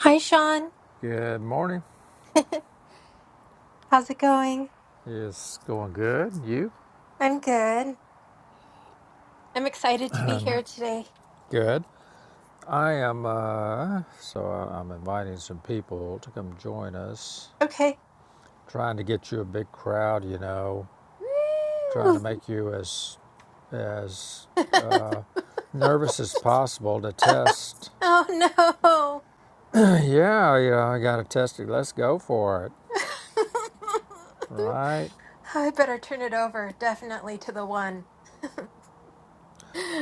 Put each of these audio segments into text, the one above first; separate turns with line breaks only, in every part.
Hi, Sean.
Good morning.
How's it going?
It's going good. You?
I'm good. I'm excited to be
Um,
here today.
good. I am, uh, so I- am inviting some people to come join us.
Okay.
Trying to get you a big crowd, you know, trying to
Woo!
make you as, as nervous as possible to test.
oh no.
yeah, you know, I got to test it. Let's go for it. Right?
I better turn it over definitely to the one.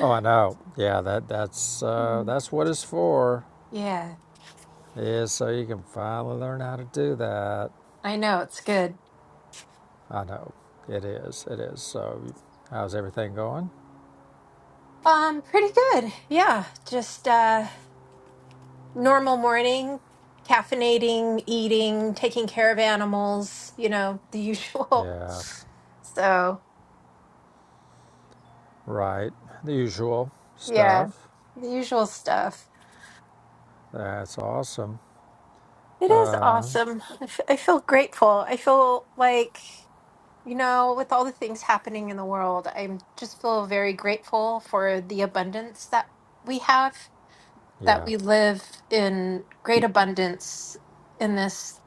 Oh, I know. Yeah, that, that's, uh,
Mm.
that's what it's for.
Yeah,
Is so you can finally learn how to do that.
I know it's good.
I know. It is. It is. So, how's everything going?
Um pretty good. Yeah, just uh normal morning, caffeinating, eating, taking care of animals, you know, the usual.
Yeah.
So,
Right. The usual
Yeah,
stuff.
the usual stuff.
That's awesome.
It is
Uh,
awesome. I f- I feel grateful. I feel like, you know, with all the things happening in the world, I'm just feel very grateful for the abundance that we have, that
yeah.
we live in great abundance in this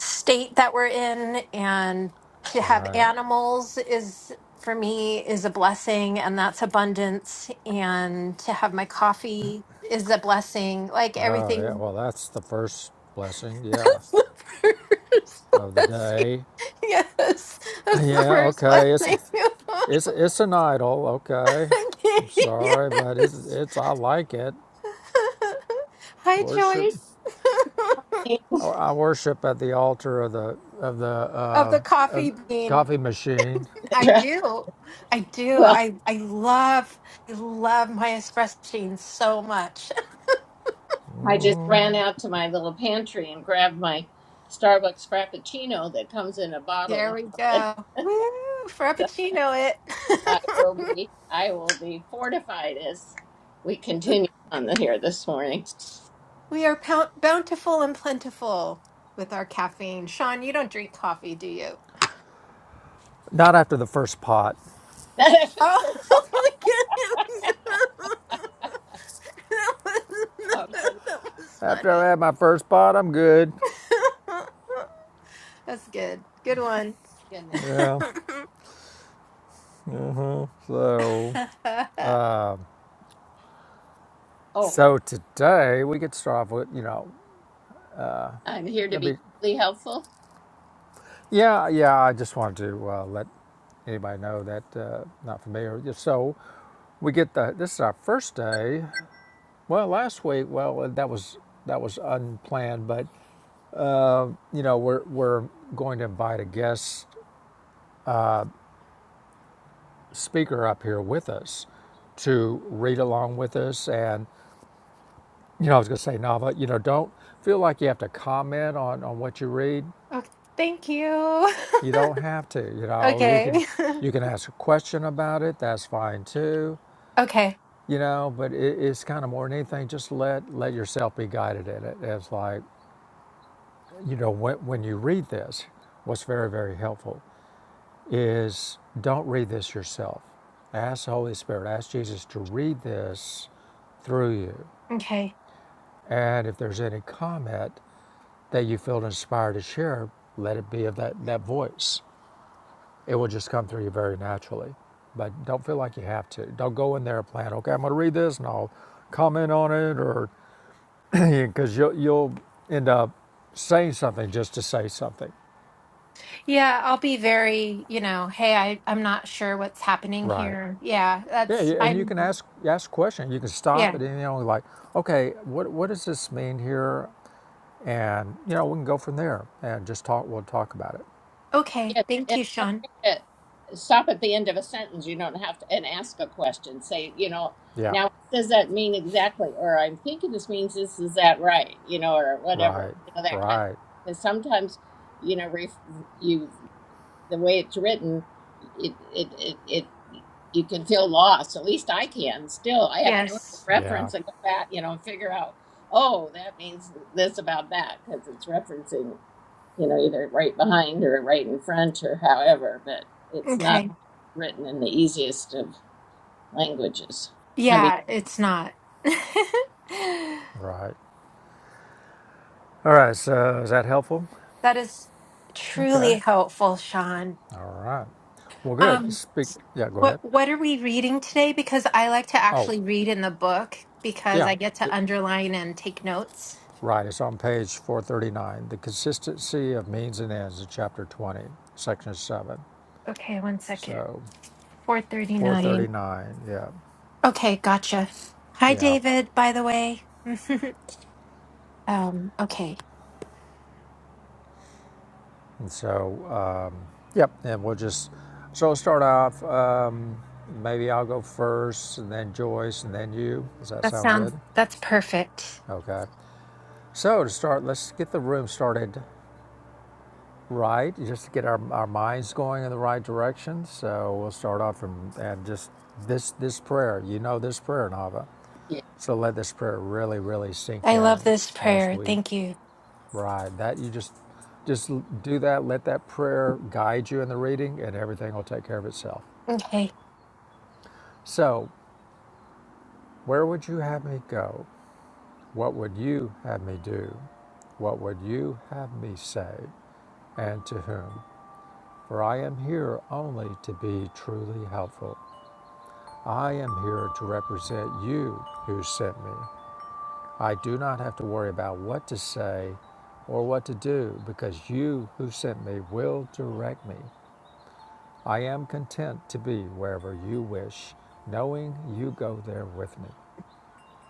state that we're in. And to have
Right.
animals is, for me, is a blessing, and that's abundance. And to have my coffee is a blessing. Like
Oh, yeah.
everything
Well, that's the first blessing. Yeah.
That's the first
Of the
blessing.
day.
Yes, that's the
Yeah.
first
Okay. It's
blessing.
it's it's an idol. Okay. I'm
okay,
sorry, but it's
yes.
it's I like it.
Hi,
Worship.
Joyce.
I worship at the altar of the of the
of
uh,
the coffee
of
bean.
coffee machine.
I do. I do.
Well,
I I love I love my espresso machine so much.
I just ran out to my little pantry and grabbed my Starbucks Frappuccino that comes in a
There
bottle.
we go. Woo!
So
Frappuccino it.
I will be, I will be fortified as we continue on the, here this morning.
we are pou- bountiful and plentiful with our caffeine. Sean, you don't drink coffee, do you?
Not after the first pot.
oh
Oh, look at him. That was,
goodness!
that was
After I
funny.
had my first pot, I'm good.
That's good. Good one.
goodness.
Yeah. Uh-huh. So,
Oh,
so today we get to start off with, you know,
I'm here to
let
be
me,
really helpful.
yeah, yeah. I just wanted to uh, let anybody know that uh, not familiar. So we get the this is our first day. Well, last week, well, uh, that was that was unplanned, but you know we're we're going to invite a guest speaker up here with us to read along with us and You know, I was going to say, Nava, you know, don't feel like you have to comment on, on what you read.
okay, thank you.
You don't have to. You know, you can
okay.
you can ask a question about it. That's fine too.
Okay.
You know, but it, it's kind of more than anything. Just let let yourself be guided in it. It's like you know when when you read this, what's very very helpful is don't read this yourself. Ask the Holy Spirit. Ask Jesus to read this through you.
Okay.
And if there's any comment, that you feel inspired to share, let it be of that, that voice. It will just come through you very naturally. But don't feel like you have to. Don't go in there and plan, okay, I'm going to read this and I'll comment on it, or because you'll, you'll end up saying something just to say something.
Yeah, I'll be very, you know, hey, I, I'm not sure what's happening
Right.
here. Yeah,
Yeah,
that's,
and you
I'm,
can ask ask questions. You can stop
yeah.
at any only like, okay, what what does this mean here? And you know, we can go from there and just talk. We'll talk about it.
Okay.
Yes.
Thank you, Sean.
to stop at the end of a sentence. You don't have to and ask a question. Say, you know,
Yeah.
now what does that mean exactly? Or I'm thinking this means this is that right? You know, or whatever.
Right.
You know that kind of
Right.
because sometimes you know ref, you the way it's written, it it it. it you can feel lost. At least I can. Still, I have to look at
Yes.
Yeah.
reference and go back, you know, and figure out. Oh, that means this about that because it's referencing you know, either right behind or right in front or however, but it's not
Okay.
written in the easiest of languages. I mean,
Yeah, it's not.
Right. All right, so is that helpful?
That is
Okay.
truly helpful, Sean.
All right. Well, good.
Um,
Speak. Yeah, go
what
ahead.
what are we reading today? Because I like to
Oh,
actually read in the book because
yeah.
I get
It-
to underline and take notes.
right. It's on page 439. The consistency of means and ends in chapter 20, section 7.
Okay, one second.
So
Four thirty nine.
439. Yeah.
Okay, gotcha. Hi,
Yeah.
David. By the way. um. Okay.
And so, um, yep. And we'll just, so we'll start off. Um, maybe I'll go first and then Joyce and then you. Does that
That
sound good?
sounds. That's perfect.
Okay. So to start, let's get the room started Right, just to get our, our minds going in the right direction. So we'll start off and, and just this this prayer. You know this prayer, Nava. So let this prayer really, really sink
I
in
love this
as
prayer.
we
Thank you.
ride. That you just just do that. Let that prayer guide you in the reading, and everything will take care of itself.
Okay.
So, where would you have me go? What would you have me do? What would you have me say? And to whom? For I am here only to be truly helpful I am here to represent you who sent me. I do not have to worry about what to say or what to do because you who sent me will direct me. I am content to be wherever you wish, knowing you go there with me,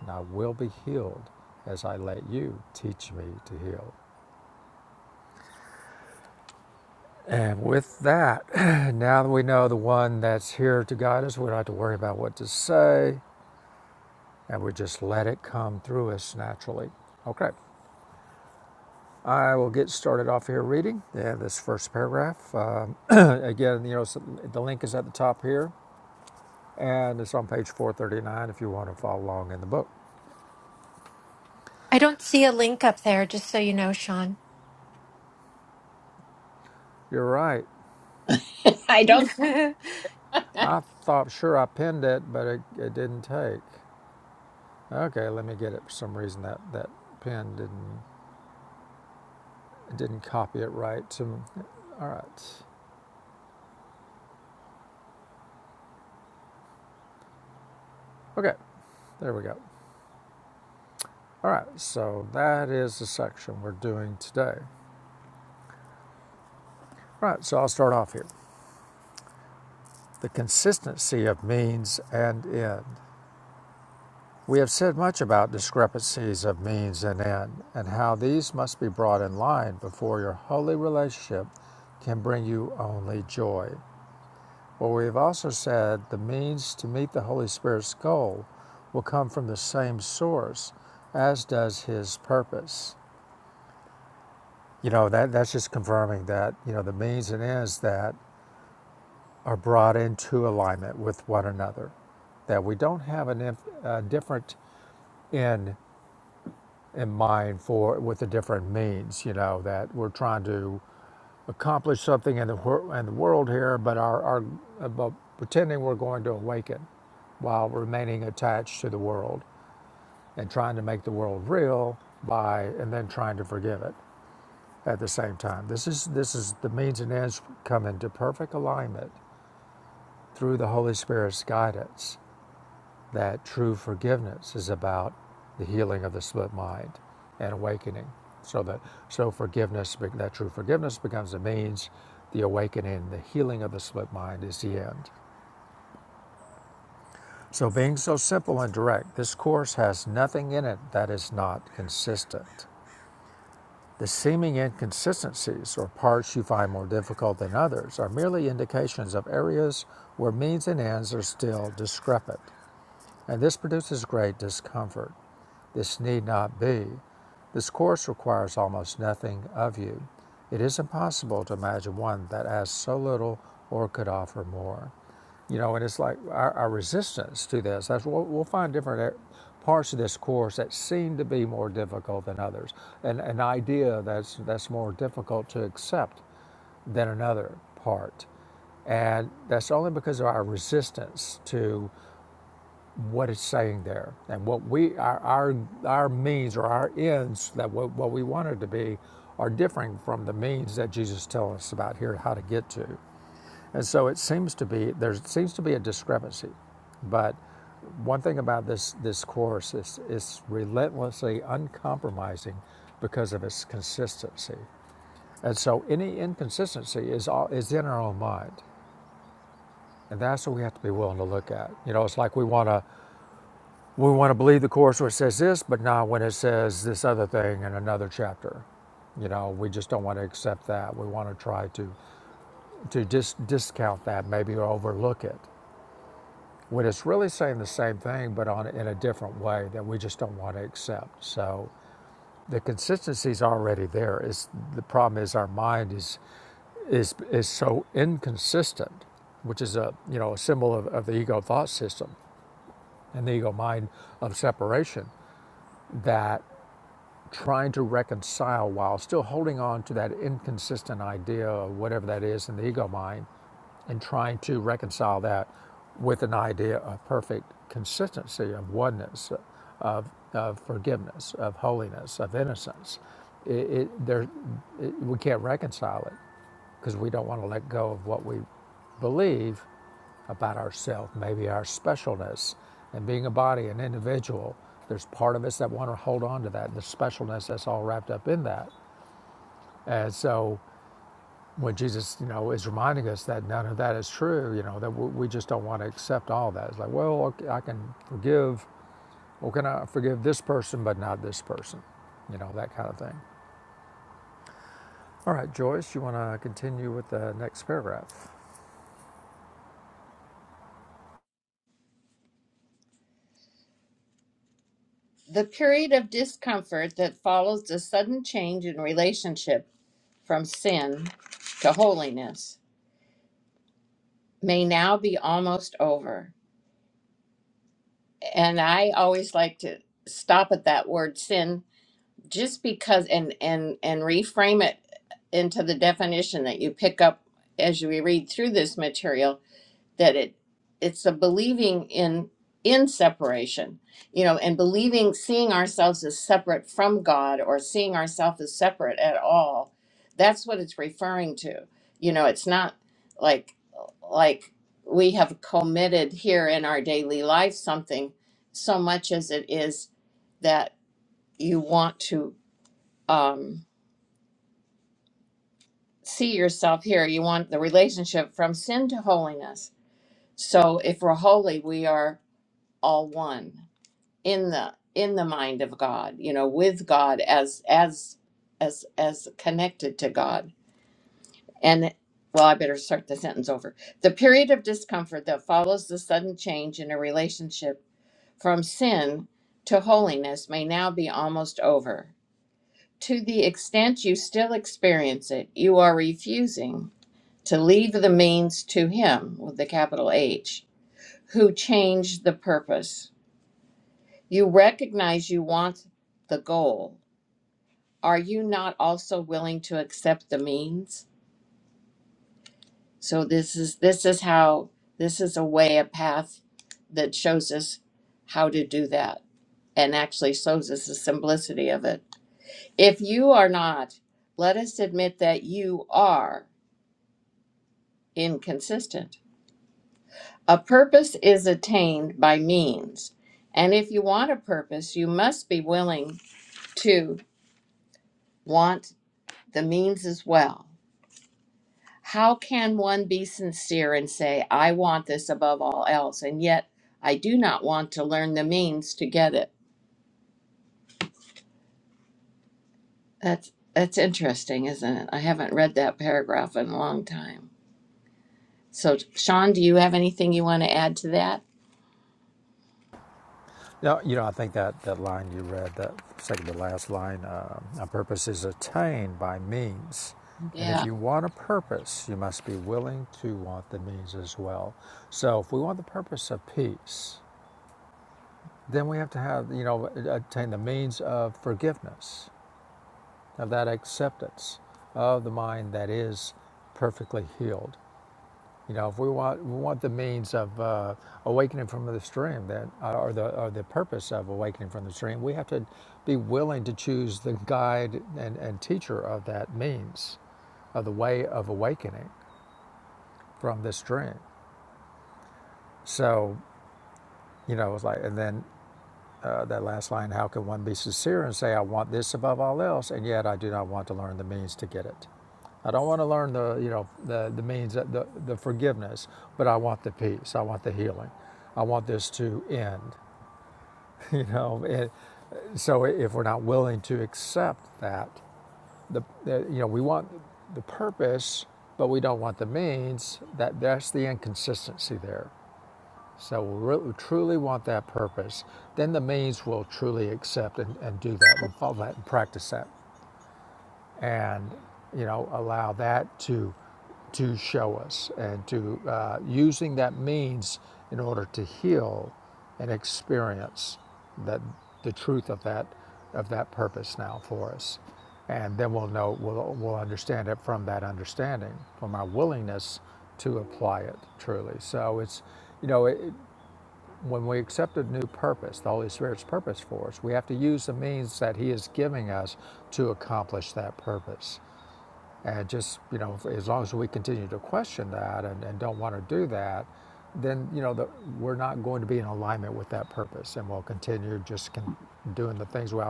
and I will be healed as I let you teach me to heal. And with that, now that we know the one that's here to guide us, we don't have to worry about what to say, and we just let it come through us naturally. Okay, I will get started off here reading yeah, this first paragraph. Um, again, you know, so the link is at the top here, and it's on page 439 if you want to follow along in the book.
I don't see a link up there, just so you know, Sean.
You're right.
I don't.
I thought sure I pinned it, but it, it didn't take. Okay, let me get it. For some reason, that that pen didn't it didn't copy it right. To all right. Okay, there we go. All right, so that is the section we're doing today. All right, so I'll start off here. the consistency of means and end. We have said much about discrepancies of means and end, and how these must be brought in line before your holy relationship can bring you only joy. But we have also said the means to meet the Holy Spirit's goal will come from the same source as does his purpose. You know, that, that's just confirming that, you know, the means and ends that are brought into alignment with one another that we don't have an, inf- a different in in mind for with the different means you know that we're trying to accomplish something in the wor- in the world here but our our about pretending we're going to awaken while remaining attached to the world and trying to make the world real by and then trying to forgive it at the same time this is this is the means and ends come into perfect alignment through the holy spirit's guidance that true forgiveness is about the healing of the split mind and awakening. So that so forgiveness, that true forgiveness becomes the means, the awakening, the healing of the split mind is the end. So being so simple and direct, this course has nothing in it that is not consistent. The seeming inconsistencies or parts you find more difficult than others are merely indications of areas where means and ends are still discrepant and this produces great discomfort. This need not be. This course requires almost nothing of you. It is impossible to imagine one that asks so little or could offer more. You know, and it's like our, our resistance to this. That's we'll, we'll find different parts of this course that seem to be more difficult than others, and an idea that's that's more difficult to accept than another part. And that's only because of our resistance to what it's saying there and what we our our, our means or our ends that what, what we want it to be are differing from the means that jesus tells us about here how to get to and so it seems to be there seems to be a discrepancy but one thing about this this course is it's relentlessly uncompromising because of its consistency and so any inconsistency is all is in our own mind and that's what we have to be willing to look at you know it's like we want to we want to believe the course where it says this, but not when it says this other thing in another chapter. You know, we just don't want to accept that. We want to try to to dis- discount that, maybe overlook it when it's really saying the same thing, but on in a different way that we just don't want to accept. So the consistency is already there. It's, the problem is our mind is is is so inconsistent, which is a you know a symbol of, of the ego thought system and the ego mind of separation that trying to reconcile while still holding on to that inconsistent idea of whatever that is in the ego mind and trying to reconcile that with an idea of perfect consistency, of oneness, of, of forgiveness, of holiness, of innocence. It, it, there, it, we can't reconcile it because we don't want to let go of what we believe about ourselves, maybe our specialness, and being a body, an individual. There's part of us that want to hold on to that, the specialness that's all wrapped up in that. And so when Jesus, you know, is reminding us that none of that is true, you know, that we just don't want to accept all that. It's like, well, okay, I can forgive, Well, can I forgive this person, but not this person, you know, that kind of thing. All right, Joyce, you want to continue with the next paragraph?
the period of discomfort that follows the sudden change in relationship from sin to holiness may now be almost over. And I always like to stop at that word sin just because and and and reframe it into the definition that you pick up as you read through this material that it it's a believing in in separation you know and believing seeing ourselves as separate from god or seeing ourselves as separate at all that's what it's referring to you know it's not like like we have committed here in our daily life something so much as it is that you want to um, see yourself here. You want the relationship from sin to holiness. So if we're holy, we are all one in the in the mind of God. You know, with God as as as as connected to God. And well, I better start the sentence over. The period of discomfort that follows the sudden change in a relationship from sin to holiness may now be almost over. To the extent you still experience it, you are refusing to leave the means to him with the capital H, who changed the purpose. You recognize you want the goal. Are you not also willing to accept the means? So this is this is how this is a way, a path that shows us how to do that and actually shows us the simplicity of it. If you are not, let us admit that you are inconsistent A purpose is attained by means. And if you want a purpose, you must be willing to want the means as well. How can one be sincere and say, I want this above all else, and yet I do not want to learn the means to get it? That's, that's interesting, isn't it? I haven't read that paragraph in a long time. So, Sean, do you have anything you want to add to that?
No, you know, I think that, that line you read, that second to last line, uh, a purpose is attained by means. And if
Yeah.
you want a purpose, you must be willing to want the means as well. So if we want the purpose of peace, then we have to have, you know, attain the means of forgiveness, of that acceptance of the mind that is perfectly healed. You know, if we want we want the means of uh, awakening from the stream, then uh, or the or the purpose of awakening from the stream, we have to be willing to choose the guide and, and teacher of that means, of the way of awakening from the stream. So you know, it's like, and then Uh, that last line, how can one be sincere and say, I want this above all else, and yet I do not want to learn the means to get it? I don't want to learn the, you know, the, the means, the, the forgiveness, but I want the peace. I want the healing. I want this to end, you know. And uh, so if we're not willing to accept that, the, the, you know, we want the purpose, but we don't want the means, that, that's the inconsistency there. So we really, truly want that purpose, then the means will truly accept and, and do that and follow that and practice that and you know allow that to to show us and to uh, using that means in order to heal and experience that the truth of that of that purpose now for us and then we'll know we'll, we'll understand it from that understanding from our willingness to apply it truly so it's you know it, when we accept a new purpose, the Holy Spirit's purpose for us, we have to use the means that He is giving us to accomplish that purpose. And just, you know, as long as we continue to question that and, and don't want to do that, then, you know, the, we're not going to be in alignment with that purpose. And we'll continue just con- doing the things we've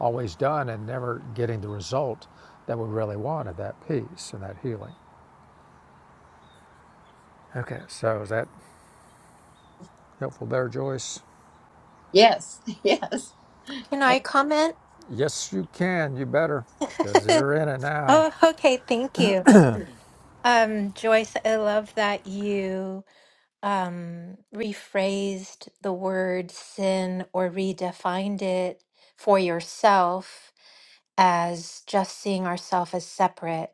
always done and never getting the result that we really wanted that peace and that healing. Okay, so is that helpful there, Joyce?
Yes. Yes.
Can
And
I comment?
Yes, you can. You better, because you're in it now.
Oh, okay. Thank you. Um, Joyce, I love that you um, rephrased the word sin or redefined it for yourself as just seeing ourselves as separate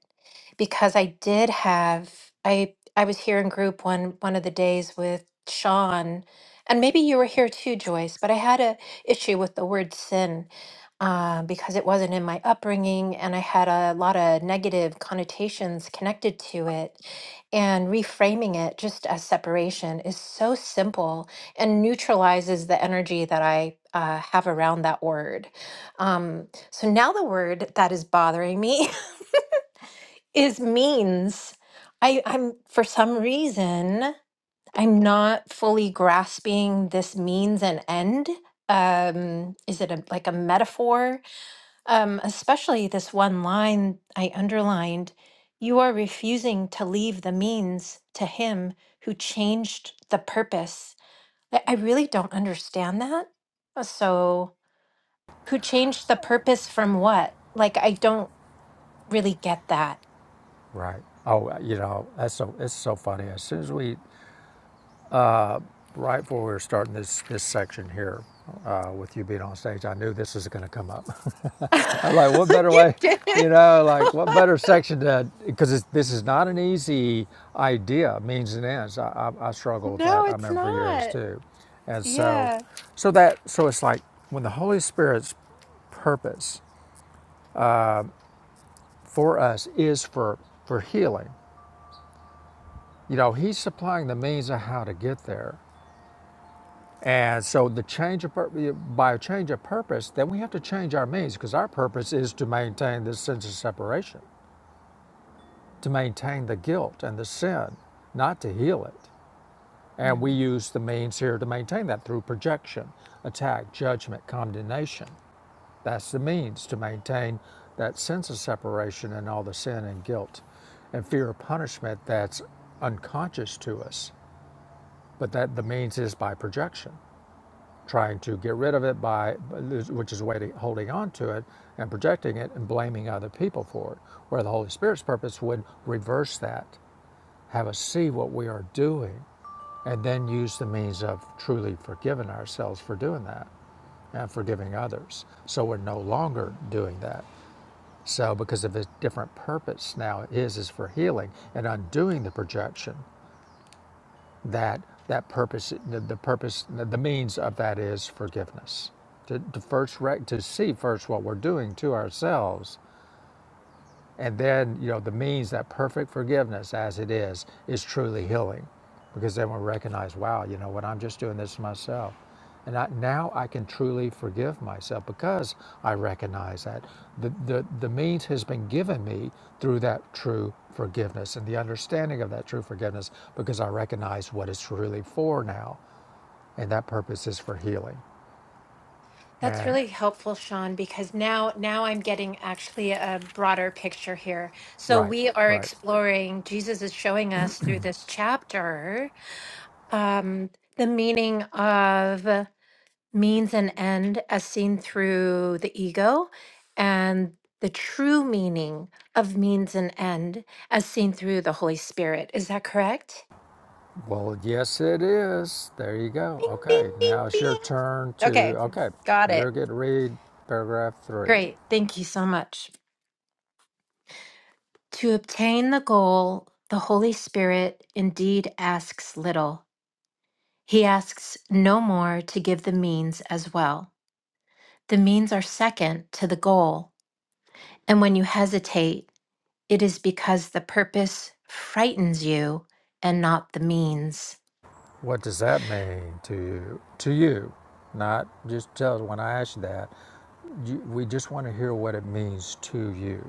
because I did have I I was here in group one one of the days with Sean and maybe you were here too Joyce but I had a issue with the word sin uh, because it wasn't in my upbringing and I had a lot of negative connotations connected to it and reframing it just as separation is so simple and neutralizes the energy that I uh, have around that word Um, so now the word that is bothering me is means. I, I'm, for some reason, I'm not fully grasping this means and end. Um, is it a, like a metaphor? Um, especially this one line I underlined You are refusing to leave the means to him who changed the purpose. I, I really don't understand that. So, who changed the purpose from what? Like, I don't. really get that.
Right. Oh, uh, you know that's so it's so funny. As soon as we, right before we were starting this this section here, uh, with you being on stage, I knew this was going to come up. I'm like, what better
you
way,
did
you
it.
know, like what better section to because this is not an easy idea. Means and ends. I, I, I struggle with
no,
that. I
it's
remember for years
not.
too, and so,
Yeah.
so that so it's like when the Holy Spirit's purpose for us is for for healing You know, he's supplying the means of how to get there. And so the change of pur- by a change of purpose, then we have to change our means because our purpose is to maintain this sense of separation, to maintain the guilt and the sin, not to heal it. And
Mm.
we use the means here to maintain that through projection, attack, judgment, condemnation. That's the means to maintain that sense of separation and all the sin and guilt and fear of punishment that's unconscious to us, but that the means is by projection. trying to get rid of it by, which is a way to holding on to it and projecting it and blaming other people for it. Where the Holy Spirit's purpose would reverse that, have us see what we are doing, and then use the means of truly forgiving ourselves for doing that and forgiving others. So we're no longer doing that. So because of his different purpose now, his is for healing and undoing the projection that that purpose the, the purpose the, means of that is forgiveness to, to first rec- to see first what we're doing to ourselves and then, you know, the means that perfect forgiveness as it is is truly healing because then we recognize, wow, you know what, I'm just doing this to myself. And I, now I can truly forgive myself because I recognize that the, the, the means has been given me through that true forgiveness and the understanding of that true forgiveness because I recognize what it's really for now. And that purpose is for healing.
That's
And
really helpful, Sean, because now now I'm getting actually a broader picture here. So
right,
we are
right.
exploring, Jesus is showing us through this chapter um, the meaning of means and end as seen through the ego, and the true meaning of means and end as seen through the Holy Spirit. Is that correct?
Well, yes, it is. There you go.
Bing, bing,
Okay,
bing,
now it's your
bing.
turn to.
Okay,
Okay,
got
you're
it.
going to read paragraph three.
Great. Thank you so much. To obtain the goal, the Holy Spirit indeed asks little. He asks no more to give the means as well. The means are second to the goal And when you hesitate, it is because the purpose frightens you and not the means.
What does that mean to you? To you, not just tell us when I ask you that. You, we just want to hear what it means to you.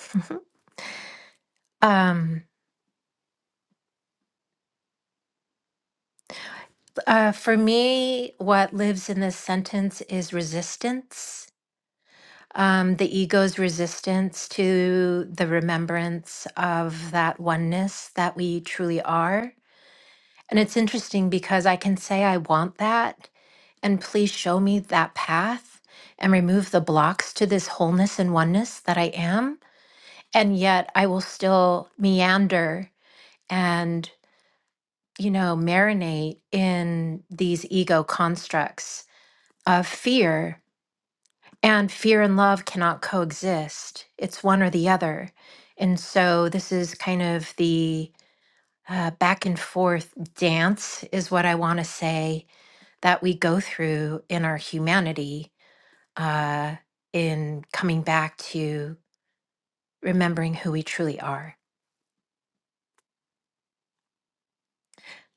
Um, uh, for me, what lives in this sentence is resistance, um, the ego's resistance to the remembrance of that oneness that we truly are. And it's interesting because I can say, I want that, and please show me that path and remove the blocks to this wholeness and oneness that I am. and yet I will still meander and, you know, marinate in these ego constructs of fear. And fear and love cannot coexist, it's one or the other. And so this is kind of the uh, back and forth dance, is what I want to say, that we go through in our humanity uh, in coming back to remembering who we truly are.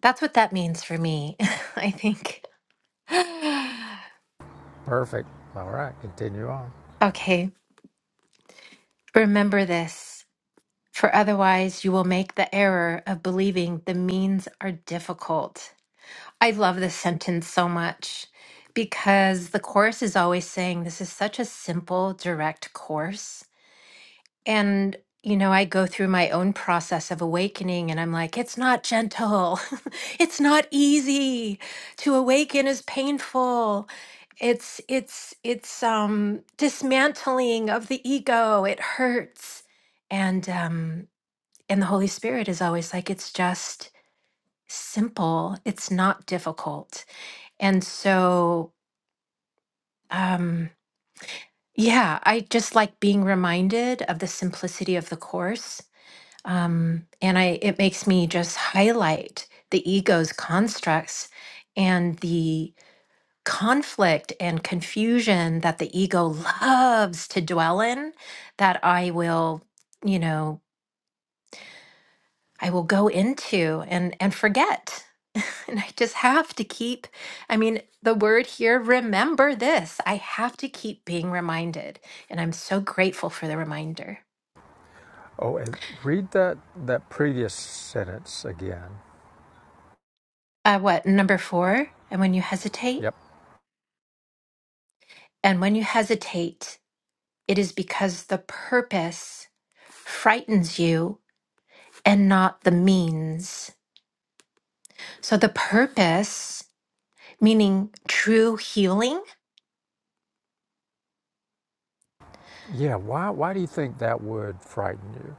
That's what that means for me, I think.
Perfect. All right, continue on.
Okay, remember this, for otherwise you will make the error of believing the means are difficult. I love this sentence so much because the course is always saying this is such a simple, direct course. And, you know, I go through my own process of awakening and I'm like, it's not gentle. it's not easy. To awaken is painful. It's it's it's um dismantling of the ego. It hurts. And um and the Holy Spirit is always like, it's just simple. It's not difficult. And so um yeah, I just like being reminded of the simplicity of the course um, and I it makes me just highlight the ego's constructs and the conflict and confusion that the ego loves to dwell in that I will you know I will go into and and forget and I just have to keep I mean the word here remember this I have to keep being reminded and I'm so grateful for the reminder
Oh, and read that that previous sentence again.
uh what number 4 and when you hesitate
Yep.
and when you hesitate It is because the purpose frightens you and not the means. So the purpose, meaning true healing,
Yeah. Why Why do you think that would frighten you?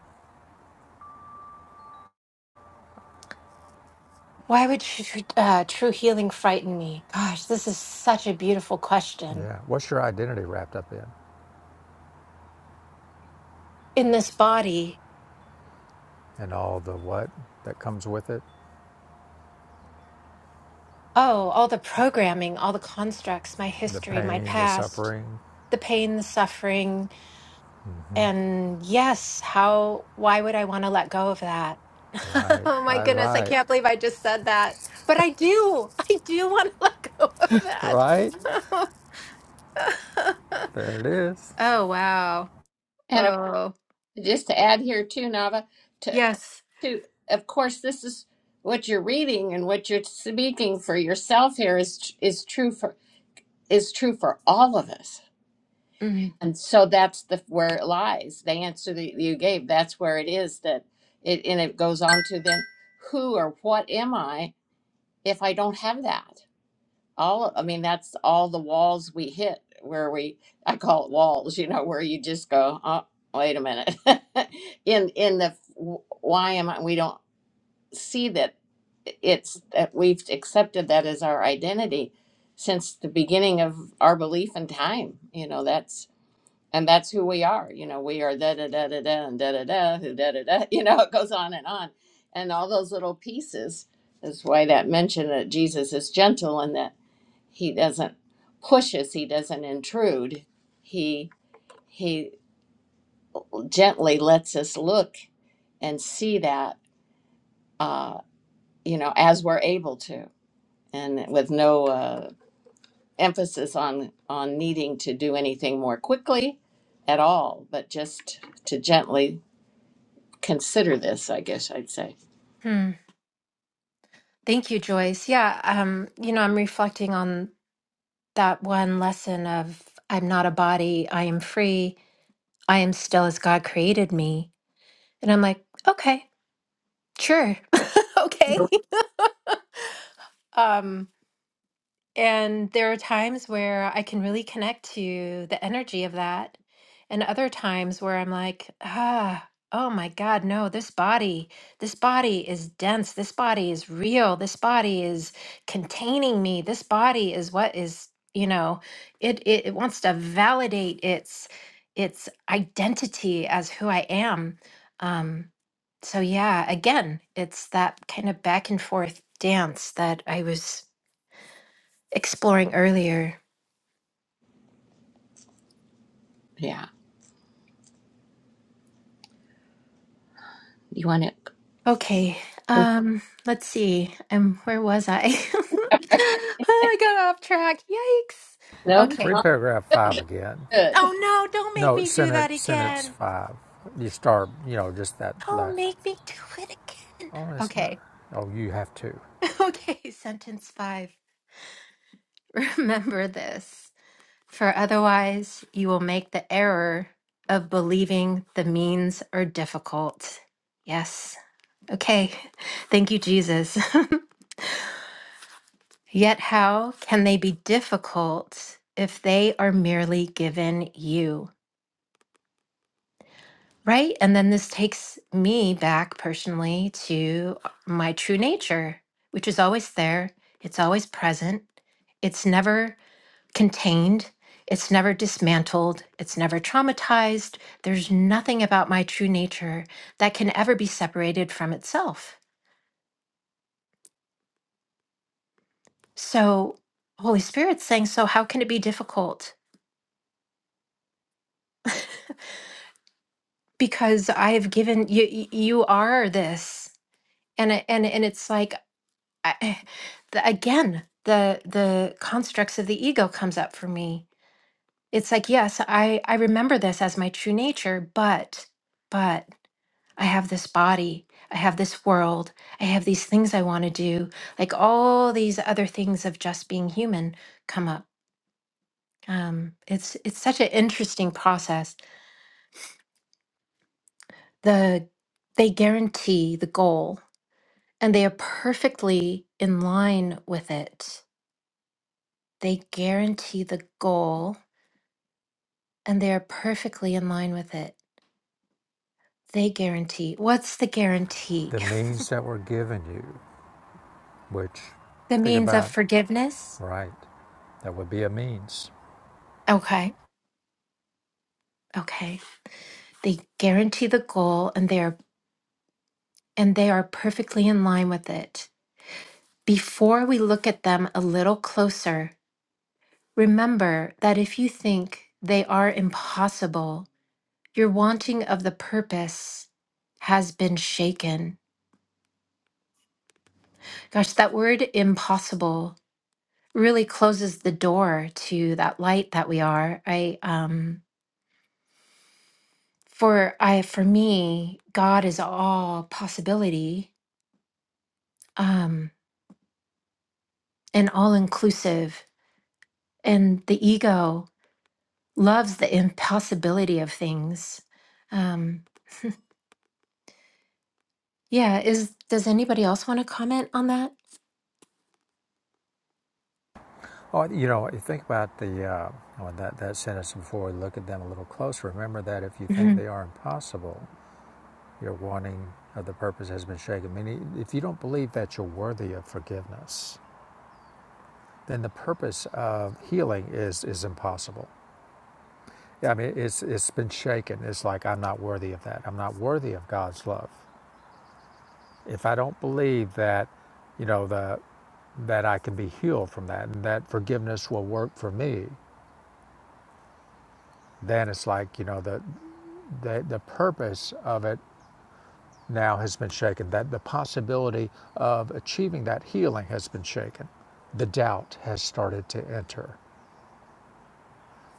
why would tr- uh, true healing frighten me? Gosh, this is such a beautiful question.
Yeah. What's your identity wrapped up in?
In this body,
and all the what that comes with it
oh, all the programming, all the constructs, my
the
history, my
pain, the
past,
suffering.
the pain, the suffering, And yes, how, why would I want to let go of that?
Right,
oh my
I
goodness, I
right,
can't believe I just said that. But I do, I do want to let go
right.
of that.
There it is.
oh, wow.
and
Oh,
just to add here too, Nava,
yes.
to of course this is what you're reading and what you're speaking for yourself here is is true for is true for all of us
Mhm.
and so that's the where it lies the answer that you gave that's where it is that it and it goes on to then who or what am i if i don't have that all i mean that's all the walls we hit where we i call it walls you know where you just go oh wait a minute in in the why am i we don't see that it's that we've accepted that as our identity since the beginning of our belief in time. You know, that's and that's who we are. You know, we are da da da da da and da da da who da da da. You know, it goes on and on, and all those little pieces is why that mention that Jesus is gentle and that he doesn't push us, he doesn't intrude, he he gently lets us look and see that uh, you know as we're able to. and with no uh, emphasis on on needing to do anything more quickly at all, but just to gently consider this, I guess I'd say.
Thank you, Joyce. Yeah, um, you know, I'm reflecting on that one lesson of I'm not a body, I am free, I am still as God created me. And I'm like, okay, sure, okay.
Nope.
Um, And there are times where I can really connect to the energy of that, and other times where I'm like, ah, oh my God, no, this body, this body is dense. This body is real. This body is containing me. This body is what is, you know, it it, it wants to validate its its identity as who I am. Um, so yeah, again, it's that kind of back and forth dance that I was exploring earlier.
Yeah. You want to?
Okay, um, let's see. Um, where was I? I got off track. Yikes.
No,
Okay.
Read
not
paragraph five again.
good.
Oh no, don't make
No,
me do that
sentence, sentence
again.
five. You start, you know, just that. La-
Don't make me do it again.
oh, it's not.
Okay.
Oh, you have to.
Okay, sentence five. Remember this, for otherwise you will make the error of believing the means are difficult. Yes. Okay. Thank you, Jesus. Yet, how can they be difficult if they are merely given you? Right. And then this takes me back personally to my true nature, which is always there, it's always present, it's never contained, it's never dismantled, it's never traumatized. There's nothing about my true nature that can ever be separated from itself. So, Holy Spirit's saying, so how can it be difficult? because I've given you you are this and it- and and it's like I, the, again the the constructs of the ego comes up for me it's like yes I I remember this as my true nature but but I have this body I have this world I have these things I want to do like all these other things of just being human come up um it's it's such an interesting process the they guarantee the goal and they are perfectly in line with it. They guarantee the goal and they are perfectly in line with it. They guarantee. What's the guarantee?
The means that were given you, which,
The
think
means of
about,
forgiveness?
right, that would be a means.
Okay. Okay. They guarantee the goal and they are and they are perfectly in line with it. Before we look at them a little closer, remember that if you think they are impossible, your wanting of the purpose has been shaken Gosh, that word impossible really closes the door to that light that we are. I um for I for me, God is all possibility um and all inclusive and the ego loves the impossibility of things. Um yeah, is does anybody else want to comment on that?
Oh, you know, you think about the uh, oh, that that sentence before. we Look at them a little closer. Remember that if you think
Mhm.
they are impossible, Your wanting of the purpose has been shaken. Meaning, if you don't believe that you're worthy of forgiveness, then the purpose of healing is is impossible. Yeah, I mean, it's it's been shaken. It's like I'm not worthy of that. I'm not worthy of God's love. If I don't believe that, you know, the that I can be healed from that and that forgiveness will work for me, then it's like you know the the, the purpose of it. now has been shaken, that the possibility of achieving that healing has been shaken. The doubt has started to enter.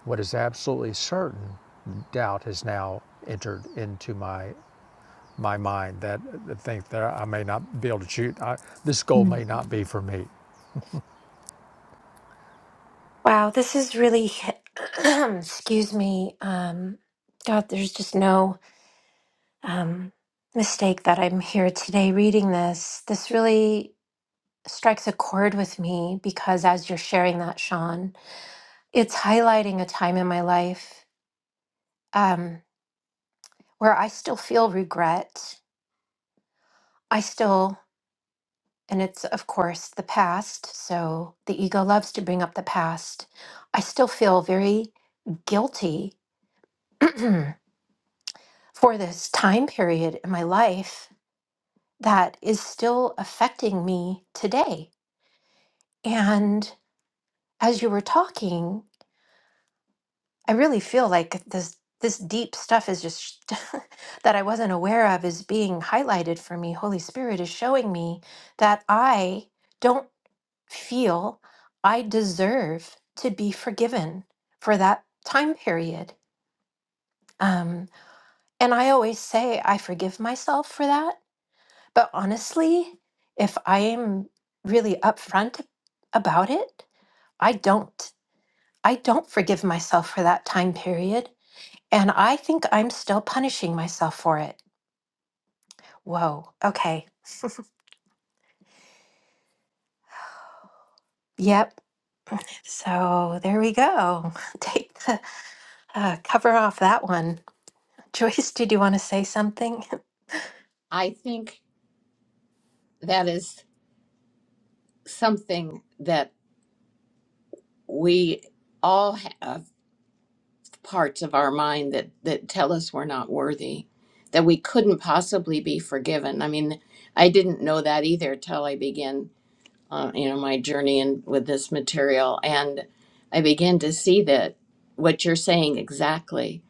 What is absolutely certain, doubt has now entered into my my mind that the think that I may not be able to shoot. I, this goal may
Mm.
not be for me.
Wow, this is really excuse me. Um God, there's just no um, mistake that I'm here today reading this. This really strikes a chord with me because as you're sharing that, Sean, it's highlighting a time in my life um, where I still feel regret. I still, and it's of course the past, so the ego loves to bring up the past. I still feel very guilty for this time period in my life that is still affecting me today. And as you were talking, I really feel like this this deep stuff is just that I wasn't aware of is being highlighted for me. Holy Spirit is showing me that I don't feel I deserve to be forgiven for that time period. Um, and I always say I forgive myself for that. But honestly, if I am really upfront about it, I don't. I don't forgive myself for that time period. And I think I'm still punishing myself for it. Whoa. Okay. Yep. So there we go. Take the uh, cover off that one. Joyce, did you want to say something?
I think that is something that we all have parts of our mind that that tell us we're not worthy, that we couldn't possibly be forgiven. I mean, I didn't know that either till I began uh, you know, my journey in with this material. And I begin to see that what you're saying exactly.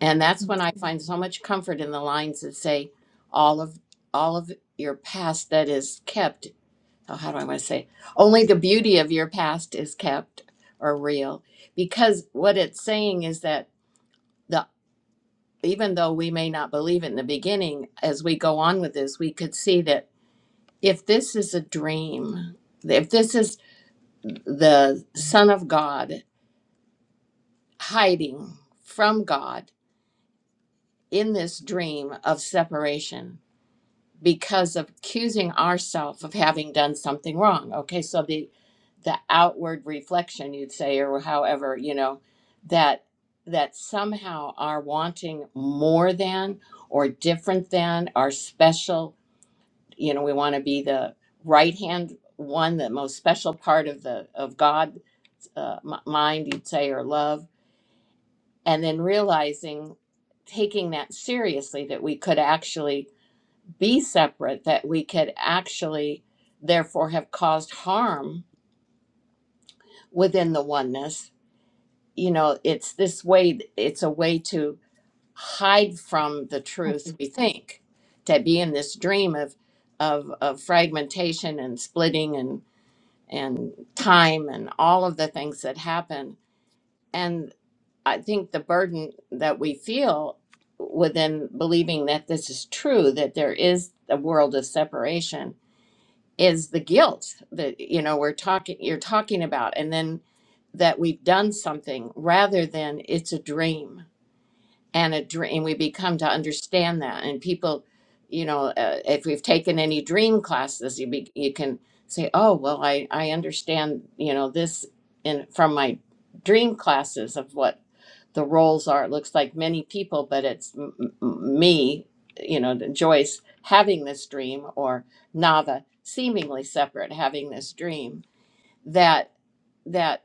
And that's when I find so much comfort in the lines that say, all of all of your past that is kept. Oh, how do I want to say? Only the beauty of your past is kept or real. Because what it's saying is that the even though we may not believe it in the beginning, as we go on with this, we could see that if this is a dream, if this is the Son of God hiding from God in this dream of separation because of accusing ourselves of having done something wrong. Okay, so the the outward reflection you'd say or however, you know, that that somehow are wanting more than or different than or special, you know, we want to be the right hand one, the most special part of the of God's uh, m- mind, you'd say, or love and then realizing taking that seriously that we could actually be separate that we could actually therefore have caused harm within the oneness you know it's this way it's a way to hide from the truth we think to be in this dream of of, of fragmentation and splitting and and time and all of the things that happen I think the burden that we feel within believing that this is true, that there is a world of separation, is the guilt that you know we're talking you're talking about, and then that we've done something rather than it's a dream and a dream and we become to understand that and people you know uh, if we've taken any dream classes you be, you can say oh well i i understand you know this in from my dream classes of what the roles are it looks like many people but it's m- m- me you know joyce having this dream or nava seemingly separate having this dream that that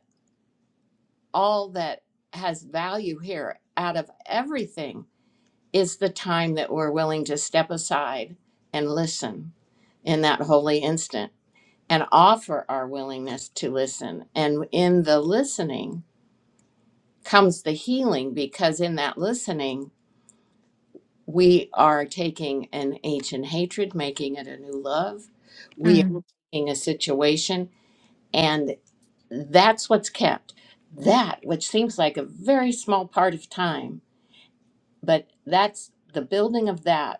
all that has value here out of everything is the time that we're willing to step aside and listen in that holy instant and offer our willingness to listen. And in the listening comes the healing because in that listening, we are taking an ancient hatred, making it a new love. We are
Mm,
taking a situation, and that's what's kept. That, which seems like a very small part of time, but that's the building of that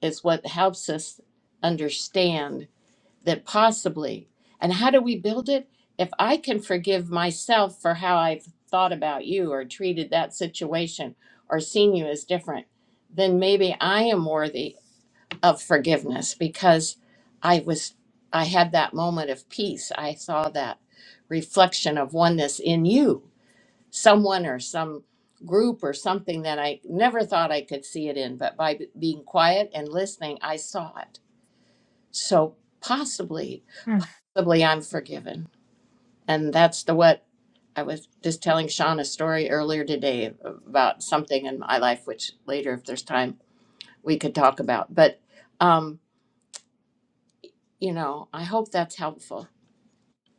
is what helps us understand that possibly and how do we build it if i can forgive myself for how i've thought about you or treated that situation or seen you as different then maybe i am worthy of forgiveness because i was i had that moment of peace i saw that reflection of oneness in you someone or some group or something that I never thought I could see it in, but by b- being quiet and listening, I saw it. So possibly,
mm.
possibly I'm forgiven. And that's the what I was just telling Sean a story earlier today about something in my life, which later, if there's time, we could talk about. But, um, you know, I hope that's helpful.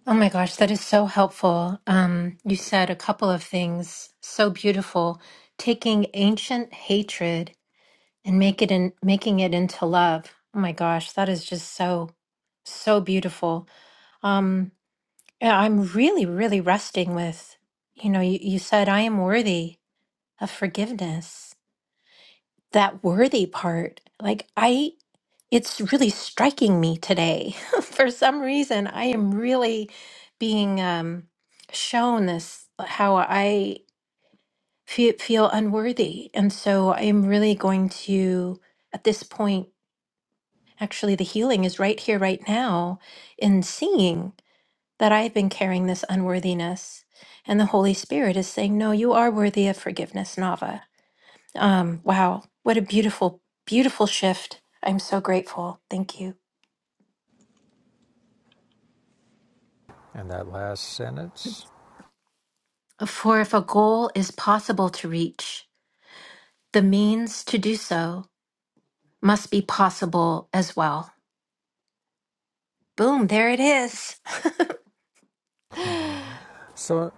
Oh my gosh, that is so helpful. Um, you said a couple of things so beautiful. Taking ancient hatred and make it in, making it into love. Oh my gosh, that is just so so beautiful. Um, Yeah, I'm really, really resting with, you know, you, you said I am worthy of forgiveness. That worthy part, like I, it's really striking me today. For some reason, I am really being um, shown this, uh, how I feel, feel unworthy. And so I am really going to, at this point, actually, the healing is right here, right now, in seeing. that I have been carrying this unworthiness. And the Holy Spirit is saying, No, you are worthy of forgiveness, Nava. Um, wow, what a beautiful, beautiful shift. I'm so grateful. Thank you.
And that last sentence.
For if a goal is possible to reach, the means to do so must be possible as well. Boom, there it is.
So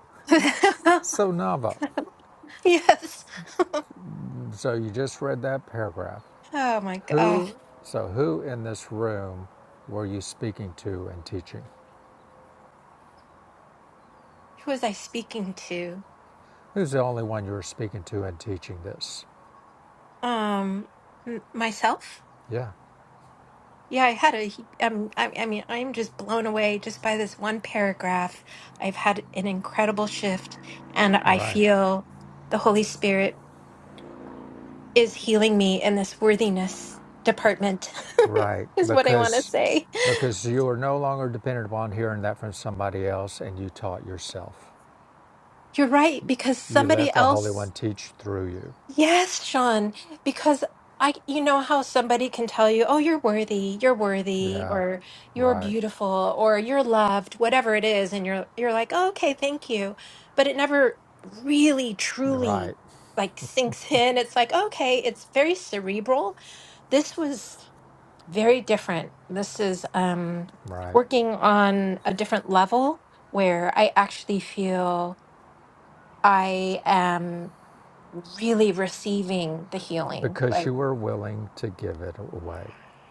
so Nava.
yes.
So you just read that paragraph.
Oh my God.
Who so who in this room were you speaking to and teaching?
Who was I speaking to?
Who's the only one you were speaking to and teaching this?
Um, m- myself?
Yeah,
Yeah, I had a, he- um, I, I mean, I'm just blown away just by this one paragraph. I've had an incredible shift, and I
right,
feel the Holy Spirit is healing me in this worthiness department,
right.
is what I want to
Because
say.
because you are no longer dependent upon hearing that from somebody else, and you taught yourself.
You're right, because
You
somebody
let the Holy
else
One teach through you.
Yes, Sean, because I, you know how somebody can tell you, oh, you're worthy, you're worthy,
Yeah,
or you're
right,
beautiful, or you're loved, whatever it is, and you're you're like, oh, okay, thank you, but it never really truly
right,
like sinks in. It's like, okay, it's very cerebral. This was very different. This is um
right.
working on a different level where I actually feel I am really receiving the healing.
Because
Like,
you were willing to give it away.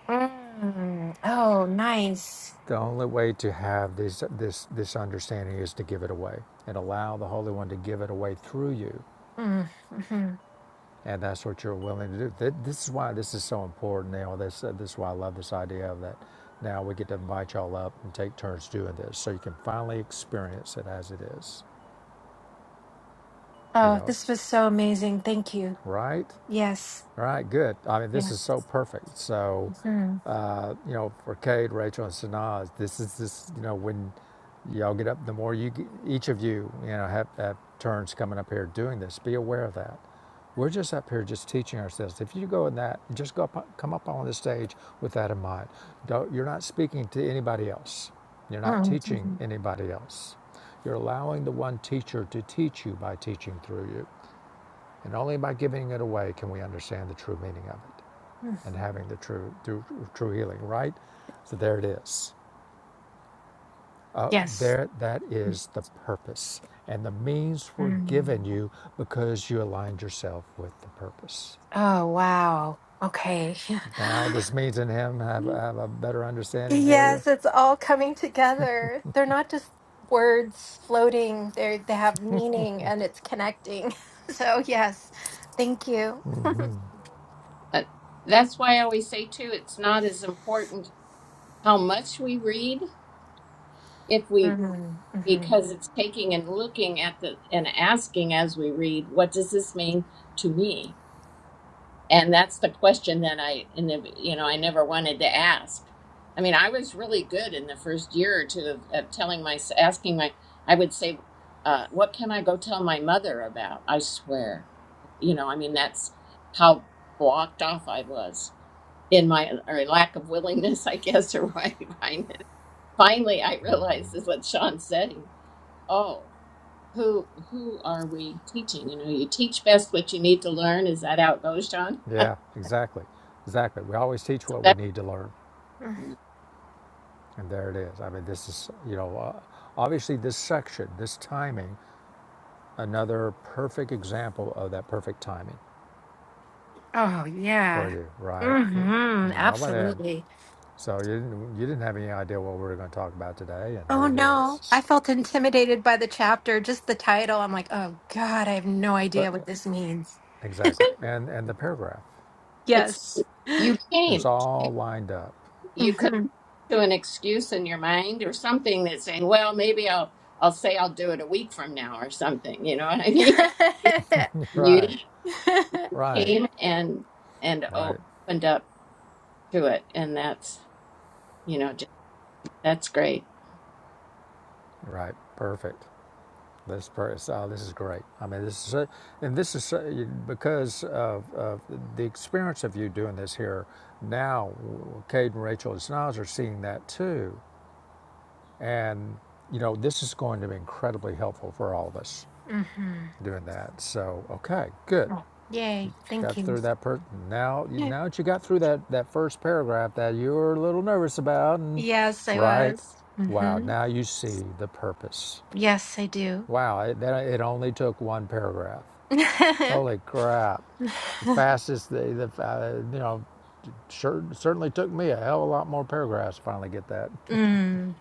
mm, oh, nice.
The only way to have this this this understanding is to give it away and allow the Holy One to give it away through you
Mm, mhm.
and that's what you're willing to do. This is why this is so important. You know, this uh, this is why I love this idea of that. Now we get to invite y'all up and take turns doing this, so you can finally experience it as it is. You
Oh,
know,
this was so amazing. Thank you.
right?
Yes.
All right, good. I mean,
Yeah.
this is so perfect. So,
Mhm.
uh, you know, for Cade, Rachel, and Sanaz, this is this. You know, when y'all get up, the more you, get- each of you, you know, have, have turns coming up here doing this. Be aware of that. We're just up here just teaching ourselves. If you go in that, just go up, come up on the stage with that in mind. Don't, you're not speaking to anybody else. You're not
Mm,
teaching
mhm.
anybody else. You're allowing the one teacher to teach you by teaching through you. And only by giving it away can we understand the true meaning of it
Mm.
and having the true, true, true healing, right? So there it is. Uh,
Yes.
there, that is the purpose. And the means were given
Mm.
you because you aligned yourself with the purpose.
Oh, wow. Okay.
Now, does means and him have, have a better understanding for you?
yes, it's all coming together. They're not just words floating. They they have meaning and it's connecting. So, yes. Thank you.
But that's why I always say, too, it's not as important how much we read. If we
Mhm,
because it's taking and looking at the and asking as we read, what does this mean to me? And that's the question that I in the you know I never wanted to ask. I mean, I was really good in the first year or two of, of telling my asking my I would say, uh, what can I go tell my mother about? I swear, you know, I mean that's how blocked off I was in my or lack of willingness, I guess, or why. Finally, I realized is what Sean's saying. Oh who who are we teaching? You know, you teach best what you need to learn. Is that how it goes, John?
Yeah, exactly. Exactly. We always teach
So
what we
that,
need to learn.
mhm.
And there it is. I mean, this is, you know, uh, obviously this section, this timing Another perfect example of that perfect timing
Oh,
for
yeah.
you, right? It,
hmm
nobody had,
Absolutely.
so you didn't, you didn't have any idea what we were going to talk about today, and
Oh,
here it
no.
is.
I felt intimidated by the chapter, just the title. I'm like, oh, God, I have no
But
idea what this means.
exactly, and and the paragraph
but still,
Yes.
you
is
came. You,
all lined up.
hmm
you could
hmm
do an excuse in your mind or something that's saying, "Well, maybe I'll I'll say I'll do it a week from now or something." You know what I mean? You, you
right, right,
came and and o-
right,
opened up to it, and that's you know just that's great.
right. Perfect. This per- oh, this is great. I mean, this is so- and this is so- because of, of the experience of you doing this here. Now, Cade and Rachel as nods are seeing that too, And, you know, this is going to be incredibly helpful for all of us doing that. So, okay, good.
Yay. Thank
Got
you.
through that per now now that you got through that, that first paragraph that you were a little nervous about and
Yes, I
right.
was.
Wow,
hmm
now you see the purpose.
Yes, I do.
Wow, it, that, it only took one paragraph. Holy crap. The fastest, the, the uh, you know, sure, certainly took me a hell of a lot more paragraphs to finally get that.
mm,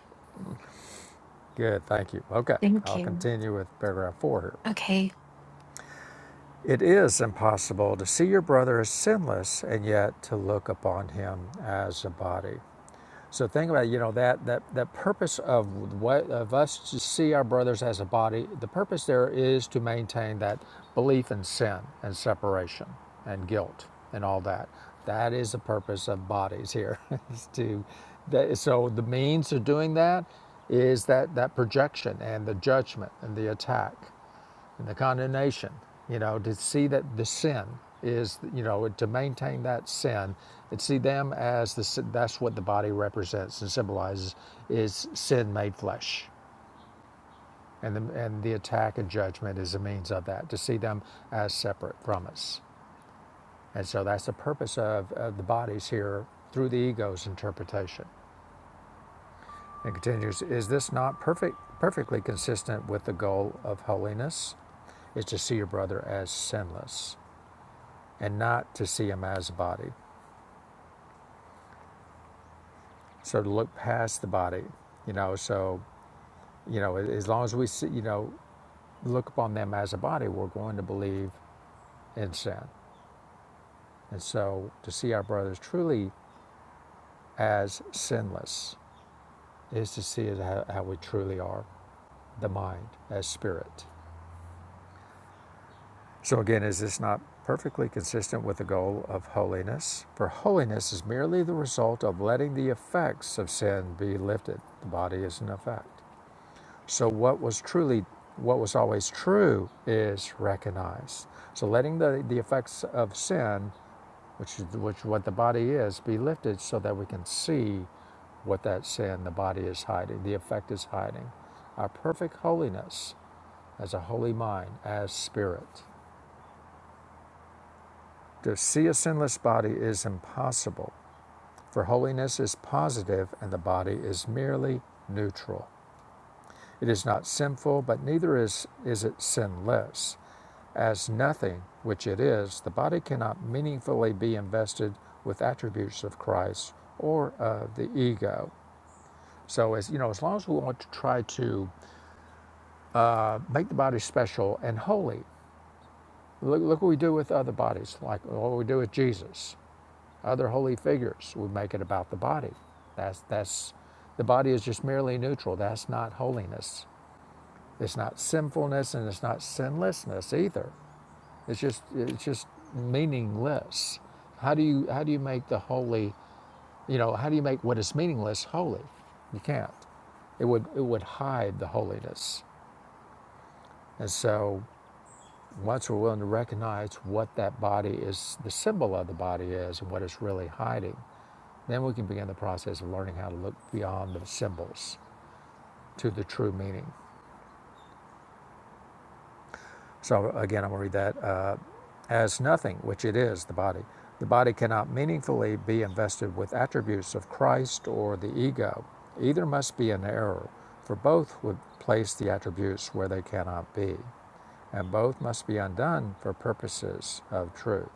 Good, thank you. Okay,
thank
I'll
you.
continue with paragraph four here.
Okay.
It is impossible to see your brother as sinless and yet to look upon him as a body. So think about you know that that that purpose of what of us to see our brothers as a body. The purpose there is to maintain that belief in sin and separation and guilt and all that. That is the purpose of bodies here. is to that, so the means of doing that is that that projection and the judgment and the attack and the condemnation. You know, to see that the sin is, you know, to maintain that sin, and see them as the sin- that's what the body represents and symbolizes is sin made flesh, and the, and the attack and judgment is a means of that. To see them as separate from us, and so that's the purpose of, of the bodies here through the ego's interpretation. It continues, is this not perfect, perfectly consistent with the goal of holiness? Is to see your brother as sinless. and not to see him as a body. So to look past the body, you know, so, you know, as long as we see, you know, look upon them as a body, we're going to believe in sin. And so to see our brothers truly as sinless is to see it how, how we truly are, the mind as spirit. So again, is this not perfectly consistent with the goal of holiness? For holiness is merely the result of letting the effects of sin be lifted. The body is an effect. So what was truly, what was always true is recognized. So letting the, the effects of sin, which is which what the body is, be lifted so that we can see what that sin, the body is hiding, the effect is hiding. Our perfect holiness as a holy mind, as spirit. To see a sinless body is impossible, for holiness is positive and the body is merely neutral. It is not sinful, but neither is, is it sinless. As nothing, which it is, the body cannot meaningfully be invested with attributes of Christ or of the ego. So as you know, as long as we want to try to uh, make the body special and holy, look, look what we do with other bodies, like what we do with Jesus, other holy figures. We make it about the body. That's that's the body is just merely neutral. That's not holiness. It's not sinfulness and it's not sinlessness either. It's just it's just meaningless. How do you how do you make the holy you know how do you make what is meaningless holy? You can't. It would it would hide the holiness. And so once we're willing to recognize what that body is, the symbol of the body is, and what it's really hiding, then we can begin the process of learning how to look beyond the symbols to the true meaning. So again, I'm going to read that. Uh, as nothing, which it is, the body. The body cannot meaningfully be invested with attributes of Christ or the ego. Either must be an error, for both would place the attributes where they cannot be, and both must be undone for purposes of truth.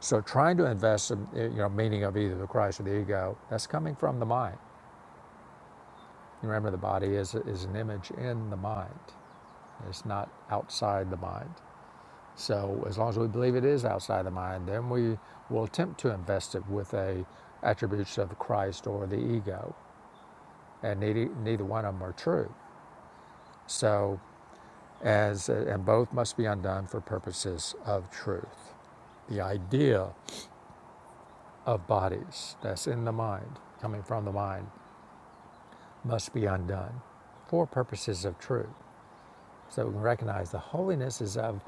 So, trying to invest, in, you know, meaning of either the Christ or the ego, that's coming from the mind. Remember, the body is is an image in the mind. It's not outside the mind. So as long as we believe it is outside the mind, then we will attempt to invest it with a attributes of Christ or the ego, and neither, neither one of them are true. So as and both must be undone for purposes of truth. The idea of bodies that's in the mind, coming from the mind, must be undone for purposes of truth. So we can recognize the holiness is of,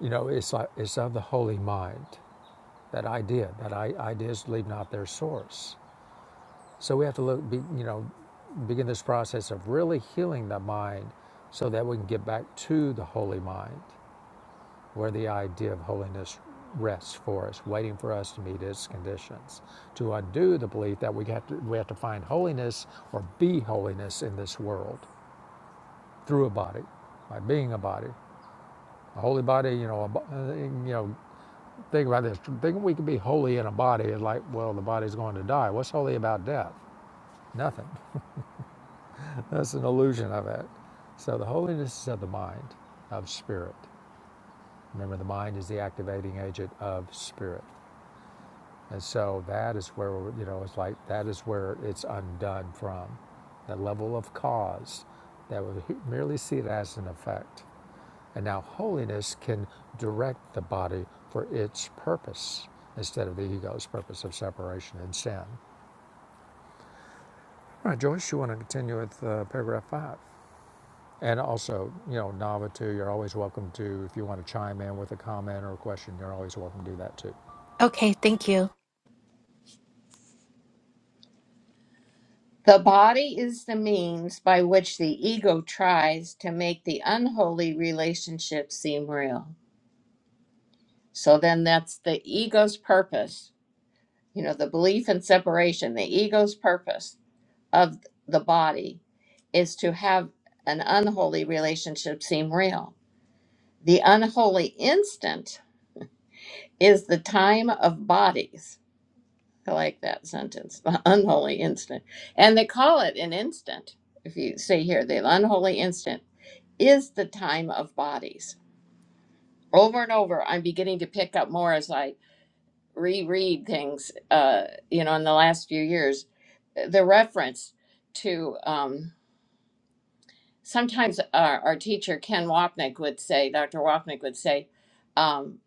you know, it's, like, it's of the holy mind that idea that I, ideas leave not their source so we have to look be, you know begin this process of really healing the mind so that we can get back to the holy mind where the idea of holiness rests for us waiting for us to meet its conditions to undo the belief that we have to we have to find holiness or be holiness in this world through a body by being a body a holy body you know a, bo- uh, you know Think about this. Thinking we can be holy in a body is like, well, the body's going to die. What's holy about death? Nothing. That's an illusion of it. So the holiness is of the mind, of spirit. Remember, the mind is the activating agent of spirit. And so that is where, you know, it's like that is where it's undone from. That level of cause that would merely see it as an effect. And now holiness can direct the body for its purpose instead of the ego's purpose of separation and sin. All right, Joyce, you want to continue with uh, paragraph five? And also, you know, Nava, too, you're always welcome to, if you want to chime in with a comment or a question, you're always welcome to do that, too.
Okay. Thank you.
The body is the means by which the ego tries to make the unholy relationship seem real. So then that's the ego's purpose, you know, the belief in separation, the ego's purpose of the body is to have an unholy relationship seem real. The unholy instant is the time of bodies. I like that sentence, the unholy instant. And they call it an instant. If you see here, the unholy instant. is the time of bodies. Over and over, I'm beginning to pick up more as I reread things, uh, you know, in the last few years. The reference to um, sometimes our, our teacher, Ken Wapnick, would say, Dr. Wapnick would say, um,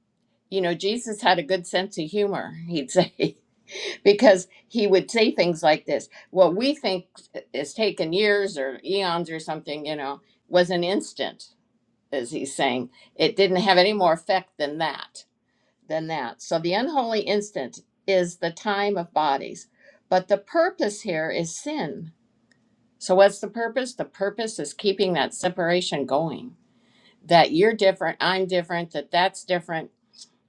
you know, Jesus had a good sense of humor, he'd say, because he would say things like this. What we think is taken years or eons or something, you know, was an instant as he's saying, it didn't have any more effect than that, than that. So the unholy instant is the time of bodies, but the purpose here is sin. So what's the purpose? The purpose is keeping that separation going. That you're different, I'm different, that that's different,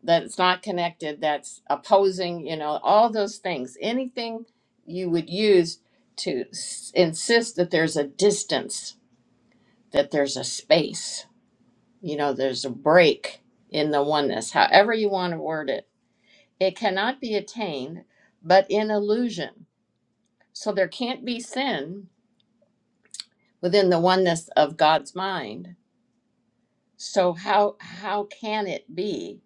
that it's not connected, that's opposing, you know, all those things. Anything you would use to s- insist that there's a distance, that there's a space you know, there's a break in the oneness, however you want to word it. It cannot be attained but in illusion. So there can't be sin within the oneness of God's mind. So how how can it be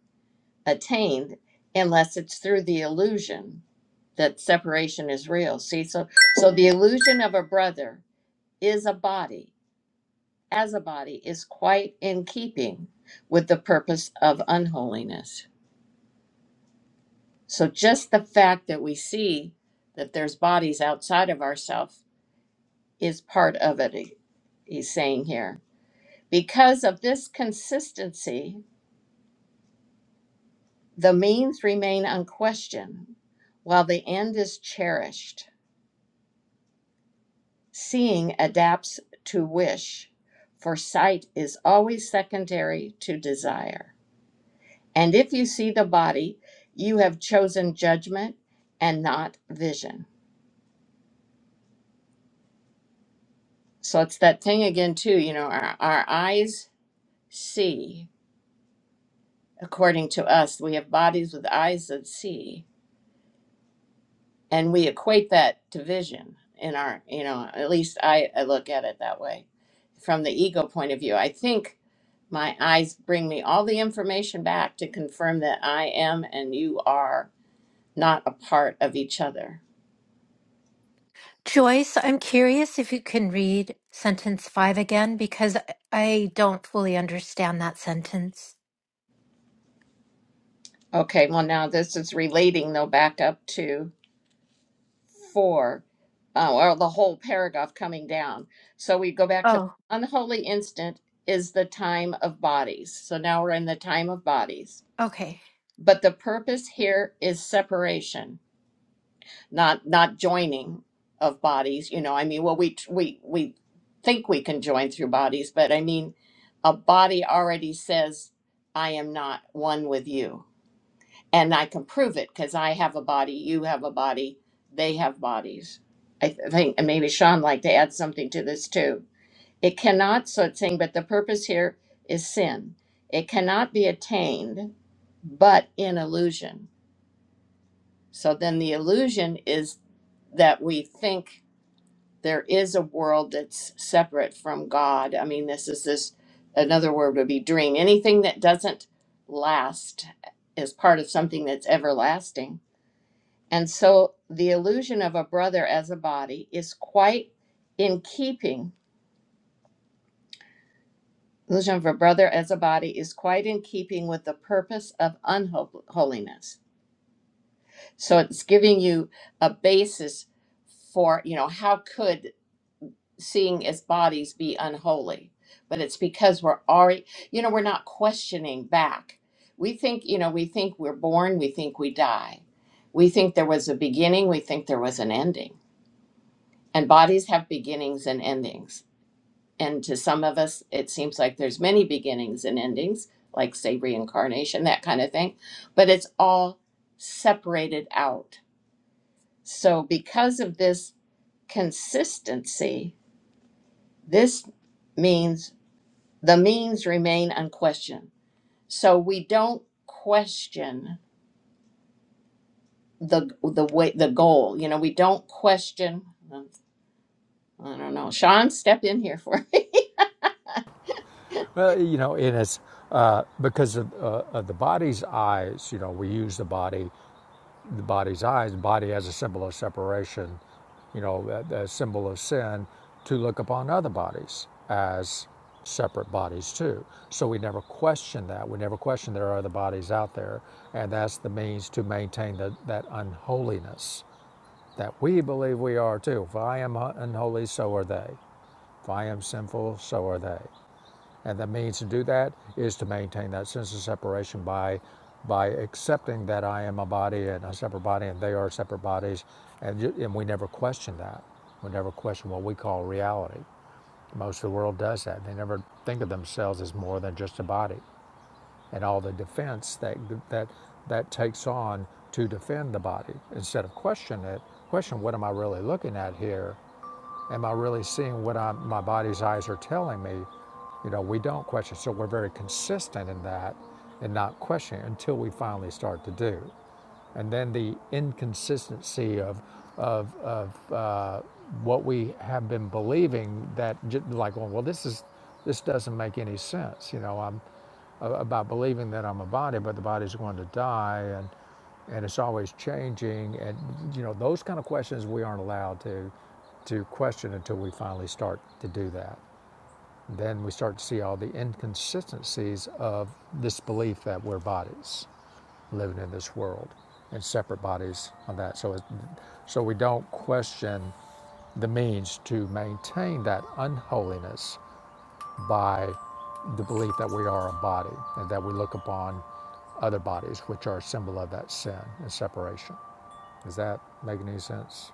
attained unless it's through the illusion that separation is real? See, so so the illusion of a brother is a body, as a body is quite in keeping with the purpose of unholiness. So just the fact that we see that there's bodies outside of ourselves is part of it, he- he's saying here. Because of this consistency, the means remain unquestioned, while the end is cherished. Seeing adapts to wish, for sight is always secondary to desire. And if you see the body, you have chosen judgment and not vision. So it's that thing again, too, you know, our, our eyes see. According to us, we have bodies with eyes that see, and we equate that to vision in our, you know, at least I, I look at it that way from the ego point of view. I think my eyes bring me all the information back to confirm that I am and you are not a part of each other.
Joyce, I'm curious if you can read sentence five again because I don't fully understand that sentence.
Okay, well, now this is relating though back up to For, uh, or the whole paragraph coming down. So we go back to
Oh,
unholy instant is the time of bodies. So now we're in the time of bodies.
okay.
But the purpose here is separation, not not joining of bodies. You know, I mean, well, we we we think we can join through bodies, but I mean, a body already says, "I am not one with you." and I can prove it because I have a body, you have a body, they have bodies. I th- think, and maybe Sean like to add something to this too. It cannot, so it's saying, but the purpose here is sin. It cannot be attained but in illusion. So then the illusion is that we think there is a world that's separate from God. I mean, this is this another word would be dream. Anything that doesn't last is part of something that's everlasting and so the illusion of a brother as a body is quite in keeping. Illusion of a brother as a body is quite in keeping with the purpose of unholiness. So it's giving you a basis for, you know, how could seeing as bodies be unholy? But it's because we're already, you know, we're not questioning back. We think, you know, we think we're born, we think we die. We think there was a beginning, we think there was an ending And bodies have beginnings and endings. And to some of us, it seems like there's many beginnings and endings, like say reincarnation, that kind of thing. But it's all separated out. So because of this consistency, this means the means remain unquestioned. So we don't question the the way the goal. You know, we don't question. I don't know. Sean, step in here for
Well, you know, and it's uh, because of, uh, of the body's eyes, you know, we use the body The body's eyes, the body as a symbol of separation, you know, a, a symbol of sin, to look upon other bodies as separate bodies too. So we never question that. We never question there are other bodies out there. And that's the means to maintain the, that unholiness that we believe we are too. If I am unholy, so are they. If I am sinful, so are they. And the means to do that is to maintain that sense of separation by by accepting that I am a body and a separate body and they are separate bodies, and and we never question that. We never question what we call reality. Most of the world does that. They never think of themselves as more than just a body, and all the defense that that that takes on to defend the body instead of question it. Question what am I really looking at here? Am I really seeing what i my body's eyes are telling me? You know, we don't question. So we're very consistent in that and not questioning until we finally start to do. And then the inconsistency of, of, of uh, what we have been believing that, j- like, well, well, this is, this doesn't make any sense. You know, I'm about believing that I'm a body, but the body's going to die and and it's always changing and you know those kind of questions we aren't allowed to to question until we finally start to do that. Then we start to see all the inconsistencies of this belief that we're bodies living in this world and separate bodies on that. So it, so we don't question the means to maintain that unholiness by the belief that we are a body and that we look upon other bodies, which are a symbol of that sin and separation. Does that make any sense?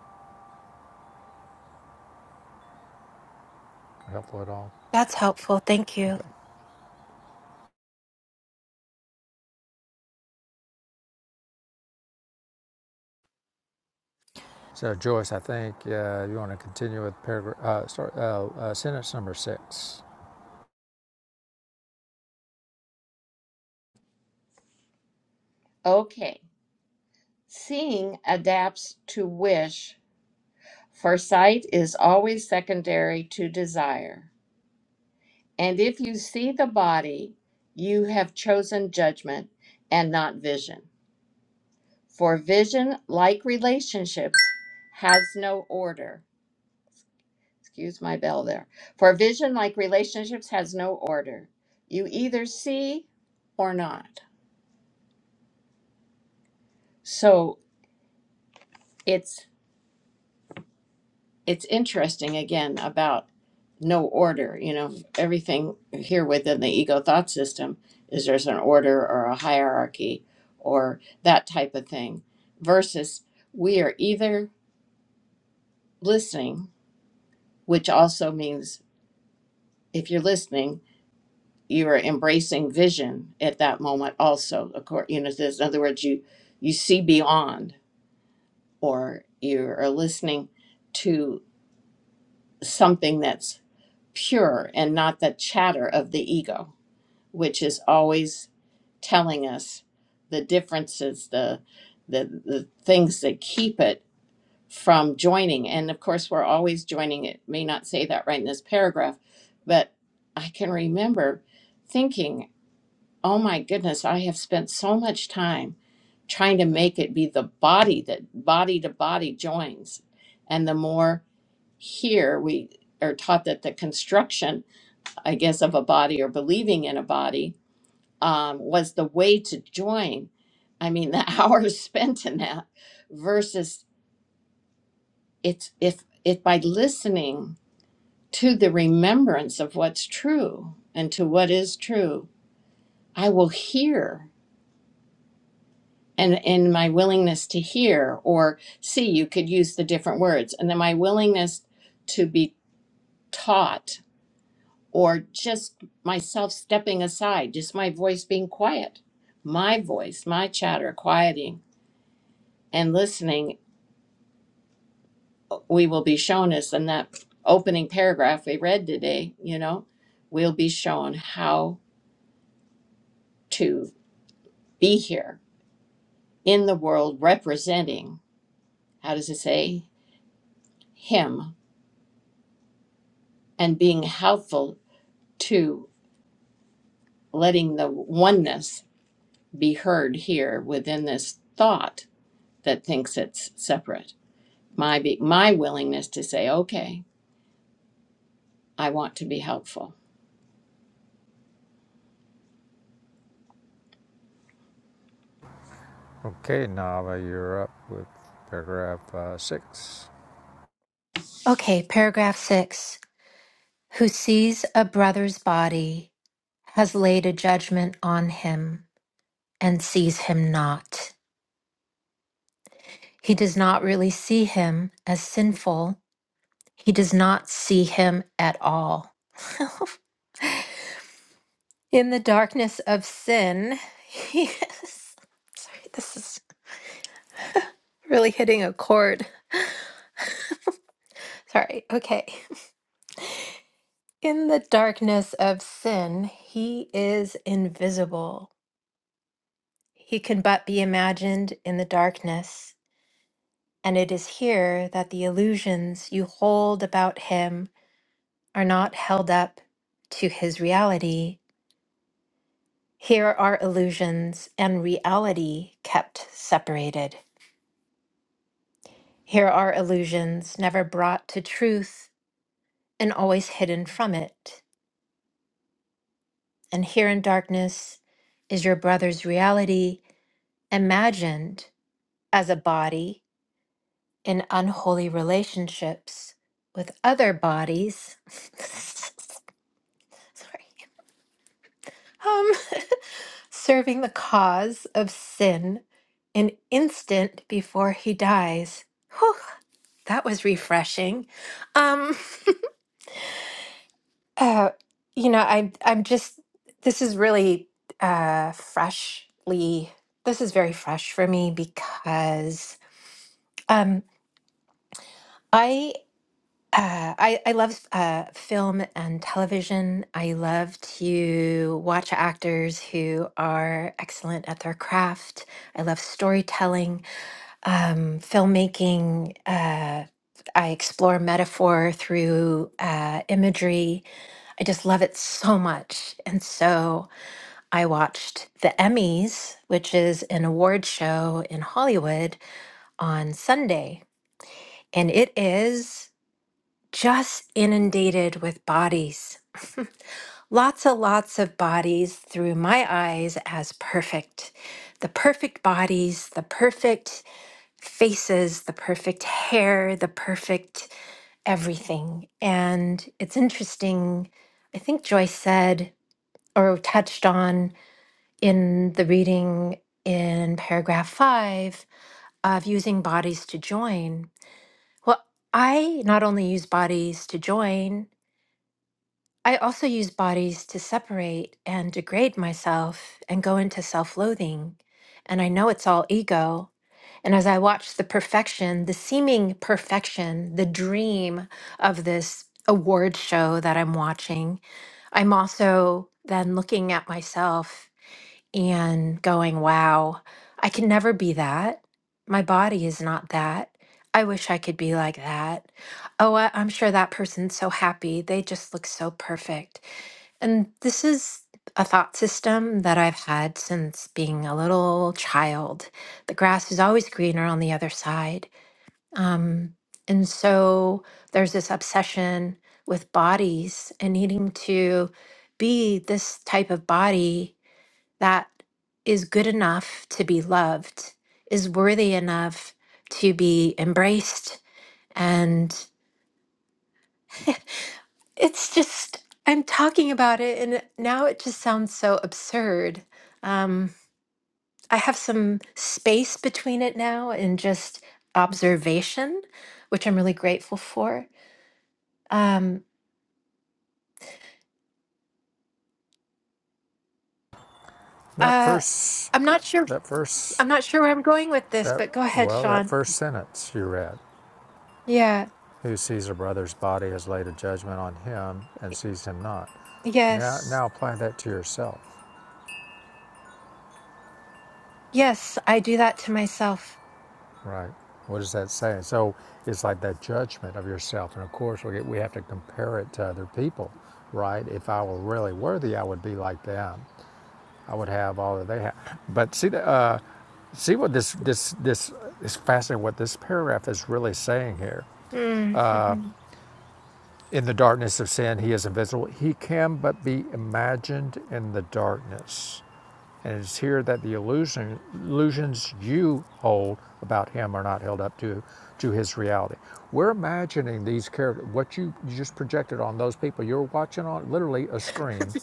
Helpful at all?
That's helpful. Thank you.
Okay. So, Joyce, I think uh, you want to continue with paragraph, uh, start, uh, uh, sentence number six.
okay. Seeing adapts to wish, for sight is always secondary to desire. And if you see the body, you have chosen judgment and not vision. For vision, like relationships, has no order. Excuse my bell there. For vision, like relationships, has no order. You either see or not. So it's it's interesting again about no order you know everything here within the ego thought system is there's an order or a hierarchy or that type of thing versus we are either listening which also means if you're listening you are embracing vision at that moment also of course, you know this- in other words you you see beyond or you are listening to something that's pure and not the chatter of the ego, which is always telling us the differences, the the, the things that keep it from joining. And of course, we're always joining. It may not say that right in this paragraph, but I can remember thinking, "Oh my goodness, I have spent so much time trying to make it be the body that body to body joins." And the more here we are taught that the construction I guess, of a body or believing in a body um, was the way to join. I mean, the hours spent in that versus it's if it by listening to the remembrance of what's true and to what is true, I will hear and in my willingness to hear or see, you could use the different words, and then my willingness to be taught or just myself stepping aside, just my voice being quiet, my voice, my chatter quieting and listening, we will be shown as in that opening paragraph we read today, you know, we'll be shown how to be here in the world representing, how does it say, Him and being helpful to letting the oneness be heard here within this thought that thinks it's separate my be, my willingness to say, okay, I want to be helpful.
Okay, Nava, you're up with paragraph uh, six.
Okay, paragraph six. Who sees a brother's body has laid a judgment on him and sees him not. He does not really see him as sinful, he does not see him at all. In the darkness of sin, he is. Sorry, this is Really hitting a chord. Sorry. Okay. In the darkness of sin, he is invisible. He can but be imagined in the darkness. And it is here that the illusions you hold about him are not held up to his reality. Here are illusions and reality kept separated. Here are illusions never brought to truth and always hidden from it. and here in darkness is your brother's reality imagined as a body in unholy relationships with other bodies. Sorry. Um, serving the cause of sin an instant before he dies. Whew, that was refreshing. Um, uh, you know, I, I'm just, this is really uh, freshly, this is very fresh for me because Um, I, uh, I I love uh, film and television. I love to watch actors who are excellent at their craft. I love storytelling, um, filmmaking. Uh, I explore metaphor through uh, imagery. I just love it so much. And so I watched the Emmys, which is an award show in Hollywood on Sunday. And it is. just inundated with bodies. lots and lots of bodies through my eyes as perfect. The perfect bodies, the perfect faces, the perfect hair, the perfect everything. And it's interesting, I think Joyce said or touched on in the reading in paragraph five of using bodies to join. Well, I not only use bodies to join, I also use bodies to separate and degrade myself and go into self loathing. And I know it's all ego. And as I watch the perfection, the seeming perfection, the dream of this award show that I'm watching, I'm also then looking at myself and going, wow, I can never be that. My body is not that. I wish I could be like that. Oh, I, I'm sure that person's so happy. They just look so perfect. And this is a thought system that I've had since being a little child. The grass is always greener on the other side. Um, and so there's this obsession with bodies and needing to be this type of body that is good enough to be loved, is worthy enough to be embraced. And it's just, I'm talking about it, and it- now it just sounds so absurd. Um, I have some space between it now and just observation, which I'm really grateful for. Um,
That
uh,
first,
I'm not sure.
that first,
I'm not sure where I'm going with this,
that,
but go ahead,
well, that
Sean.
first sentence you read.
Yeah.
who sees a brother's body has laid a judgment on him and sees him not. Now,
Yes.
now apply that to yourself,
Yes, I do that to myself.
right? What does that say? So it's like that judgment of yourself, and of course we we have to compare it to other people, right? If I were really worthy, I would be like them. I would have all that they have. But see, the, uh, see what this this this is fascinating. What this paragraph is really saying here.
Mm.
In the darkness of sin, he is invisible. He can but be imagined in the darkness And it's here that the illusion, illusions you hold about him are not held up to, to his reality. We're imagining these characters, what you, you just projected on those people. You're watching on literally a screen,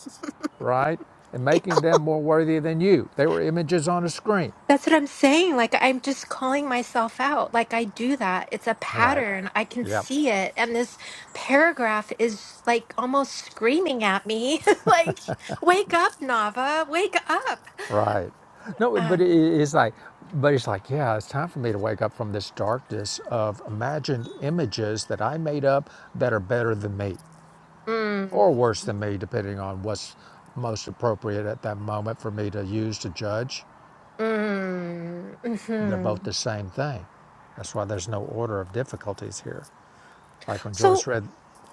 right? And making them more worthy than you. They were images on a screen.
That's what I'm saying. Like, I'm just calling myself out. Like, I do that. It's a
Right.
pattern. I can
Yep.
see it. And this paragraph is like almost screaming at me, like, wake up, Nava, wake up.
Right. No, but
Um,
it- it's like, but it's like, yeah, it's time for me to wake up from this darkness of imagined images that I made up that are better than me.
mm,
or worse than me, depending on what's most appropriate at that moment for me to use to judge.
mm,
They're both
mhm.
the same thing. That's why there's no order of difficulties here. Like when
So,
Joyce read,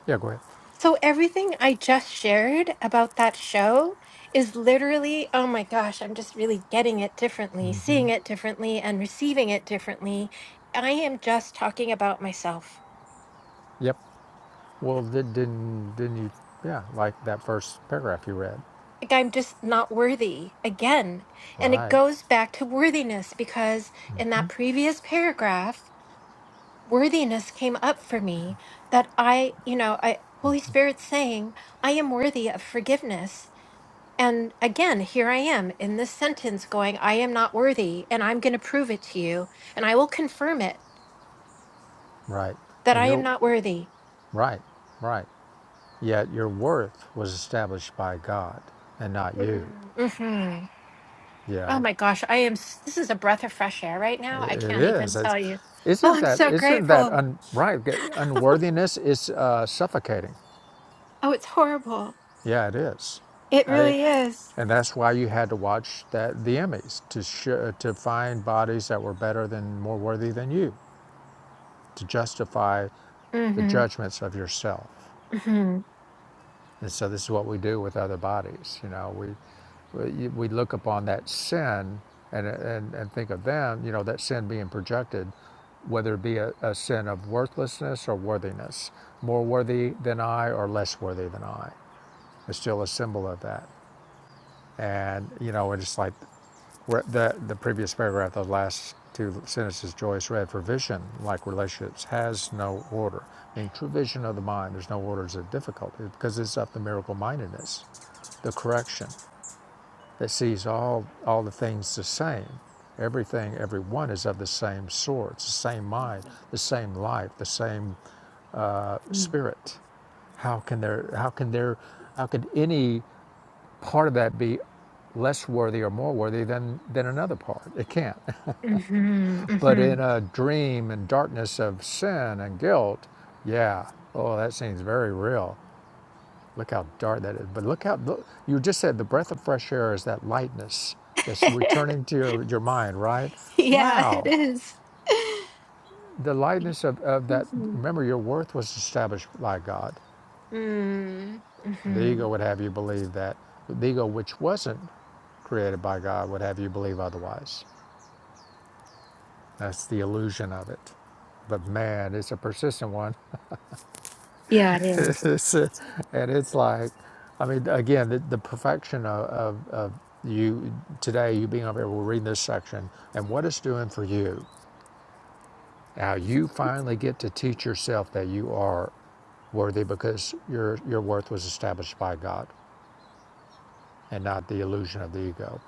yeah, go ahead.
So everything I just shared about that show is literally, oh my gosh, I'm just really getting it differently, seeing it differently, and receiving it differently. I am just talking about myself.
Yep. Well, did, didn't didn't you? Yeah, like that first paragraph you read.
Like I'm just not worthy again. And it
Right,
goes back to worthiness because in that previous paragraph, worthiness came up for me that I, you know, I Holy Spirit saying, I am worthy of forgiveness. And again, here I am in this sentence going, I am not worthy, and I'm going to prove it to you, and I will confirm it
right.
that
And
I am
your
not worthy.
right, right. Yet your worth was established by God and not you.
Mm, mhm.
Yeah.
Oh my gosh, I am. s- This is a breath of fresh air right now.
It
I can't even
is. It's,
tell you. Oh,
isn't
I'm
that
so
isn't that
grateful.
un, right? Unworthiness is uh, suffocating.
Oh, it's horrible.
Yeah, it is.
It
I mean,
really is.
and that's why you had to watch that the Emmys to show, to find bodies that were better than more worthy than you to justify the
Mm-hmm.
judgments of yourself.
Mm-hmm.
And so this is what we do with other bodies. You know, we we look upon that sin and and, and think of them. You know, that sin being projected, whether it be a, a sin of worthlessness or worthiness, more worthy than I or less worthy than I. It's still a symbol of that. And you know, it's like the, the previous paragraph, the last two sentences Joyce read, for vision, like relationships, has no order. I mean, true vision of the mind, there's no orders of difficulty because it's of the miracle mindedness, the correction that sees all, all the things the same. Everything, everyone is of the same sort, it's the same mind, the same life, the same
mm,
spirit. How can there, how can there, how could any part of that be less worthy or more worthy than, than another part? It can't.
Mm-hmm.
But
Mm-hmm.
in a dream and darkness of sin and guilt, yeah, oh, that seems very real. Look how dark that is. But look how look, you just said the breath of fresh air is that lightness that's returning to your, your mind, right?
yeah, it
Wow.
is.
The lightness of, of that, remember, your worth was established by God.
Mm-hmm.
And the
Mm-hmm.
ego would have you believe that. The ego, which wasn't created by God, would have you believe otherwise. That's the illusion of it. But man, it's a persistent one.
Yeah, it is.
It's, uh, and it's like, I mean, again, the, the perfection of, of, of you today, you being up here, we're reading this section, and what it's doing for you. Now you finally get to teach yourself that you are worthy because your your worth was established by God and not the illusion of the ego.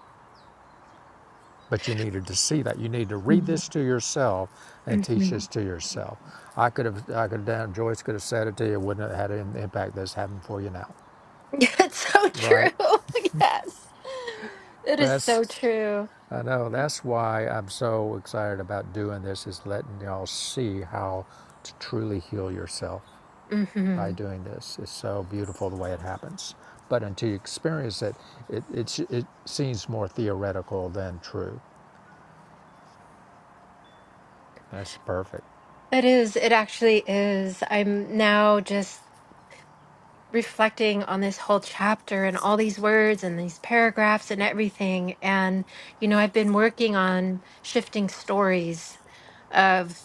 But you needed to see that. You need to read
Mm-hmm.
this to yourself and teach this
Mhm.
to yourself. I could have, I could have done. Joyce could have said it to you. Wouldn't have had an impact that's having for you now,
That's so true.
right?
yes. It is
That's
so true.
I know that's why I'm so excited about doing this is letting y'all see how to truly heal yourself by
hmm
doing this. It's so beautiful the way it happens. But until you experience it, it, it, it seems more theoretical than true. That's perfect.
It is. It actually is. I'm now just reflecting on this whole chapter and all these words and these paragraphs and everything. And, you know, I've been working on shifting stories of.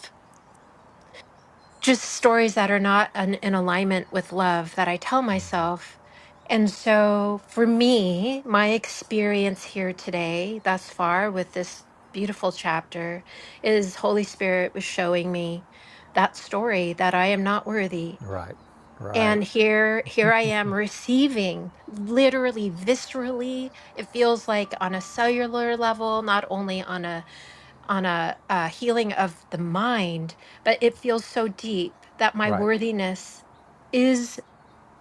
just stories that are not an, in alignment with love that I tell myself. And so, for me, my experience here today, thus far, with this beautiful chapter, is Holy Spirit was showing me that story that I am not worthy.
Right, right,
And here, here I am receiving literally, viscerally. It feels like on a cellular level, not only on a on a, a healing of the mind, but it feels so deep that my
right.
worthiness is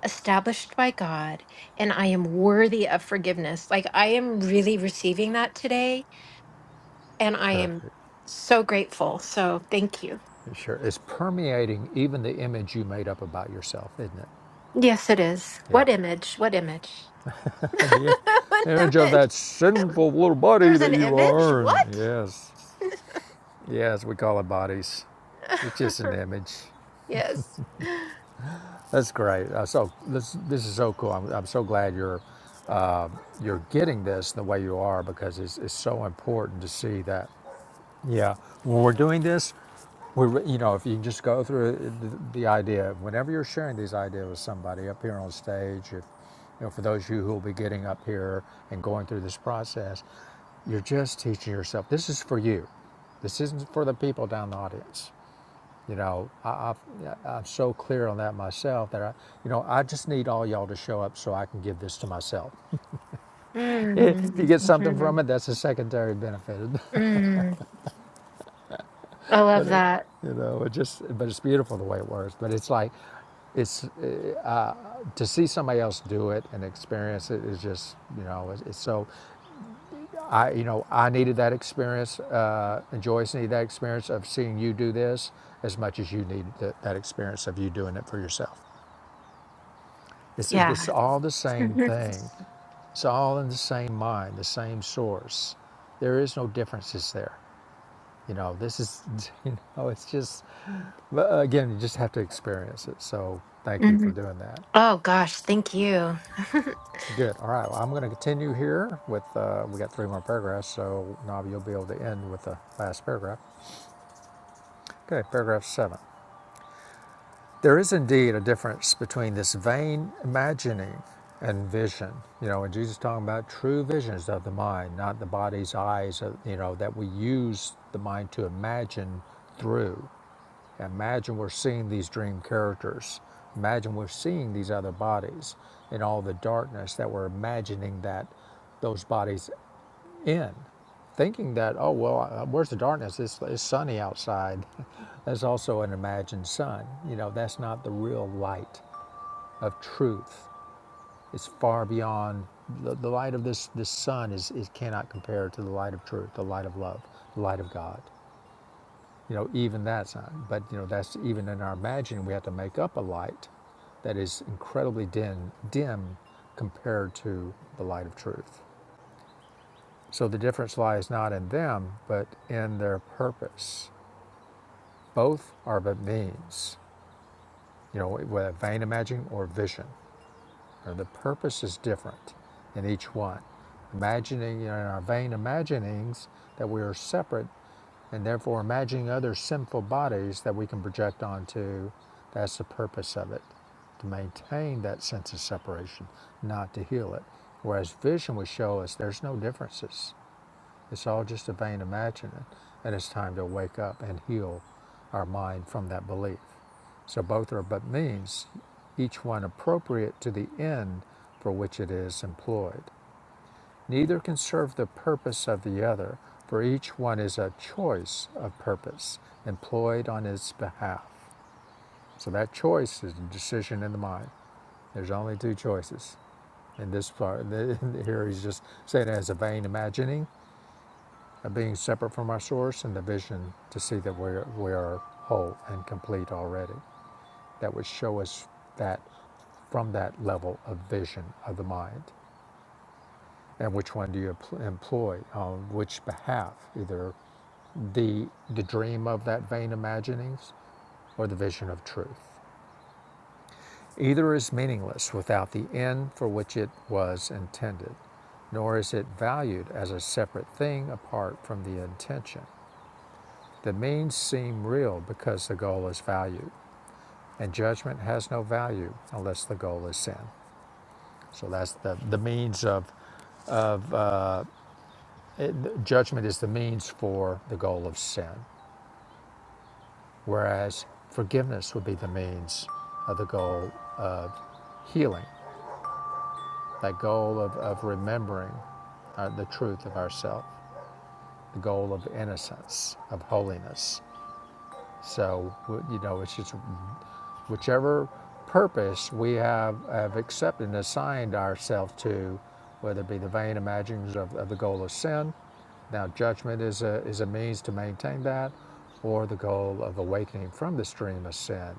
established by God and I am worthy of forgiveness. Like I am really receiving that today and I am
Perfect.
so grateful. So thank you.
Sure. It's permeating even the image you made up about yourself, isn't it?
Yes, it is.
Yeah.
What image? What image?
And the im-
what
image of
image?
that sinful little body
There's
that
an
you
image?
are. And
What?
yes. Yes, we call it bodies. It's just an image.
yes.
That's great. Uh, so this this is so cool. I'm, I'm so glad you're you're getting this the way you are because it's, it's so important to see that. Yeah, when we're doing this, we re- you know if you just go through the, the idea whenever you're sharing these ideas with somebody up here on stage, if you know for those of you who will be getting up here and going through this process, you're just teaching yourself. This is for you. This isn't for the people down the audience. You know, I, I, I'm so clear on that myself that I, you know, I just need all y'all to show up so I can give this to myself. if you
Mm.
get something
Mhm.
from it, that's a secondary benefit.
Mm. I
but
love
it,
that.
you know, it just, but it's beautiful the way it works. But it's like, it's it, to see somebody else do it and experience it is just, you know, it's, it's so. I, you know, I needed that experience. Uh, and Joyce needed that experience of seeing you do this as much as you need that that experience of you doing it for yourself. It's,
Yeah.
it's all the same
Mhm,
thing. It's all in the same mind, the same source. There is no differences there. You know, this is, you know, it's just, but again, you just have to experience it. So thank you for
mhm.
doing that.
Oh gosh, thank you.
Good. All right. Well, I'm going to continue here with, uh, we got three more paragraphs. So, Navi, you'll be able to end with the last paragraph. Okay. Paragraph seven. There is indeed a difference between this vain imagining and vision. You know, when Jesus is talking about true visions of the mind, not the body's eyes, of, you know, that we use the mind to imagine through. Imagine we're seeing these dream characters. Imagine we're seeing these other bodies in all the darkness that we're imagining that those bodies in, thinking that, oh, well, uh, where's the darkness? It's, it's sunny outside. that's also an imagined sun. You know, that's not the real light of truth. It's far beyond the, the light of this, this sun is, is cannot compare to the light of truth, the light of love, the light of God. You know, even that's not, but you know, that's even in our imagining, we have to make up a light that is incredibly dim, dim compared to the light of truth. So the difference lies not in them, but in their purpose. Both are but means, you know, whether vain imagining or vision. Now, the purpose is different in each one. Imagining, you know, in our vain imaginings that we are separate and therefore imagining other sinful bodies that we can project onto, that's the purpose of it, to maintain that sense of separation, not to heal it. Whereas vision would show us there's no differences It's all just a vain imagining, and it's time to wake up and heal our mind from that belief. So both are but means, each one appropriate to the end for which it is employed. Neither can serve the purpose of the other, for each one is a choice of purpose employed on its behalf. So that choice is a decision in the mind. There's only two choices. In this part, here he's just saying it as a vain imagining of being separate from our source and the vision to see that we're, we are whole and complete already. That would show us that from that level of vision of the mind. And which one do you employ on which behalf? Either the, the dream of that vain imaginings or the vision of truth. Either is meaningless without the end for which it was intended, nor is it valued as a separate thing apart from the intention. The means seem real because the goal is value, and judgment has no value unless the goal is sin. So that's the, the means of it, judgment is the means for the goal of sin, whereas forgiveness would be the means of the goal of healing, that goal of, of remembering uh, the truth of ourself, the goal of innocence, of holiness. So, you know, it's just whichever purpose we have, have accepted and assigned ourselves to, whether it be the vain imaginings of, of the goal of sin. Now, judgment is a, is a means to maintain that, or the goal of awakening from this dream of sin.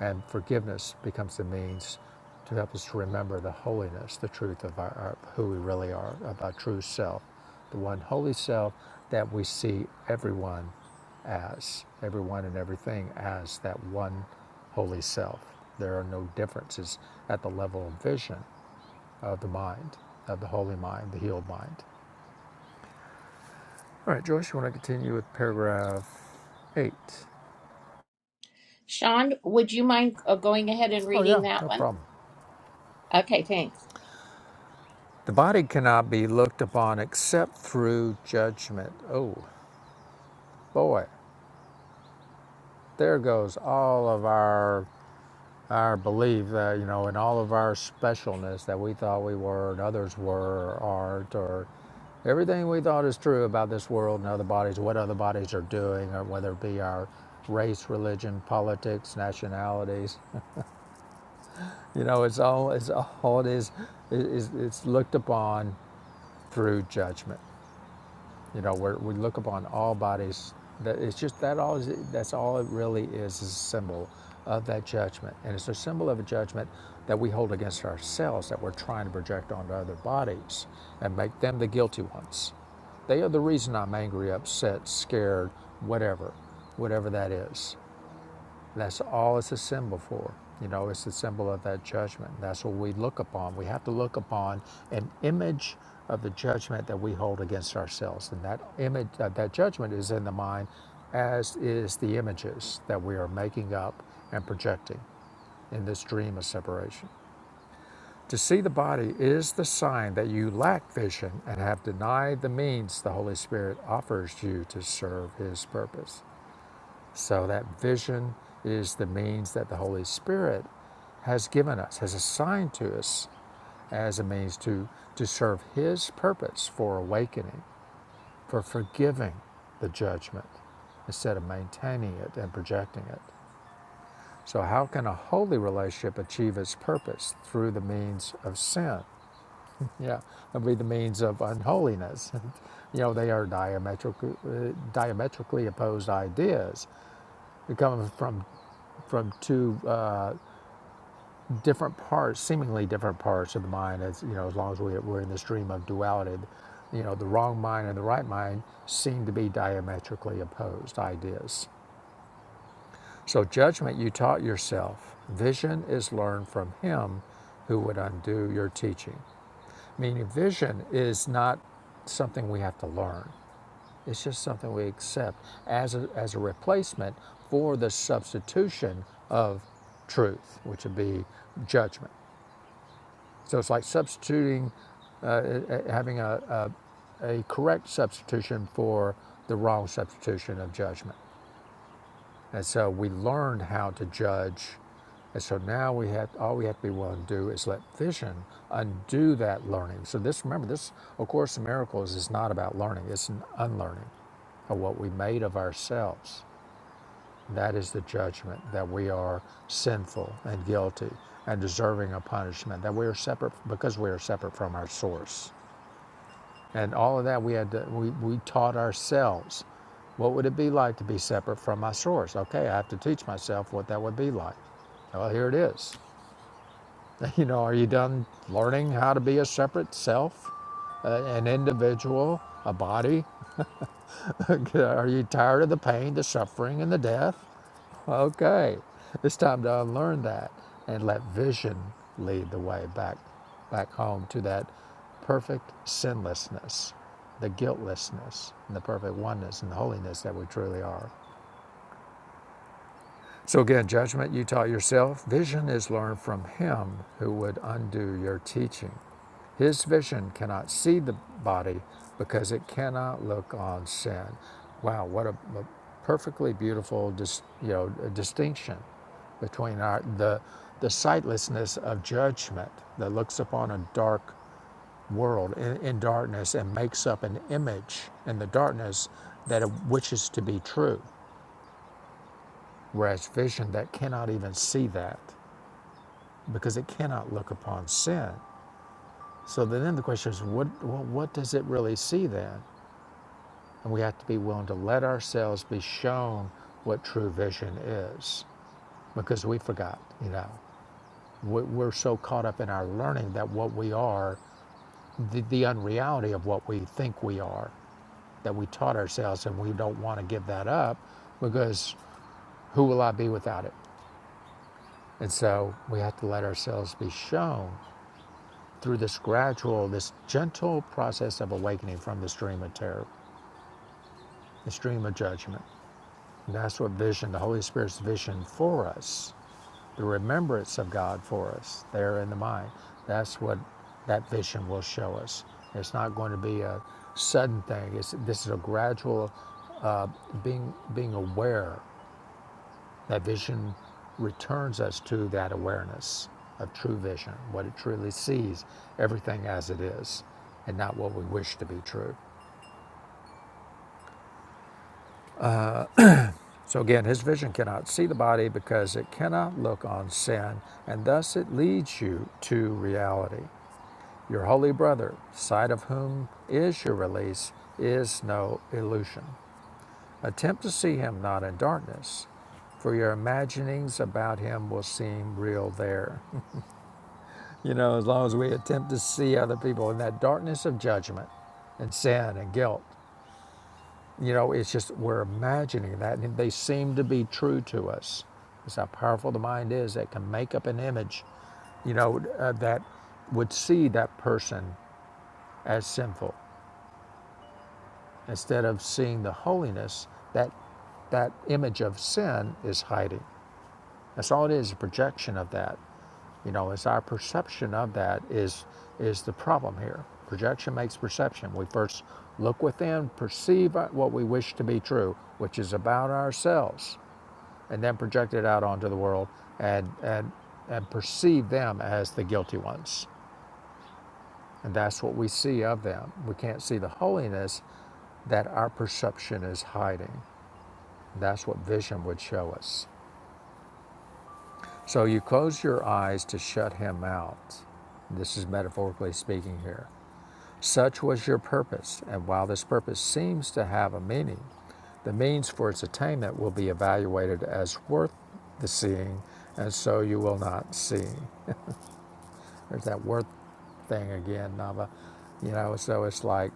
And forgiveness becomes the means to help us to remember the holiness, the truth of our, our who we really are, of our true self, the one holy self that we see everyone as, everyone and everything as that one holy self. There are no differences at the level of vision of the mind, of the holy mind, the healed mind. All right, Joyce, you want to continue with paragraph eight?
Sean, would you mind uh, going ahead and
Oh,
reading
yeah,
that
no
one?
problem.
Okay, thanks.
The body cannot be looked upon except through judgment. Oh boy, there goes all of our our belief that you know, and all of our specialness that we thought we were and others were, or aren't, or everything we thought is true about this world and other bodies, what other bodies are doing, or whether it be our race, religion, politics, nationalities. You know, it's all it's all it is is it's it's looked upon through judgment. You know, where we look upon all bodies. That it's just that all is, that's all it really is is a symbol of that judgment, and it's a symbol of a judgment that we hold against ourselves that we're trying to project onto other bodies and make them the guilty ones. They are the reason I'm angry, upset, scared, whatever, whatever that is. That's all it's a symbol for. You know, it's a symbol of that judgment. That's what we look upon. We have to look upon an image of the judgment that we hold against ourselves. And that image, uh, that judgment is in the mind, as is the images that we are making up and projecting in this dream of separation. To see the body is the sign that you lack vision and have denied the means the Holy Spirit offers you to serve His purpose. So that vision is the means that the Holy Spirit has given us, has assigned to us as a means to, to serve His purpose for awakening, for forgiving the judgment instead of maintaining it and projecting it. So, how can a holy relationship achieve its purpose? Through the means of sin. Yeah, that'd be the means of unholiness. you know, they are diametrically, uh, diametrically opposed ideas that come from from two uh, different parts, seemingly different parts of the mind. As you know, as long as we, we're in the stream of duality, you know, the wrong mind and the right mind seem to be diametrically opposed ideas. So judgment you taught yourself. Vision is learned from him who would undo your teaching. Meaning, vision is not something we have to learn. It's just something we accept as a, as a replacement for the substitution of truth, which would be judgment. So it's like substituting, eh, having a, a, a correct substitution for the wrong substitution of judgment. And so we learned how to judge. And so now we have all we have to be willing to do is let vision undo that learning. So this remember this of course in miracles is not about learning, it's an unlearning of what we made of ourselves That is the judgment that we are sinful and guilty and deserving of punishment, that we are separate because we are separate from our source. And all of that we had to, we, we taught ourselves. What would it be like to be separate from my source? Okay, I have to teach myself what that would be like. Well, here it is. You know, are you done learning how to be a separate self, uh, an individual, a body? are you tired of the pain, the suffering, and the death? Okay, it's time to unlearn that and let vision lead the way back, back home to that perfect sinlessness, the guiltlessness, and the perfect oneness and the holiness that we truly are. So again, judgment you taught yourself. Vision is learned from him who would undo your teaching. His vision cannot see the body because it cannot look on sin. Wow, what a, a perfectly beautiful dis, you know, distinction between our, the, the sightlessness of judgment that looks upon a dark world in, in darkness and makes up an image in the darkness that it wishes to be true, whereas vision that cannot even see that. because it cannot look upon sin. So then the question is, what, what, what does it really see then? And we have to be willing to let ourselves be shown what true vision is because we forgot, you know. We- are so caught up in our learning that what we are, the, the unreality of what we think we are, that we taught ourselves and we don't want to give that up because who will I be without it? And so we have to let ourselves be shown through this gradual, this gentle process of awakening from the stream of terror, the stream of judgment. And that's what vision, the Holy Spirit's vision for us, the remembrance of God for us there in the mind. That's what that vision will show us. It's not going to be a sudden thing. It's, this is a gradual being being aware. That vision returns us to that awareness of true vision, what it truly sees, everything as it is, and not what we wish to be true. So again, his vision cannot see the body because it cannot look on sin, and thus it leads you to reality. Your holy brother, sight of whom is your release, is no illusion. Attempt to see him not in darkness, for your imaginings about him will seem real there. you know, as long as we attempt to see other people in that darkness of judgment and sin and guilt, You know, it's just we're imagining that, and they seem to be true to us. It's how powerful the mind is that can make up an image, you know, uh, that would see that person as sinful instead of seeing the holiness that that image of sin is hiding. That's all it is, a projection of that. You know, it's our perception of that is is the problem here. Projection makes perception. We first look within, perceive what we wish to be true, which is about ourselves. and then project it out onto the world and, and, and perceive them as the guilty ones. And that's what we see of them. We can't see the holiness that our perception is hiding. That's what vision would show us. So you close your eyes to shut him out. This is metaphorically speaking here. Such was your purpose, and while this purpose seems to have a meaning, the means for its attainment will be evaluated as worth the seeing, and so you will not see. There's that worth thing again, Nava. You know, so it's like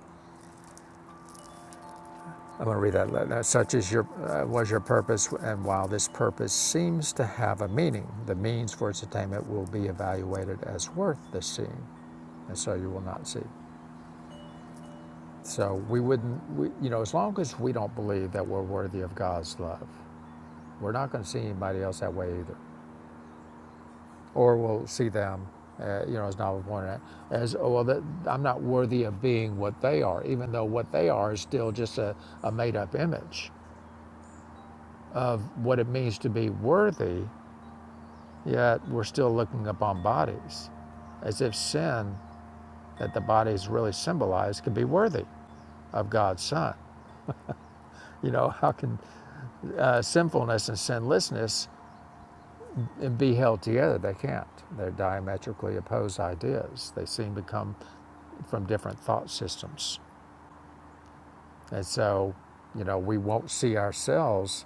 I'm going to read that. Such is your uh, was your purpose, and while this purpose seems to have a meaning, the means for its attainment will be evaluated as worth the seeing, and so you will not see. So we wouldn't, we, you know, as long as we don't believe that we're worthy of God's love, we're not going to see anybody else that way either. or will see them, uh, you know, as Nava pointed out, as oh, well, that I'm not worthy of being what they are, even though what they are is still just a, a made up image. What it means to be worthy, yet we're still looking upon bodies as if sin that the bodies really symbolize can be worthy of God's Son. You know, how can uh, sinfulness and sinlessness be held together? They can't. They're diametrically opposed ideas. They seem to come from different thought systems. And so, you know, we won't see ourselves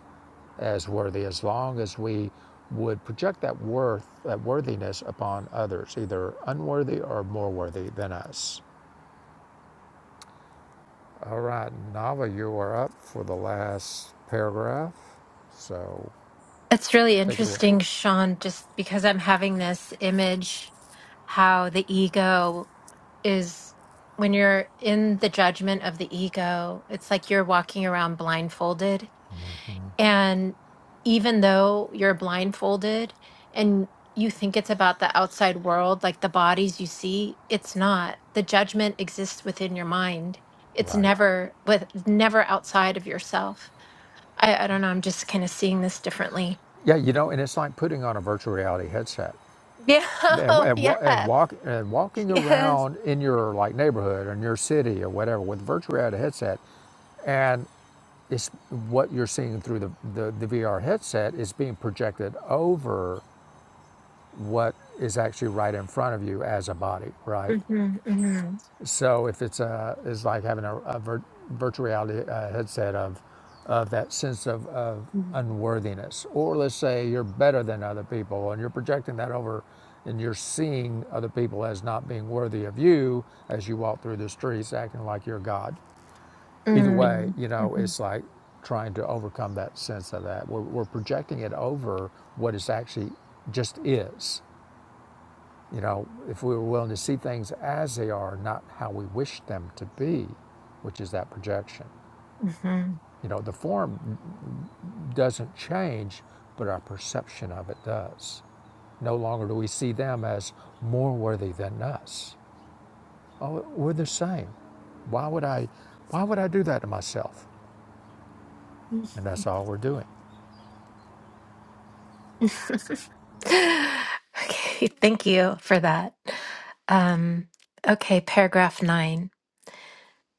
as worthy as long as we would project that worth, that worthiness upon others, either unworthy or more worthy than us. All right, Nava, you are up for the last paragraph. So
It's really
take it away.
interesting, Sean, just because I'm having this image how the ego is when you're in the judgment of the ego, it's like you're walking around blindfolded. And even though you're blindfolded and you think it's about the outside world, like the bodies you see, it's not. The judgment exists within your mind. It's
Right.
never with never outside of yourself I, I don't know. I'm just kind of seeing this differently.
Yeah, you know, and it's like putting on a virtual reality headset
Yeah.
and
Oh,
and,
yeah.
and walk and walking
Yes.
around in your like neighborhood or in your city or whatever with a virtual reality headset, and it's what you're seeing through the, the, the VR headset is being projected over what is actually right in front of you as a body, right?
Mm-hmm, mm-hmm.
So if it's a, it's like having a, a vir, virtual reality uh, headset of, of that sense of, of unworthiness, or let's say you're better than other people and you're projecting that over and you're seeing other people as not being worthy of you as you walk through the streets acting like you're God Either way, you know, it's
Mm-hmm,
like trying to overcome that sense of that. We're, we're projecting it over what is actually just is. You know, if we were willing to see things as they are, not how we wish them to be, which is that projection. You know, the form doesn't change, but our perception of it does. No longer do we see them as more worthy than us. Oh, we're the same. Why would I why would I do that to myself? And that's all we're doing.
mm-hmm. okay. Thank you for that. Um, okay. Paragraph nine.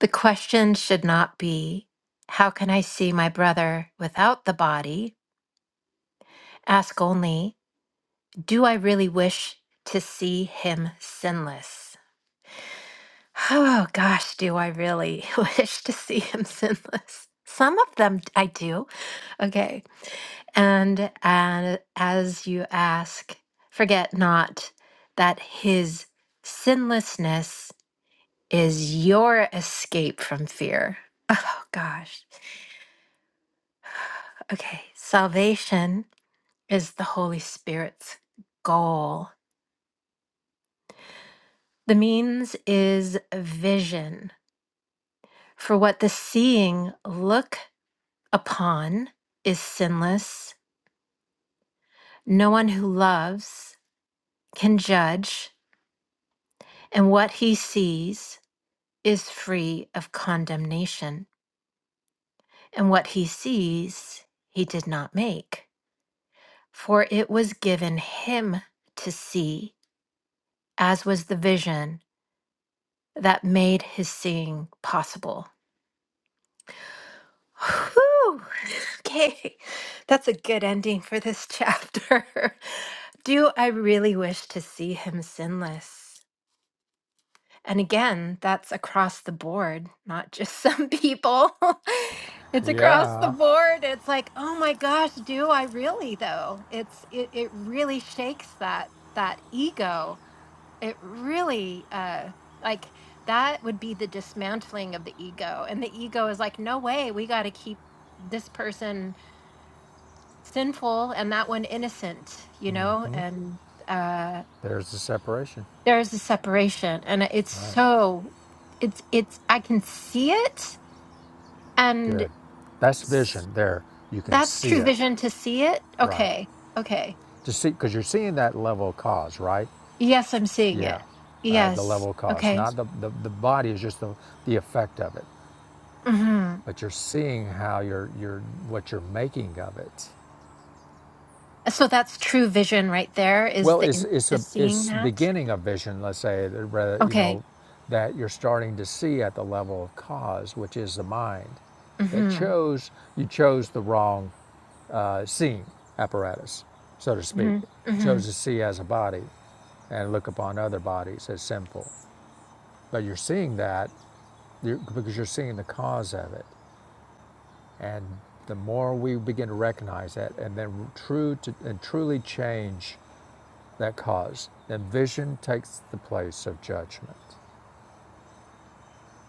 The question should not be, how can I see my brother without the body? Ask only, do I really wish to see him sinless? Oh gosh, do I really wish to see him sinless? Some of them d- I do. Okay. And and as you ask, forget not that his sinlessness is your escape from fear. Oh gosh. Okay. Salvation is the Holy Spirit's goal. The means is vision for what the seeing looks upon is sinless. No one who loves can judge, and what he sees is free of condemnation. And what he sees, he did not make, for it was given him to see, as was the vision that made his seeing possible. Whew. Okay, that's a good ending for this chapter. Do I really wish to see him sinless? And again, that's across the board, not just some people. it's across the
Yeah.
board. It's like, oh my gosh, do I really though? It's it, it really shakes that that ego. It really uh like that would be the dismantling of the ego. And the ego is like, no way, we gotta keep this person sinful and that one innocent, you know? And uh
There's the separation.
there is a separation and it's
Right.
so it's it's i can see it and
Good. That's vision
s-
there. You can
that's
see
true
it.
vision to see it
Right.
okay okay
To see, because you're seeing that level of cause, right?
yes i'm seeing
Yeah.
it
Right. The
yes
level of cause.
okay
Not the, the, the body is just the, the effect of it.
hmm
But you're seeing how you're, you're, what you're making of it.
so that's true vision right there is
Well, it's
the
it's
the
a
seeing
it's
that
beginning a vision, let's say, that rather you know,
okay
that you're starting to see at the level of cause, which is the mind, that
hmm
chose you chose the wrong uh, seeing apparatus, so to speak. You
hmm
chose to see as a body, and look upon other bodies as sinful, but you're seeing that you're, because you're seeing the cause of it, and the more we begin to recognize that, and then true to and truly change that cause. and vision takes the place of judgment.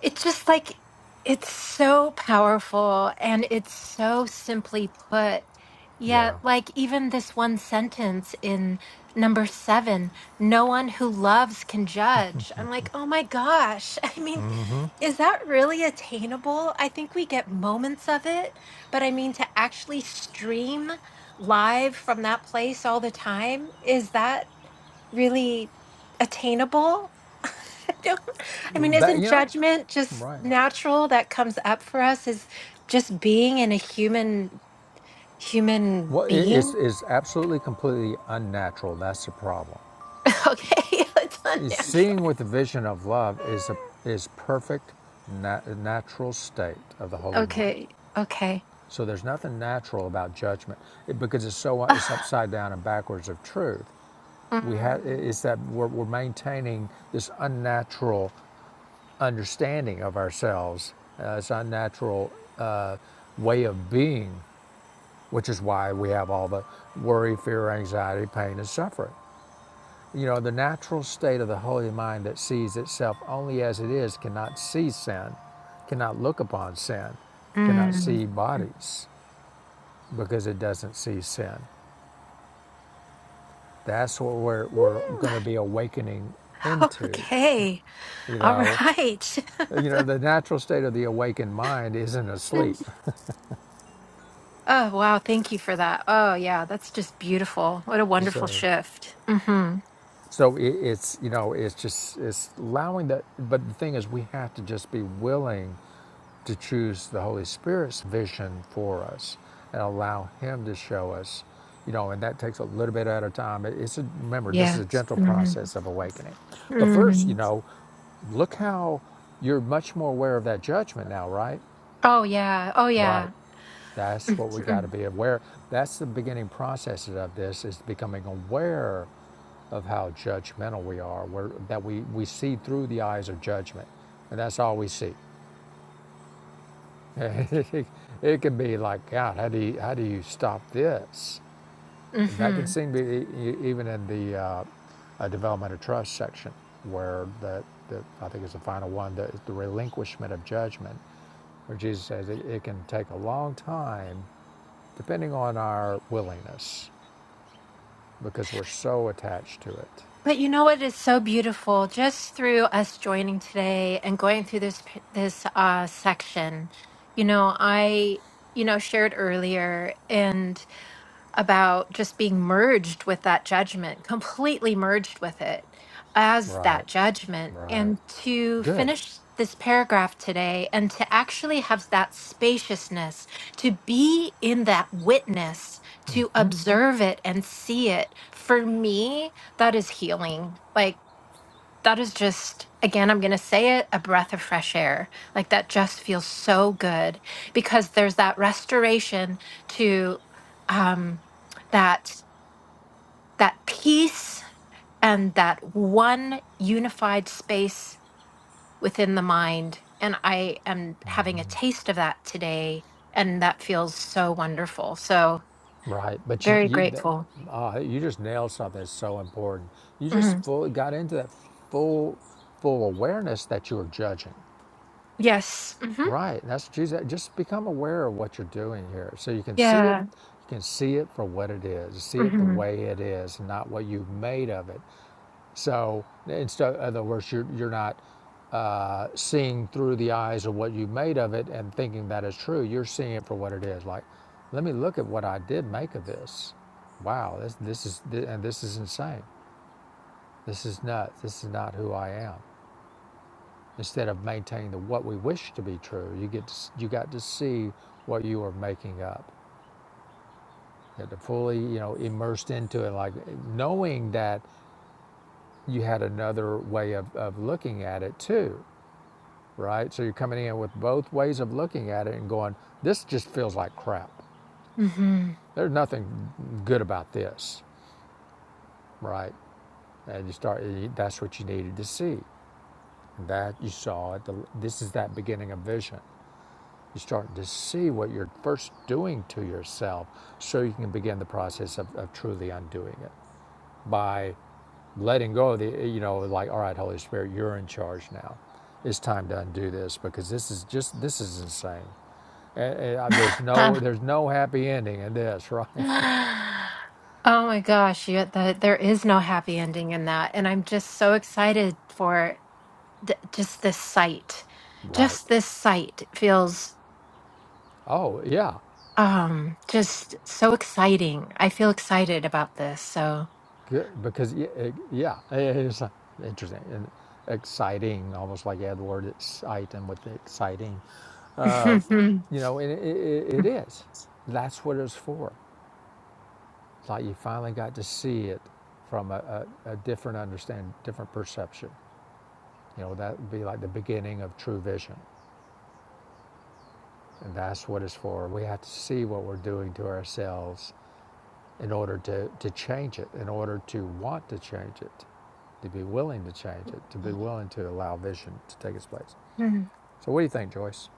It's just like it's so powerful and it's so simply put.
Yeah.
Yet, like even this one sentence in number seven, no one who loves can judge. I'm like, oh my gosh. I mean, is that really attainable? I think we get moments of it, but I mean, to actually stream live from that place all the time, is that really attainable? don't i mean
That
isn't
you know,
judgment just
right.
natural that comes up for us is just being in a human human
Well, it is
being
it's absolutely completely unnatural. That's the problem.
okay it's
Is
unnatural
Seeing with the vision of love is a is perfect nat- natural state of the holy mind.
okay okay
So there's nothing natural about judgment it, because it's so it's upside down and backwards of truth.
Ah,
We have it's that we're, we're maintaining this unnatural understanding of ourselves. Uh, it's our natural uh, way of being, which is why we have all the worry, fear, anxiety, pain, and suffering. You know, the natural state of the holy mind that sees itself only as it is cannot see sin, cannot look upon sin,
mm,
cannot
mm.
see bodies because it doesn't see sin. That's what we're, we're
Woo.
going to be awakening into.
okay
You
all
know,
right
you know, the natural state of the awakened mind isn't asleep.
Mm. oh wow thank you for that oh yeah that's just beautiful what a wonderful
So.
shift mm-hmm
So it, it's you know it's just it's allowing that. But the thing is, we have to just be willing to choose the Holy Spirit's vision for us and allow Him to show us. You know, and that takes a little bit at a time. It's a, remember this is
yeah
a gentle process of awakening. But first,
hmm
you know, look how you're much more aware of that judgment now, right?
oh yeah oh
Right.
yeah
That's what we got to be aware. That's the beginning process of this is becoming aware of how judgmental we are, where, that we, we see through the eyes of judgment. And that's all we see. it can be like, God, how do you, how do you stop this? And that can
Mm-hmm.
seem to be e- e- even in the uh, uh, development of trust section, where the, the I think it's the final one, the, the relinquishment of judgment, where Jesus says it, it can take a long time depending on our willingness, because we're so attached to it.
But you know what is so beautiful? Just through us joining today and going through this p- this uh, section, you know, I you know shared earlier, about just being merged with that judgment, completely merged with it as
Right,
that judgment.
right,
And to
good,
finish this paragraph today and to actually have that spaciousness, to be in that witness, to observe it and see it, for me, that is healing. Like, that is just again i'm going to say it a breath of fresh air like that just feels so good because there's that restoration to um that that peace and that one unified space within the mind and i am having a taste of that today and that feels so wonderful so
right. But you,
very
you, that,
grateful
uh, you just nailed something that's so important. You just
Mhm.
full, got into that full, full awareness that you are judging.
yes hmm
Right, and that's what you said. Just become aware of what you're doing here, so you can see it.
yeah
You can see it for what it is. See it the
hmm
way it is, not what you've made of it So, in other words, you're, you're not uh, seeing through the eyes of what you made of it and thinking that is true. You're seeing it for what it is. Like, let me look at what I did make of this. Wow, this, this is and this is insane. This is nuts. This is not who I am. Instead of maintaining the what we wish to be true, you get to, you got to see what you are making up. You had to fully, you know, immersed into it, like knowing that you had another way of, of looking at it too right? So you're coming in with both ways of looking at it and going, this just feels like crap.
hmm
There's nothing good about this, right? And you start, that's what you needed to see. And that you saw at the, this is that beginning of vision. You start to see what you're first doing to yourself so you can begin the process of, of truly undoing it by letting go of the, you know, like, all right, Holy Spirit, you're in charge now. It's time to undo this because this is just, this is insane. And, there's no there's no happy ending in this, right?
Oh my gosh, you, the, there is no happy ending in that. And I'm just so excited for th- just this sight.
Right.
Just this sight feels
Oh yeah,
um just so exciting. I feel excited about this. So
Good, because y- it, yeah, it's uh, interesting and exciting, almost like you had the word exciting with the exciting. You know, and it, it, it is. That's what it's for. It's like you finally got to see it from a, a, a different understanding, different perception. You know, that would be like the beginning of true vision. And that's what it's for. We have to see what we're doing to ourselves in order to, to change it, in order to want to change it, to be willing to change it, to be
Mhm.
willing to allow vision to take its place.
Mm,
So, what do you think, Joyce?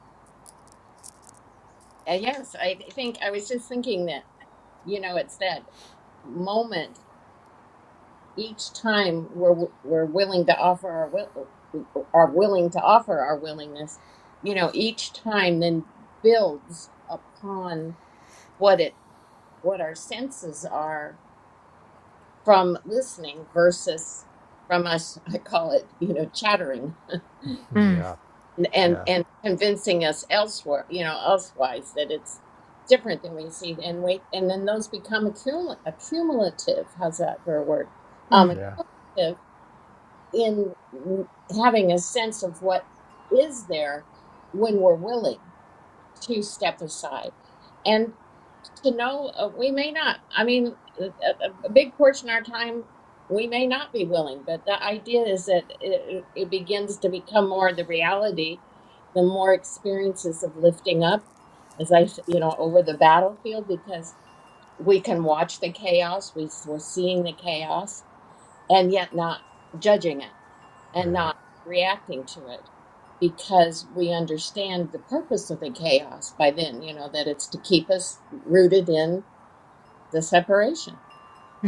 Uh, yes, I think I was just thinking that you know it's that moment each time we're we're willing to offer our will are willing to offer our willingness. You know, each time then builds upon what it what our senses are from listening versus from us i call it you know chattering
mm,
Yeah,
and and,
yeah,
and convincing us elsewhere you know elsewise that it's different than we see and we and then those become accumul- accumulative how's that for a word um
mm, mm,
yeah,
accumulative in n- having a sense of what is there when we're willing to step aside to know uh, we may not i mean a, a big portion of our time we may not be willing but the idea is that it, it it begins to become more the reality the more experiences of lifting up as i s- you know over the battlefield because we can watch the chaos we, s- we're seeing the chaos and yet not judging it and
yeah.
not reacting to it because we understand the purpose of the chaos by then you know that it's to keep us rooted in the separation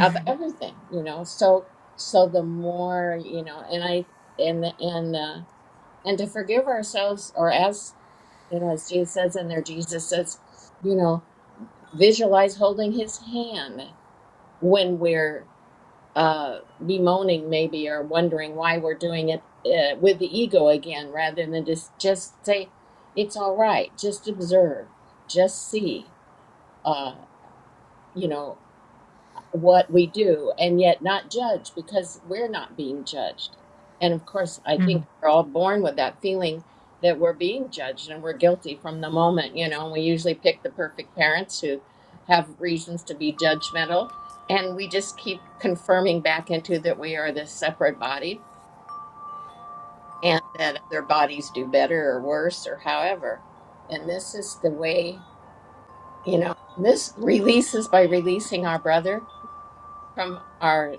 of everything you know so so the more you know and i and and uh, and to forgive ourselves or as you know as jesus says in there jesus says you know visualize holding his hand when we're uh bemoaning maybe or wondering why we're doing it uh, with the ego again rather than just just say it's all right just observe just see uh you know what we do and yet not judge because we're not being judged. And of course, I think we're all born with that feeling that we're being judged and we're guilty from the moment, you know, and we usually pick the perfect parents who have reasons to be judgmental. And we just keep confirming back into that we are this separate body and that other bodies do better or worse or however. And this is the way, you know, this releases by releasing our brother from our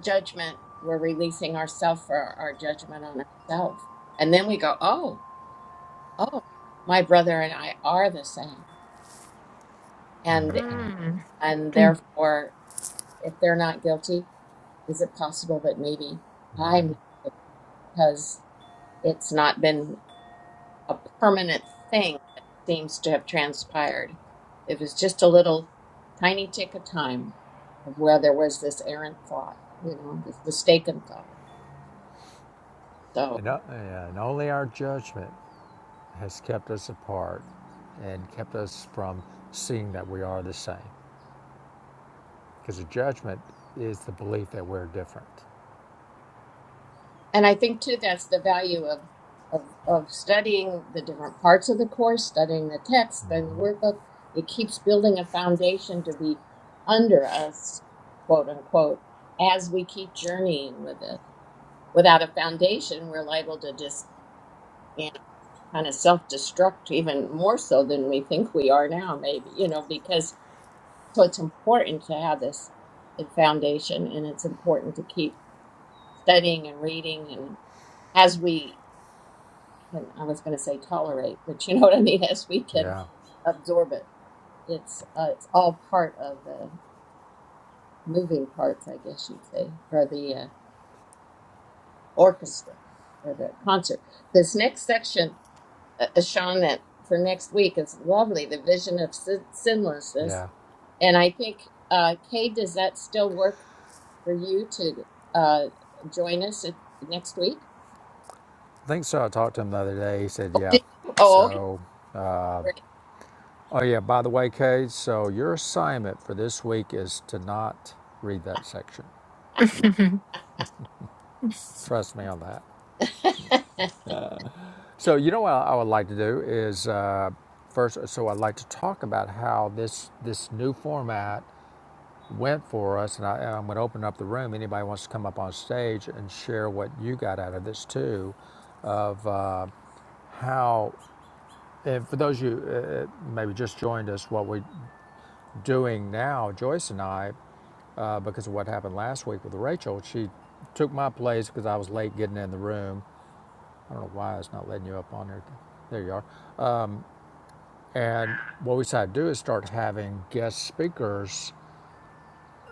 judgment. We're releasing ourselves for our judgment on ourselves. And then we go, oh, oh, my brother and I are the same. And
mm,
and
mm,
therefore, if they're not guilty, is it possible that maybe
Right.
I'm not guilty because it's not been a permanent thing that seems to have transpired? It was just a little tiny tick of time of where there was this errant thought, you know, this mistaken thought. So.
And, o- yeah, and only our judgment has kept us apart and kept us from seeing that we are the same. Because the judgment is the belief that we're different.
And I think too that's the value of of of studying the different parts of the course, studying the text, studying the workbook. It keeps building a foundation to be under us, quote unquote, as we keep journeying with it. Without a foundation, we're liable to just you know kind of self destruct even more so than we think we are now, maybe, you know, because so it's important to have this foundation and it's important to keep studying and reading and as we can I was going to say tolerate, but you know what I mean, as we can
Yeah,
absorb it. It's uh, it's all part of the moving parts, I guess you'd say, or the uh, orchestra or the concert. This next section, uh, uh, Sean, that for next week is lovely. The vision of sin- sinlessness,
yeah.
and I think uh, Kay, does that still work for you to uh, join us at, next week?
I think so. I talked to him the other day. He said,
Oh,
yeah.
did you? Oh, okay,
So Oh yeah, by the way, Cade, so your assignment for this week is to not read that section.
mm.
Trust me on that.
great.
So you know what I would like to do is uh, first. So I'd like to talk about how this this new format went for us, and, I, and I'm going to open up the room. Anybody wants to come up on stage and share what you got out of this too, of uh, how. And for those of you uh, uh, maybe just joined us, what we're doing now, Joyce and I uh, because of what happened last week with Rachel. She took my place because I was late getting in the room. I don't know why it's not letting you up on there. There you are. And what we decided to do is start having guest speakers.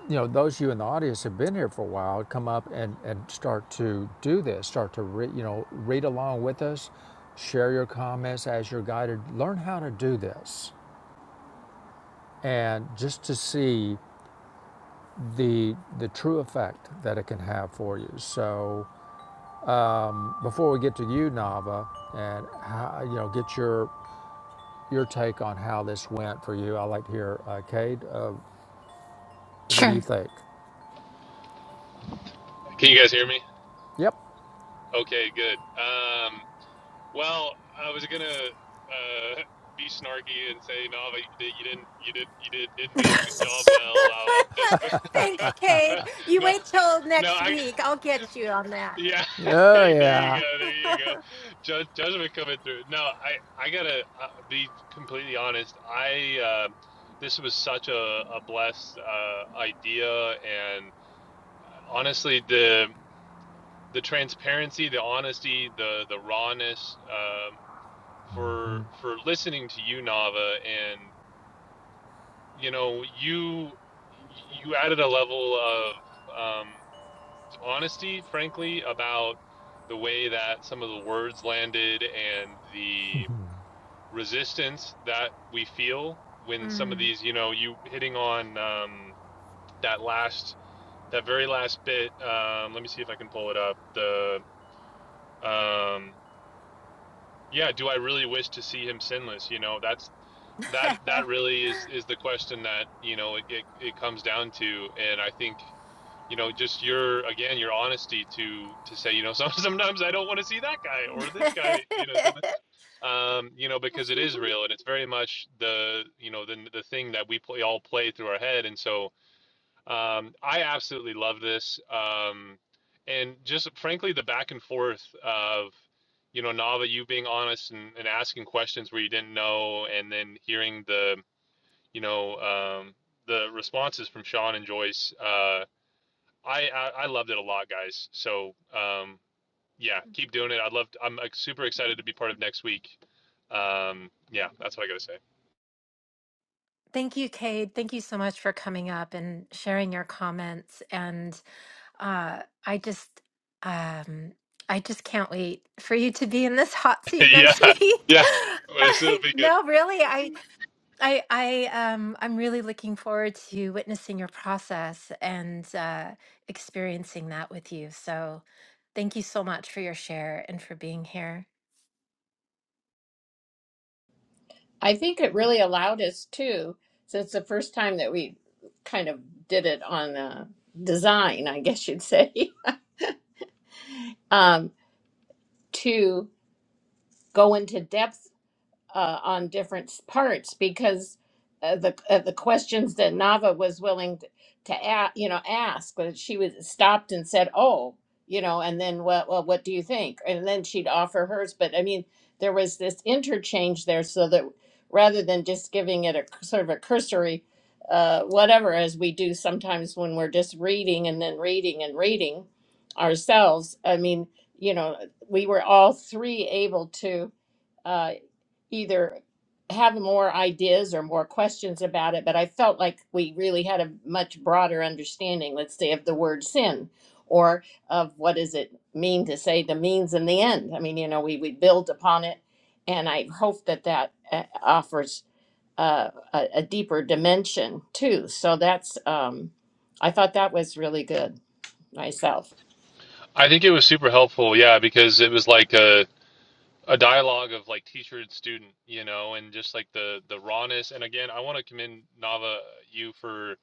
You know, those of you in the audience have been here for a while. Come up and, and start to do this. Start to re, you know read along with us, share your comments as you're guided. Learn how to do this, and just to see the the true effect that it can have for you. So Before we get to you, Nava, and how, you know, get your your take on how this went for you. I like to hear, uh, Cade. Uh, what do you
Sure.
think?
Can you guys hear me?
Yep.
Okay, good. Um, well, I was gonna uh, be snarky and say, no, but you, did, you didn't, you did, you did, didn't do the good job well. blah, blah, This,
Thanks, Kate.
but
You
no,
wait till
no,
next
I,
week. I'll get you on that.
yeah,
Oh
hey, there you
yeah.
go, there you go. Ju- judgment coming through. No, I, I gotta uh, be completely honest. I, uh, this was such a, a blessed uh, idea, and honestly, the the transparency, the honesty, the the rawness um, for for listening to you, Nava, and you know you you added a level of um, honesty, frankly, about the way that some of the words landed and the resistance that we feel when some of
Mm.
these, you know, you hitting on um, that last that very last bit. Um, let me see if I can pull it up. The um, yeah, do I really wish to see him sinless? You know, that's that that really is is the question that, you know, it it, it comes down to and I think you know, just your again, your honesty to to say, you know, some, sometimes I don't want to see that guy or this guy, you know, so that- um, you know, because it is real and it's very much the, you know, the the thing that we play all play through our head, and so, um, I absolutely love this. Um, and just frankly, the back and forth of, you know, Nava, you being honest and, and asking questions where you didn't know, and then hearing the, you know, um, the responses from Sean and Joyce. Uh, I, I, I loved it a lot, guys. So, um, yeah, keep doing it. I'd love, to, I'm like, super excited to be part of next week. Um, yeah, that's what I got to
Thank you, Cade. Thank you so much for coming up and sharing your comments. And uh, I just, um, I just can't wait for you to be in this hot seat
say.
next
yeah.
week.
Yeah. Well, This will
I-
be good.
no, really, I, I, I, um, I'm really looking forward to witnessing your process and uh, experiencing that with you. So, thank you so much for your share and for being here.
I think it really allowed us too, since the first time that we kind of did it on uh, design, I guess you'd say, um, to go into depth uh, on different s- parts because uh, the uh, the questions that Nava was willing to, to ask, you know, ask, but she was stopped and said, "Oh, you know," and then what? Well, what do you think? And then she'd offer hers. But I mean, there was this interchange there, so that rather than just giving it a c- sort of a cursory. Uh, whatever, as we do sometimes when we're just reading and then reading and reading ourselves. I mean, you know, we were all three able to uh, either have more ideas or more questions about it, but I felt like we really had a much broader understanding, let's say, of the word sin or of what does it mean to say the means and the end. I mean, you know, we, we build upon it, and I hope that that uh, offers uh, a, a deeper dimension too. So that's, um, I thought that was really good myself.
I think it was super helpful, yeah, because it was like a a dialogue of like teacher and student, you know, and just like the the rawness. And again, I want to commend Nava you for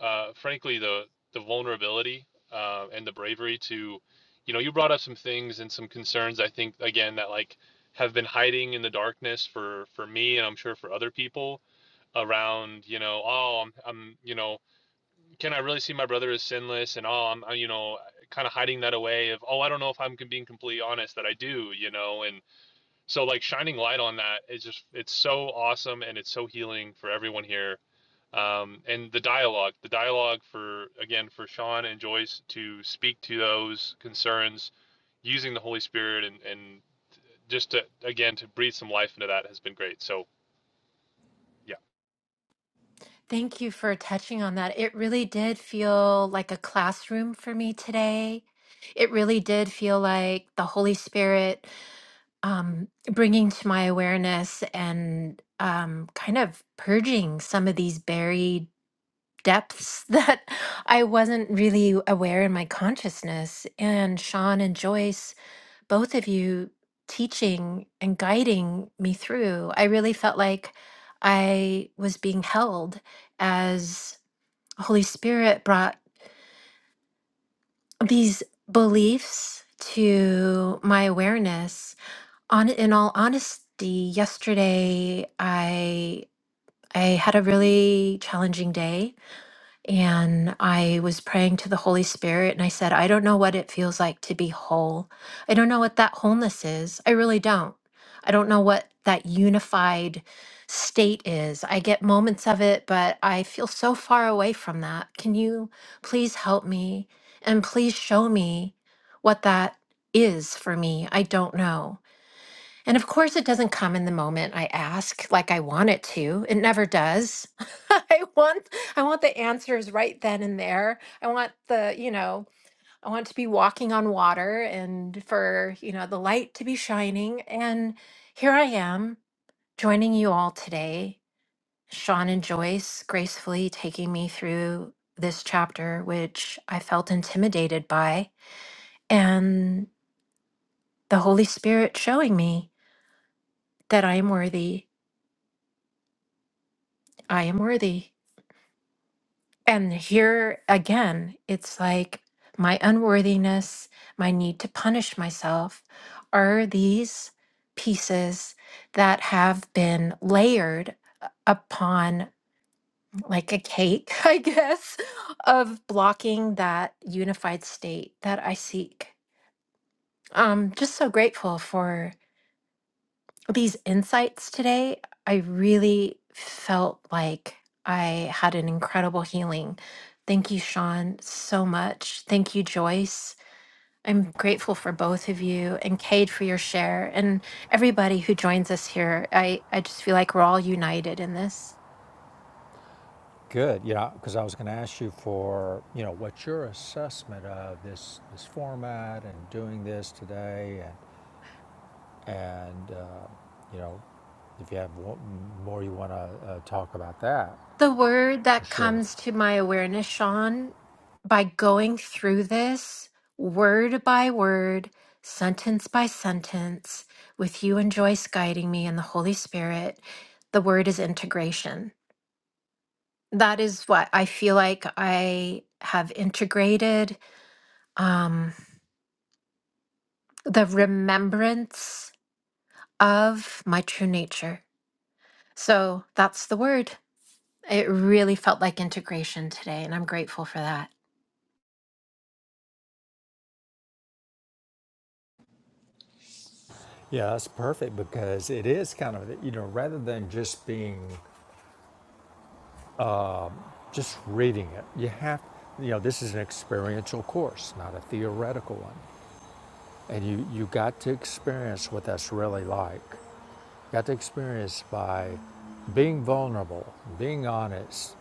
uh frankly the the vulnerability uh, and the bravery to, you know, you brought up some things and some concerns. I think again that like have been hiding in the darkness for for me and I'm sure for other people around you know oh I'm, I'm you know can I really see my brother as sinless and oh I'm I, you know kind of hiding that away of oh I don't know if I'm being completely honest that I do you know and so like shining light on that is just it's so awesome and it's so healing for everyone here. Um, and the dialogue, the dialogue for again for Sean and Joyce to speak to those concerns using the Holy Spirit and and just to again to breathe some life into that has been great. So yeah.
Thank you for touching on that. It really did feel like a classroom for me today. It really did feel like the Holy Spirit um, bringing to my awareness and um, kind of purging some of these buried depths that I wasn't really aware in my consciousness. And Sean and Joyce, both of you teaching and guiding me through, I really felt like I was being held as Holy Spirit brought these beliefs to my awareness. On in all honesty, yesterday I I had a really challenging day And I was praying to the Holy Spirit and I said, I don't know what it feels like to be whole. I don't know what that wholeness is. I really don't. I don't know what that unified state is. I get moments of it, but I feel so far away from that. Can you please help me and please show me what that is for me? I don't know. And of course, it doesn't come in the moment I ask like I want it to. It never does. I want I want the answers right then and there. I want the, you know, I want to be walking on water and for, you know, the light to be shining. And here I am joining you all today. Sean and Joyce gracefully taking me through this chapter, which I felt intimidated by, and the Holy Spirit showing me that I am worthy. I am worthy. And here again, it's like my unworthiness, my need to punish myself are these pieces that have been layered u- upon like a cake, I guess, of blocking that unified state that I seek. I'm just so grateful for these insights today, I really felt like I had an incredible healing. Thank you, Sean, so much. Thank you, Joyce. I'm grateful for both of you and Cade for your share and everybody who joins us here. I, I just feel like we're all united in this.
Good. Yeah, because I was going to ask you for you know what's your assessment of this this format and doing this today, and and uh, you know if you have more you want to uh, talk about that
The word
and
that
share with.
comes to my awareness, Sean, by going through this word by word, sentence by sentence, with you and Joyce guiding me and the Holy Spirit, the word is integration. That is what I feel like I have integrated um, the remembrance of my true nature. So that's the word. It really felt like integration today, and I'm grateful for that.
Yeah, that's perfect because it is kind of you know rather than just being just reading it. You have, you know, this is an experiential course, not a theoretical one. And you, you got to experience what that's really like. You Got to experience by being vulnerable, being honest.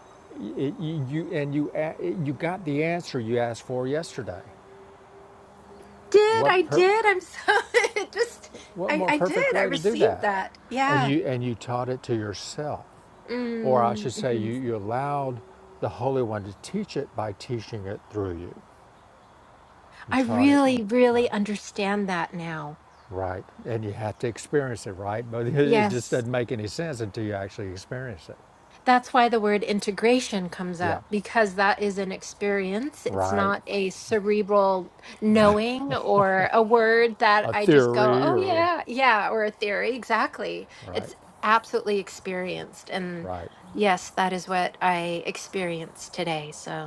It, you, you, and you, you got the answer you asked for yesterday.
did.
What,
I
per,
did. I'm so it just
what
I
more
I
perfect
did. I
way to do
received
that?
that.
And
Yeah.
you, and you taught it to yourself. Or I
Mm,
should say, you,
mhm.
you allowed the Holy One to teach it by teaching it through you. You
I
taught it,
really really
Right.
understand that now.
right? And you have to experience it, right? But it just
Yes.
doesn't make any sense until you actually experience it.
That's why the word integration comes
Yeah,
up because that is an experience. It's
right,
not a cerebral
right.
knowing or a word that
A
I just go,
theory
"Oh
or
yeah, yeah," or a theory. Exactly.
right,
It's absolutely experienced and
right.
yes, that is what I experienced today. So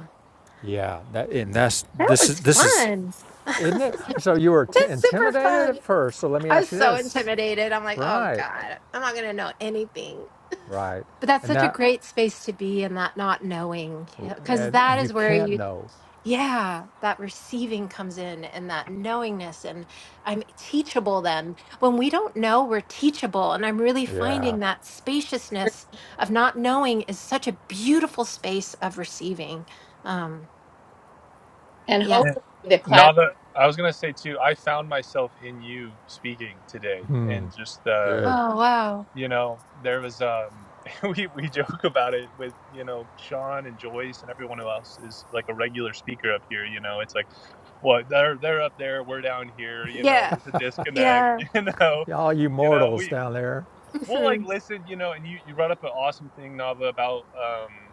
Yeah, that and that's
That
this is
was
this is,
fun.
isn't it?
That's
So you were t-
super
intimidated
fun.
at first. So let me
I was
ask you
so
this,
intimidated. I'm like, oh
right,
God, I'm not going to know anything.
right,
But that's
and
such a
that,
great space to be in that not knowing, because
and
that
you
is where
can't
you,
know.
yeah, that receiving comes in and that knowingness. And I'm teachable then. When we don't know, we're teachable. And I'm really
Yeah,
finding that spaciousness of not knowing is such a beautiful space of receiving. Um,
And
yeah.
And
hopefully the class.
now I was gonna say too, I found myself in you speaking today, and just the
good.
Oh, wow.
you know there was um we we joke about it with you know sean and joyce and everyone else is like a regular speaker up here you know it's like well they're they're up there we're down here you know
Yeah.
there's a disconnect
Yeah.
you know
All you
you know
mortals
we
down there.
we'll like
Mhm.
listen you know and you you brought up an awesome thing nava about um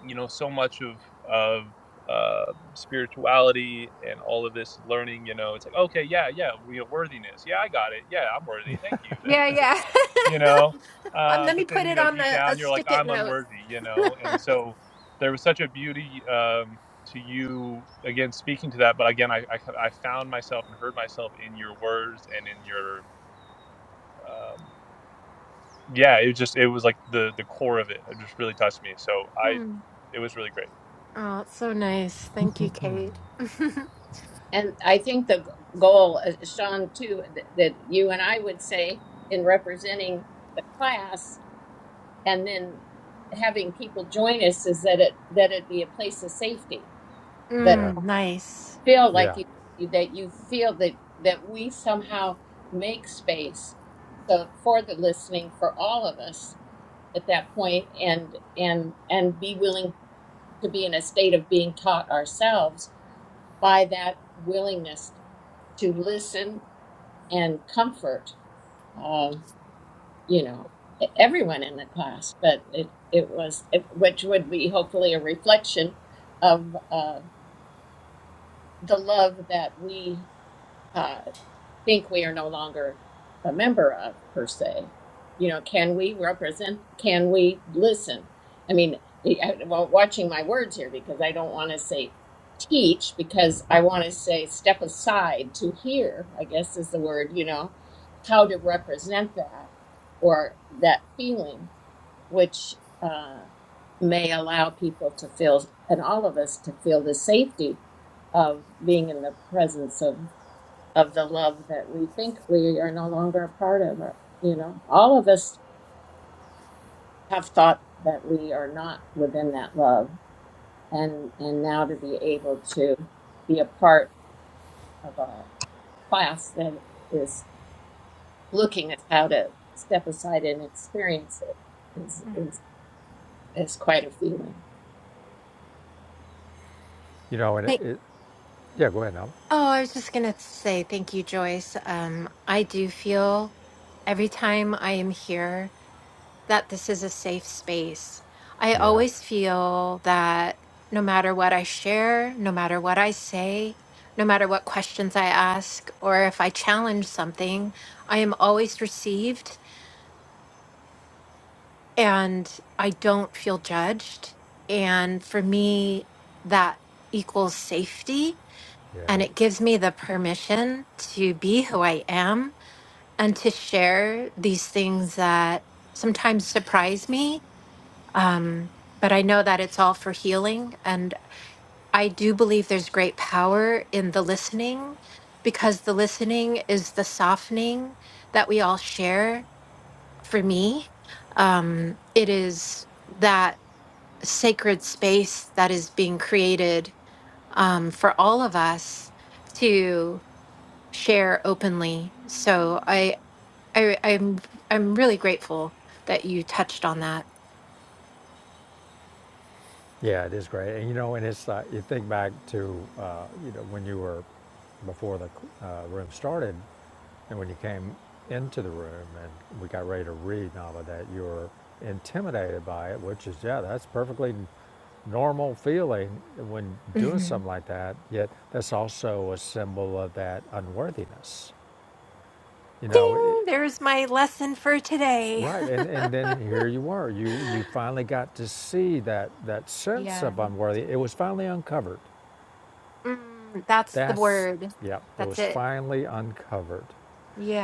you know so much of of uh spirituality and all of this learning you know it's like okay yeah yeah you know worthiness yeah i got it yeah i'm worthy thank
Yeah,
you
yeah.
you know
um,
uh,
let me
but
put
then you
it
know
on
deep
a, a
down you're like
stick it
i'm
note.
unworthy you know and so there was such a beauty um, to you again speaking to that but again I, I i found myself and heard myself in your words and in your um, yeah it was just it was like the the core of it it just really touched me so i
Hmm.
it was really great
Oh, it's so nice. Thank you, Kate.
And I think the goal, uh, Sean, too, that, that you and I would say in representing the class and then having people join us is that it that it be a place of safety that
Yeah,
mm, nice.
feel
yeah.
like you that you feel that that we somehow make space so for the listening for all of us at that point and and and be willing to be in a state of being taught ourselves by that willingness to listen and comfort, um, you know, e-, everyone in the class. But it, it was, it, which would be hopefully a reflection of uh, the love that we. uh, think we are no longer a member of per se you know can we represent can we listen i mean I, well watching my words here because i don't want to say teach because i want to say step aside to hear i guess is the word you know how to represent that or that feeling which uh, may allow people to feel and all of us to feel the safety of being in the presence of of the love that we think we are no longer a part of. uh, you know, all of us have thought that we are not within that love, and and now to be able to be a part of a class that is looking at how to step aside and experience it is
Mm.
is is quite a feeling.
You know, and it,
Thank-
it, Yeah, go ahead, Alan.
oh, I was just gonna say thank you, Joyce. Um, I do feel every time I am here. that this is a safe space. I
Yeah,
always feel that no matter what I share, no matter what I say, no matter what questions I ask, or if I challenge something, I am always received and I don't feel judged. And for me, that equals safety.
yeah,
And it gives me the permission to be who I am and to share these things that sometimes surprise me Um, but I know that it's all for healing. And I do believe there's great power in the listening because the listening is the softening that we all share. For me, um, it is that sacred space that is being created um, for all of us to share openly. So I, I, I'm, I'm really grateful that you touched on that.
yeah. It is great, and you know, and it's like you think back to uh, you know when you were before the uh, room started, and when you came into the room and we got ready to read and all of that, you were intimidated by it, which is yeah, that's perfectly normal feeling when doing
Mm-hmm.
something like that. Yet that's also a symbol of that unworthiness. You know, it,
Ding! There's my lesson for today.
Right, and, and then here you were. You you finally got to see that that sense
yeah.
of unworthy. It was finally uncovered.
Mm, that's the
That's
word.
yeah, it
That's
was
it.
finally uncovered.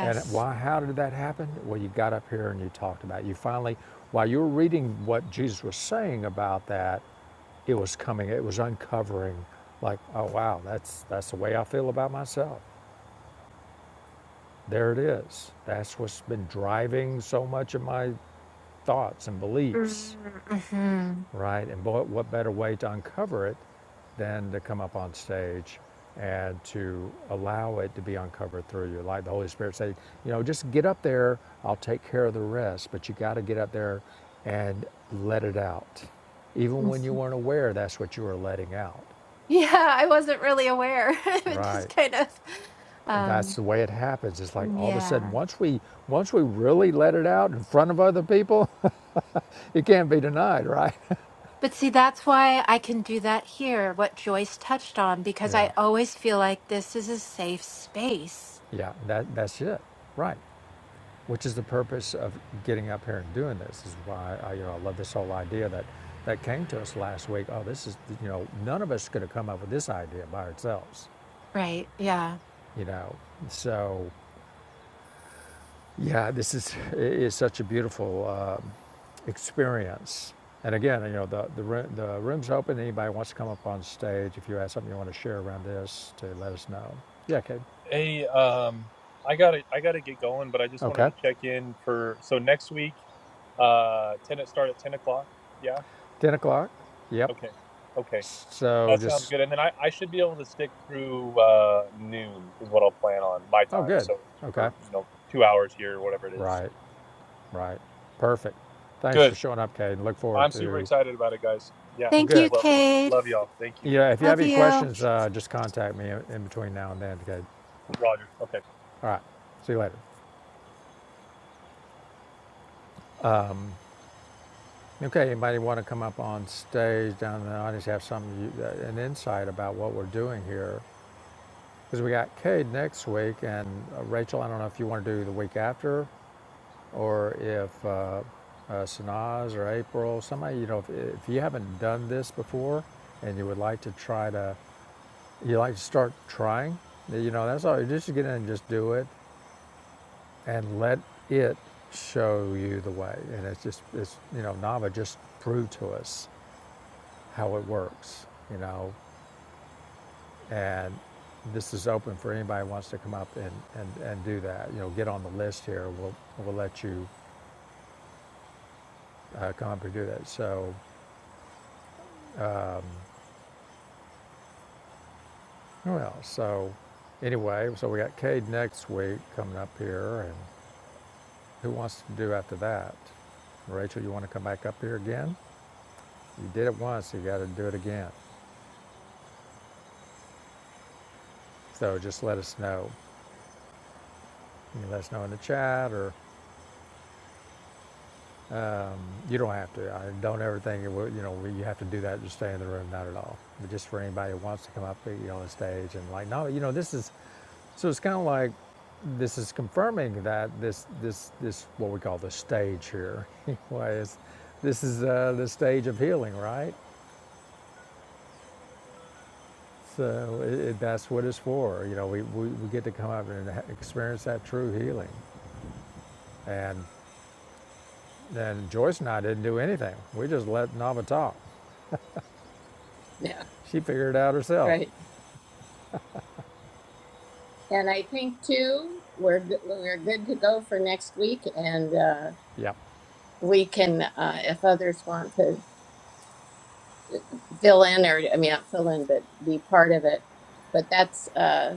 And why? How did that happen? Well, you got up here and you talked about it. you finally while you were reading what Jesus was saying about that, it was coming. It was uncovering. Like oh wow, that's that's the way I feel about myself. There it is. That's what's been driving so much of my thoughts and beliefs
Mm, mhm,
right? And boy, what better way to uncover it than to come up on stage and to allow it to be uncovered through you. Like the Holy Spirit said, you know, just get up there, I'll take care of the rest, but you got to get up there and let it out. Even when you
mhm.
weren't aware, that's what you were letting out,
Yeah, I wasn't really aware. it
right?
just kind of,
And that's
um,
the way it happens. It's like all of a sudden,
yeah.
once we once we really let it out in front of other people, it can't be denied, right?
But see, that's why I can do that here, what Joyce touched on, because
yeah,
I always feel like this is a safe space.
yeah, that that's it, right? which is the purpose of getting up here and doing this. This Is why I, you know, I love this whole idea that that came to us last week. Oh, this is you know, none of us could have come up with this idea by ourselves.
Right. Yeah.
You know, so yeah, this is is such a beautiful uh, experience. And again, you know, the the, room, the room's open. Anybody wants to come up on stage, if you have something you want to share around this, to let us know. Yeah, Kate.
hey um i gotta i gotta get going but i just wanted
Okay.
to check in for so next week uh 10 start at 10 o'clock yeah
Ten o'clock. Yep.
okay okay
So
That sounds
just
good. And then I, I should be able to stick through uh, noon is what I'll plan on my
oh,
time.
good.
So
Okay.
for you know two hours here, or whatever it is. So
Right. Right. Perfect. Thanks for
good.
showing up, Kate. Look forward
I'm super
to.
excited about it, guys. Yeah,
Well,
Thank
this was
you,
good.
lovely.
Cade.
Love y'all. Thank you,
Yeah. If you have
Love
any
you.
questions, uh, just contact me in between now and then, Kate.
Roger. Okay.
All right. See you later. Okay. Anybody want to come up on stage down in the audience? Have some uh, an insight about what we're doing here, because we got Cade next week and uh, Rachel. I don't know if you want to do the week after, or if uh, uh, Sanaz or April, somebody. You know, if, if you haven't done this before and you would like to try to You like to start trying. You know, that's all. You just get in and just do it, and let it show you the way. And it's just, it's you know, Nava just proved to us how it works. You know, and this is open for anybody who wants to come up and, and, and do that. You know, get on the list here. We'll we'll let you uh, come up and do that. So, well, so anyway, so we got Cade next week coming up here, and Who wants to do after that? Rachel, you want to come back up here again? You did it once, you got to do it again. So just let us know. You can let us know in the chat, or you don't have to. I don't ever think it will, you know you have to do that to stay in the room, not at all. But just for anybody who wants to come up, you know, on the stage and like, no, you know, this is. So it's kind of like this is confirming that this this this what we call the stage here, anyway, is this is uh, the stage of healing, right? So it, that's what it's for. You know, we, we, we get to come up and experience that true healing. And then Joyce and I didn't do anything. We just let Nava talk.
Yeah,
She figured it out herself.
right. And I think too, we're go- we're good to go for next week, and uh,
Yep,
we can, uh, if others want to fill in or I mean not fill in but be part of it. But that's uh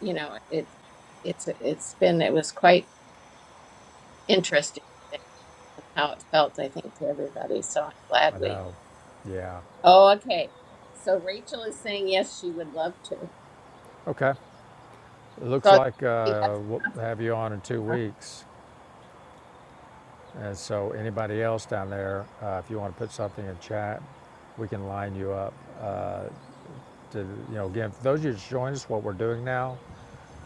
you know it it's it's been it was quite interesting today and how it felt I think to everybody. So I'm glad
I
we
know. Yeah.
Oh okay. So Rachel is saying yes she would love to.
Okay. It looks
So
like uh,
that's
we'll
enough.
have you on in two
huh?
weeks. And so anybody else down there, uh, if you want to put something in chat, we can line you up uh, to, you know, again, for those of you that join us, what we're doing now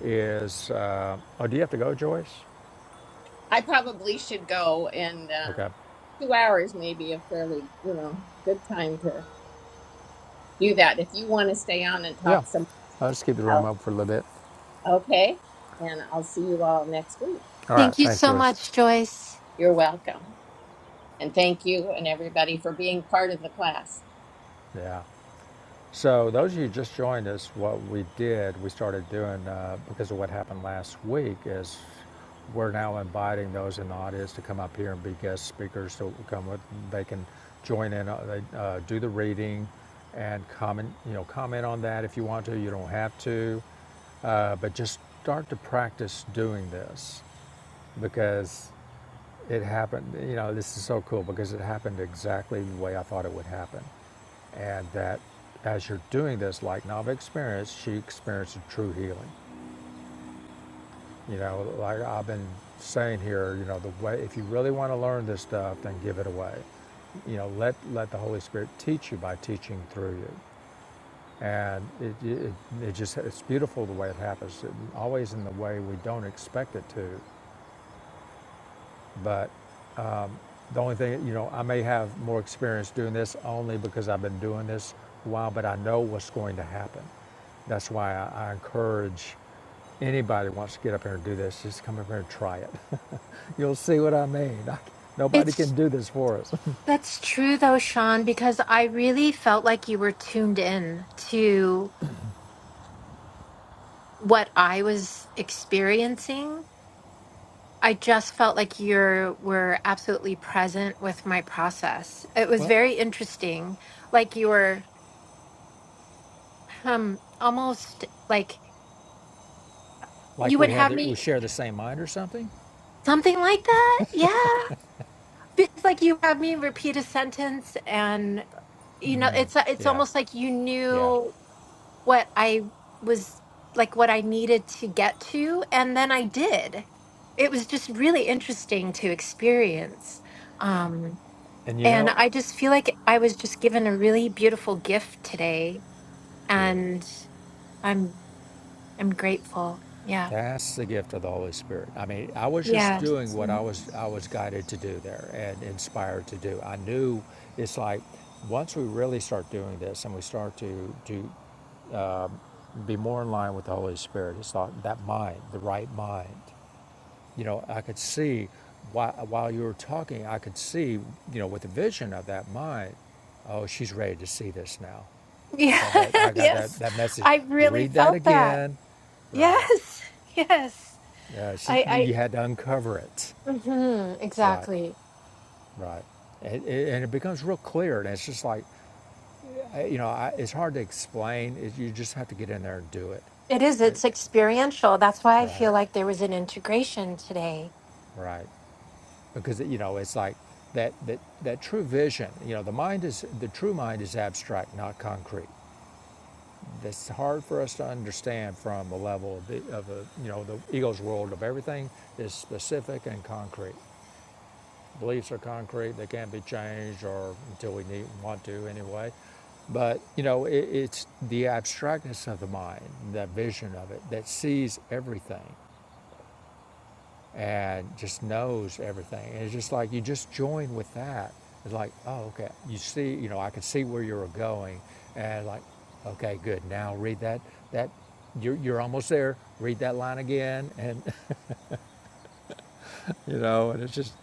is, uh, oh, do you have to go, Joyce?
I probably should go and um
Okay.
two hours may be a fairly, you know, good time to do that. If you want to stay on and
Yeah.
talk some
I'll just keep the room
out,
up for a little bit.
okay. And I'll see you all next week.
All right.
Thank you
Thanks,
so
Joyce.
much, Joyce.
You're welcome. And thank you and everybody for being part of the class.
Yeah. So, those of you just joined us, what we did, we started doing uh, because of what happened last week, is we're now inviting those in the audience to come up here and be guest speakers. to come with, they can join in, uh, they uh, do the reading, and comment, you know, comment on that if you want to. You don't have to, uh, but just start to practice doing this because it happened. You know, this is so cool because it happened exactly the way I thought it would happen. And that as you're doing this, like Nava experienced, she experienced a true healing. You know, like I've been saying here, you know, the way, if you really want to learn this stuff, then give it away. You know, let, let the Holy Spirit teach you by teaching through you. And it, it, it just, it's beautiful the way it happens, it, always in the way we don't expect it to. But The only thing, you know, I may have more experience doing this only because I've been doing this a while, but I know what's going to happen. That's why I, I encourage anybody who wants to get up here and do this, just come up here and try it. You'll see what I mean. I, nobody
It's
can do this for us.
That's true though, Sean, because I really felt like you were tuned in to what I was experiencing. I just felt like you were absolutely present with my process. It was
well,
very interesting. Like you were um almost like
like
you would
we have,
have
the, we
me
share the same mind or something.
something like that. Yeah. Because like you have me repeat a sentence and you know it's it's
Yeah,
almost like you
yeah.
knew what I was like what I needed to get to and then I did. It was just really interesting to experience. Um
And you
and
know,
I just feel like I was just given a really beautiful gift today
cool.
and I'm I'm grateful. Yeah.
That's the gift of the Holy Spirit. I mean, I was just
Yeah.
doing what I
Mhm.
was I was guided to do there and inspired to do. I knew it's like once we really start doing this and we start to to be more in line with the Holy Spirit, it's like that mind, the right mind. You know, I could see while while you were talking, I could see, you know, with the vision of that mind, oh, she's ready to see this now. I
Yeah.
got that I got that
yes.
that message.
I really
Read that
felt that.
again. Right.
Yes. Yes.
Uh, she,
I
you had to uncover it.
I mhm,
Right,
exactly.
right. And, and it becomes real clear. And it's just like, uh, you know, I, it's hard to explain. It, you just have to get in there and do it.
It is. It's experiential. That's why I
Right,
feel like there was an integration today.
right. Because, you know, it's like that, that, that true vision, you know, the mind is, the true mind is abstract, not concrete. That's hard for us to understand from a level of, the, of a, you know, the ego's world of everything is specific and concrete. Beliefs are concrete; they can't be changed, or until we need want to anyway. But you know, it, it's the abstractness of the mind, that vision of it, that sees everything and just knows everything. And it's just like you just join with that. It's like, oh, okay, you see, you know, I can see where you're going, and like, okay, good. Now read that that you're, you're almost there. Read that line again, and you know, and it's just,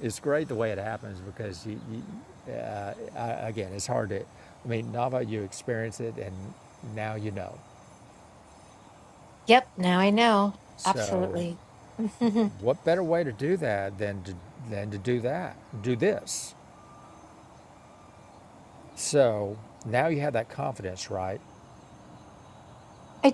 it's great the way it happens because you, you uh, I, again, it's hard to, I mean, Nava, you experience it and now you know.
Yep, now I know.
So,
Absolutely. I
what better way to do that than to, than to do that, do this? So now you have that confidence, right?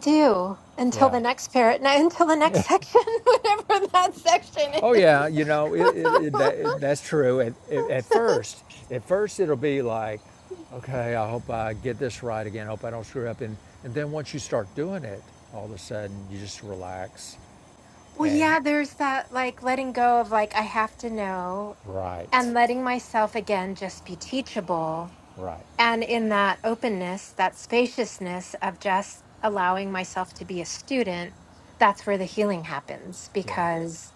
do. Until
Yeah.
the next parrot, no, until the next section, whatever that section
Oh yeah,
is.
you know it. it, it, that, it that's true. At, at, at first, at first it'll be like, okay, I hope I get this right again. I hope I don't screw up. And and then once you start doing it, all of a sudden you just relax,
well,
and
yeah, there's that like letting go of like, I have to know
right,
and letting myself again just be teachable.
right,
And in that openness, that spaciousness of just allowing myself to be a student, that's where the healing happens
yeah,
because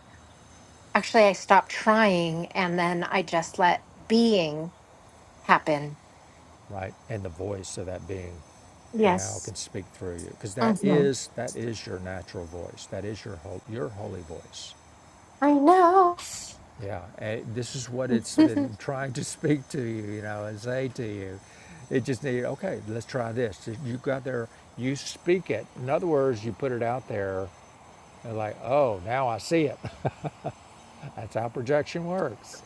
actually I stopped trying and then I just let being happen.
right. And the voice of that being now
Yes.
can speak through you because that
hmm
is that is your natural voice. That is your ho- your holy voice.
I know.
Yeah, and this is what it's been trying to speak to you, you know, and say to you. It just needed, okay, let's try this. You got there, you speak it. In other words, you put it out there, and like, oh, now I see it. That's how projection works,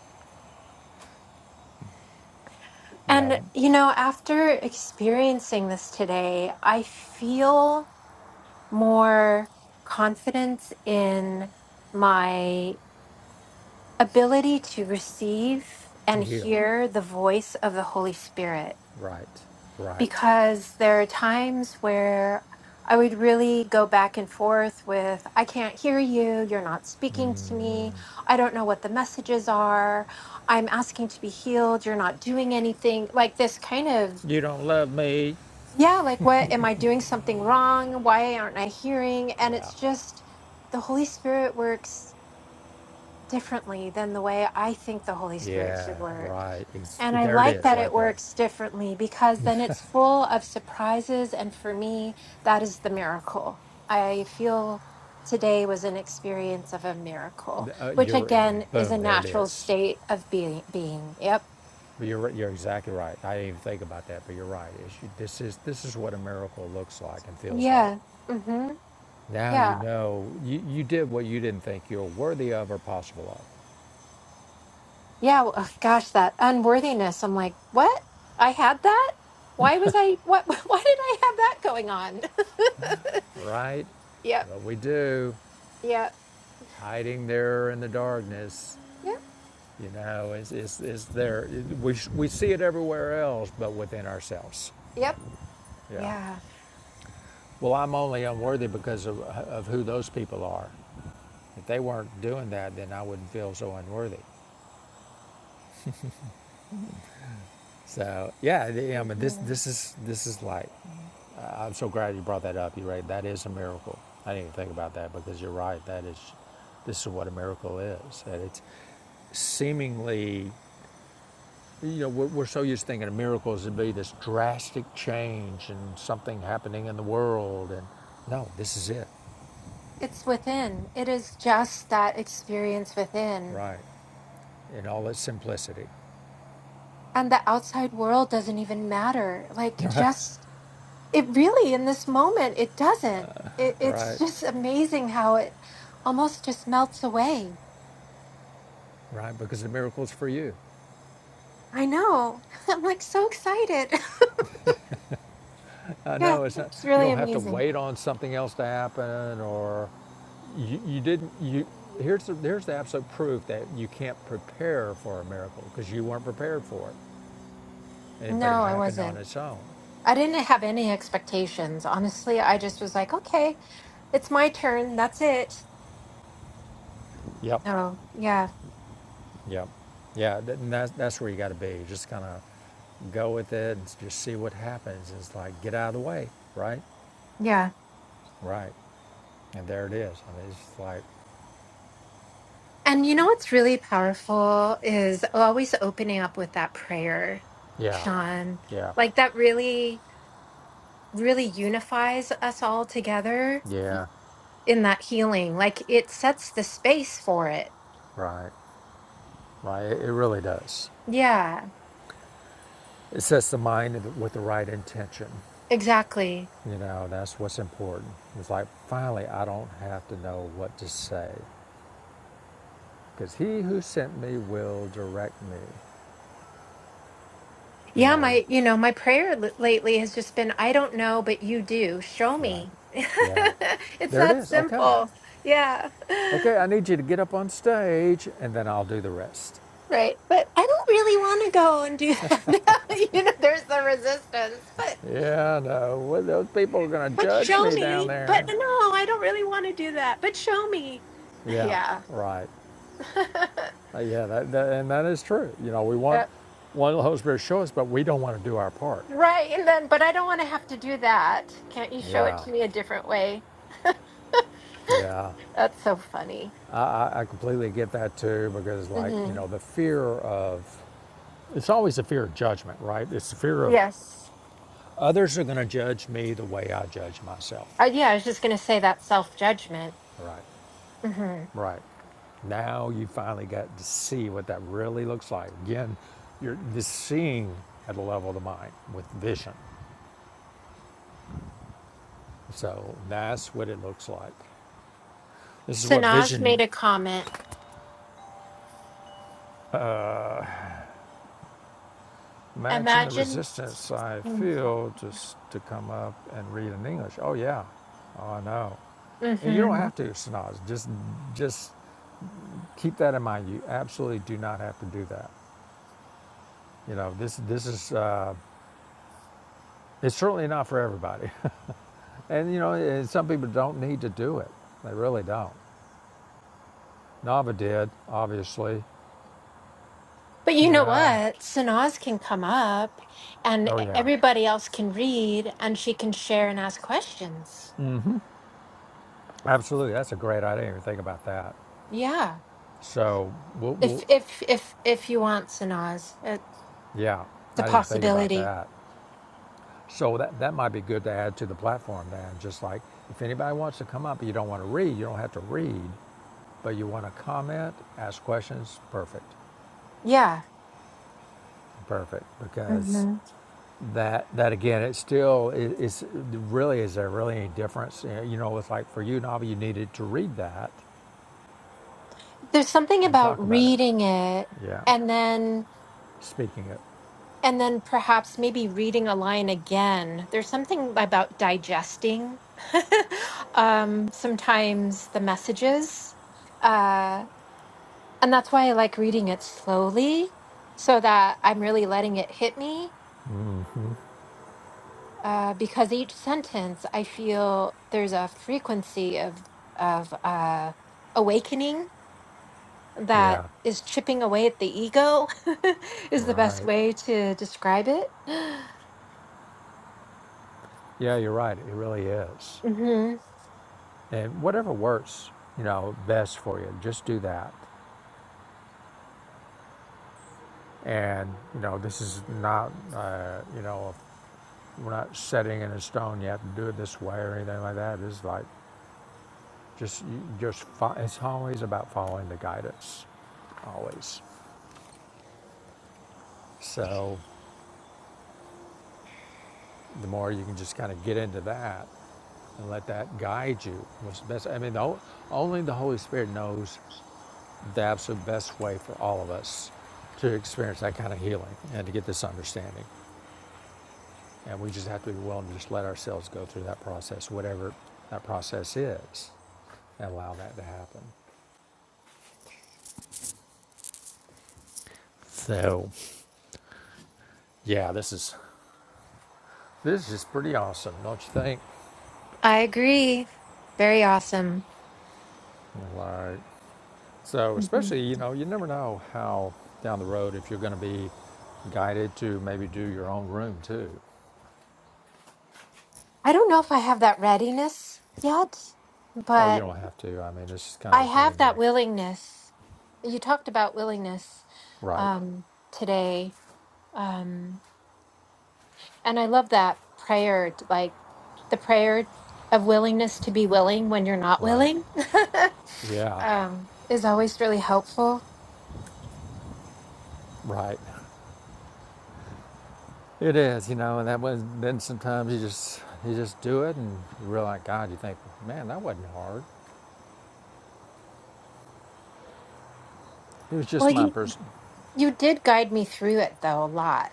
you know,
and, you know, after experiencing this today, I feel more confidence in my ability to receive and
to heal.
hear the voice of the Holy Spirit
Right, right.
because there are times where I would really go back and forth with, I can't hear you. You're not speaking to me. I don't know what the messages are. I'm asking to be healed. You're not doing anything. Like this kind of,
You don't love me.
yeah, like what am I doing something wrong? Why aren't I hearing? And
Yeah,
it's just the Holy Spirit works differently than the way I think the Holy Spirit
yeah,
should work.
right. Ex-
And I
There it
like
is,
that it
right there.
works differently because then it's full of surprises. And for me, that is the miracle. I feel today was an experience of a miracle,
Uh,
which
you're,
again is
boom,
a
there it
natural
is.
state of being. being. Yep.
But you're, right- you're exactly right. I didn't even think about that, but you're right. It's- this, is, this is what a miracle looks like and feels like.
Yeah. Mm-hmm.
Now you
Yeah.
know you, you did what you didn't think you were worthy of or possible of,
Yeah. Well, ugh, gosh, that unworthiness. I'm like, what? I had that? Why was I, what, why did I have that going on?
right?
yep.
What we do,
Yep.
hiding there in the darkness,
Yep.
you know, is, is, is there. We, we see it everywhere else, but within ourselves.
Yep.
Yeah.
Yeah.
Well, I'm only unworthy because of, of who those people are. If they weren't doing that, then I wouldn't feel so unworthy. So yeah, I mean this
Mm-hmm.
this is this is like I- I'm so glad you brought that up. You're right. That is a miracle. I didn't even think about that because you're right. That is this is what a miracle is. That it's seemingly you know we're, we're so used to thinking of miracles to be this drastic change and something happening in the world and no this is it
It's within. It is just that experience within.
right in all its simplicity
And the outside world doesn't even matter. Like, just it really in this moment, it doesn't. It, it's
right
just amazing how it almost just melts away.
right because the miracle is for you
I know. I'm like so excited.
Uh,
yeah,
no, it's not.
it's
You
really
don't have to
amazing.
wait on something else to happen, or you, you didn't. You here's the here's the absolute proof that you can't prepare for a miracle because you weren't prepared for it, and but it
No, I
happened on
wasn't.
its own.
I didn't have any expectations. Honestly, I just was like, okay, it's my turn. That's it.
Yep,
So, yeah,
yep, yeah. th- And that's that's where you got to be. Just kind of go with it and just see what happens. It's like get out of the way, right,
yeah.
right, and there it is. I mean, it's like,
And you know what's really powerful is always opening up with that prayer,
yeah,
Sean.
yeah,
Like that really, really unifies us all together
yeah,
in that healing. Like it sets the space for it.
right, right. It, it really does.
Yeah,
It sets the mind with the right intention.
exactly.
You know, that's what's important. It's like, finally, I don't have to know what to say because he who sent me will direct me. You
Yeah,
know,
my, you know, my prayer l- lately has just been, I don't know, but you do. Show
right.
me.
Yeah.
it's
There it
that
is. Okay.
simple. Yeah.
Okay, I need you to get up on stage and then I'll do the rest.
Right. But I don't really want to go and do that. now. you know, there's the resistance, but
Yeah, no, well, those people are going to
But
judge
show
me down
me. But
there.
no, I don't really want to do that. But show me.
Yeah,
Yeah.
right. Uh, yeah, that, that, and that is true. You know, we want
Yeah.
one of the Holy Spirit to show us, but we don't want to do our part.
Right. And then, but I don't want to have to do that. Can't you show it
Yeah,
to me a different way?
yeah.
That's so funny.
I, I- completely get that too because, like, you
hmm
know, the fear of it's always the fear of judgment, right? It's the fear of
Yes.
others are going to judge me the way I judge myself.
Uh, yeah, I was just going to say that self judgment.
Right,
hmm
right. Now you finally got to see what that really looks like. Again, you're just seeing at the level of the mind with vision. So that's what it looks like. This is what
Sanaz
vision
made a comment.
Imagine the
Imagine.
resistance I
hmm
feel just to come up and read in English. Oh yeah, oh no. And you don't have to, Sanaz. Just, just keep that in mind. You absolutely do not have to do that. You know, this, this is, uh, it's certainly not for everybody. and you know, and some people don't need to do it. They really don't. Nava did, obviously.
But you
You
know
know,
what? Sanaz can come up and
oh yeah,
everybody else can read and she can share and ask questions.
absolutely. That's a great. I didn't even think about that.
Yeah.
So we'll,
If
we'll
if if if you want Sanaz, it's
yeah,
a
I didn't even think about
possibility.
that. So that, that might be good to add to the platform then. Just like if anybody wants to come up, you don't want to read, you don't have to read, but you want to comment, ask questions, perfect,
Yeah.
perfect. Because
hmm
that that again, it still is, is really is there really any difference? You know, you know, it's like for you, Navi, you needed to read that
There's something
and
about
talk about it.
reading it
Yeah,
and then
speaking it.
and then perhaps maybe reading a line again. There's something about digesting um sometimes the messages. Uh and that's why I like reading it slowly so that I'm really letting it hit me uh, because each sentence I feel there's a frequency of of uh, awakening that
Yeah,
is chipping away at the ego is the best
right.
way to describe it.
Yeah, you're right. It really is.
hmm
And whatever works, you know, best for you, just do that. And, you know, this is not, uh, you know, we're not setting in a stone yet have to do it this way or anything like that. It's like just, you just, fo- it's always about following the guidance, always. So the more you can just kind of get into that and let that guide you, what's the best. I mean, the, o- only the Holy Spirit knows the absolute best way for all of us to experience that kind of healing and to get this understanding. And we just have to be willing to just let ourselves go through that process, whatever that process is, and allow that to happen. So, yeah, this is this is pretty awesome, don't you think?
I agree. Very awesome.
Like, so
hmm
especially you know you never know how down the road if you're going to be guided to maybe do your own room too.
I don't know if I have that readiness yet,
Oh, you
but
don't have to. I mean, it's just kind of
I
a
have
thing
that
where,
willingness. You talked about willingness
right,
um, today. Um, And I love that prayer, t- like the prayer of willingness to be willing when you're not
right,
willing,
yeah,
um, is always really helpful.
right. It is, you know, and that was then sometimes you just you just do it and you realize God, you think, man, that wasn't hard. It was
Well,
just my
you
person.
you did guide me through it though a lot.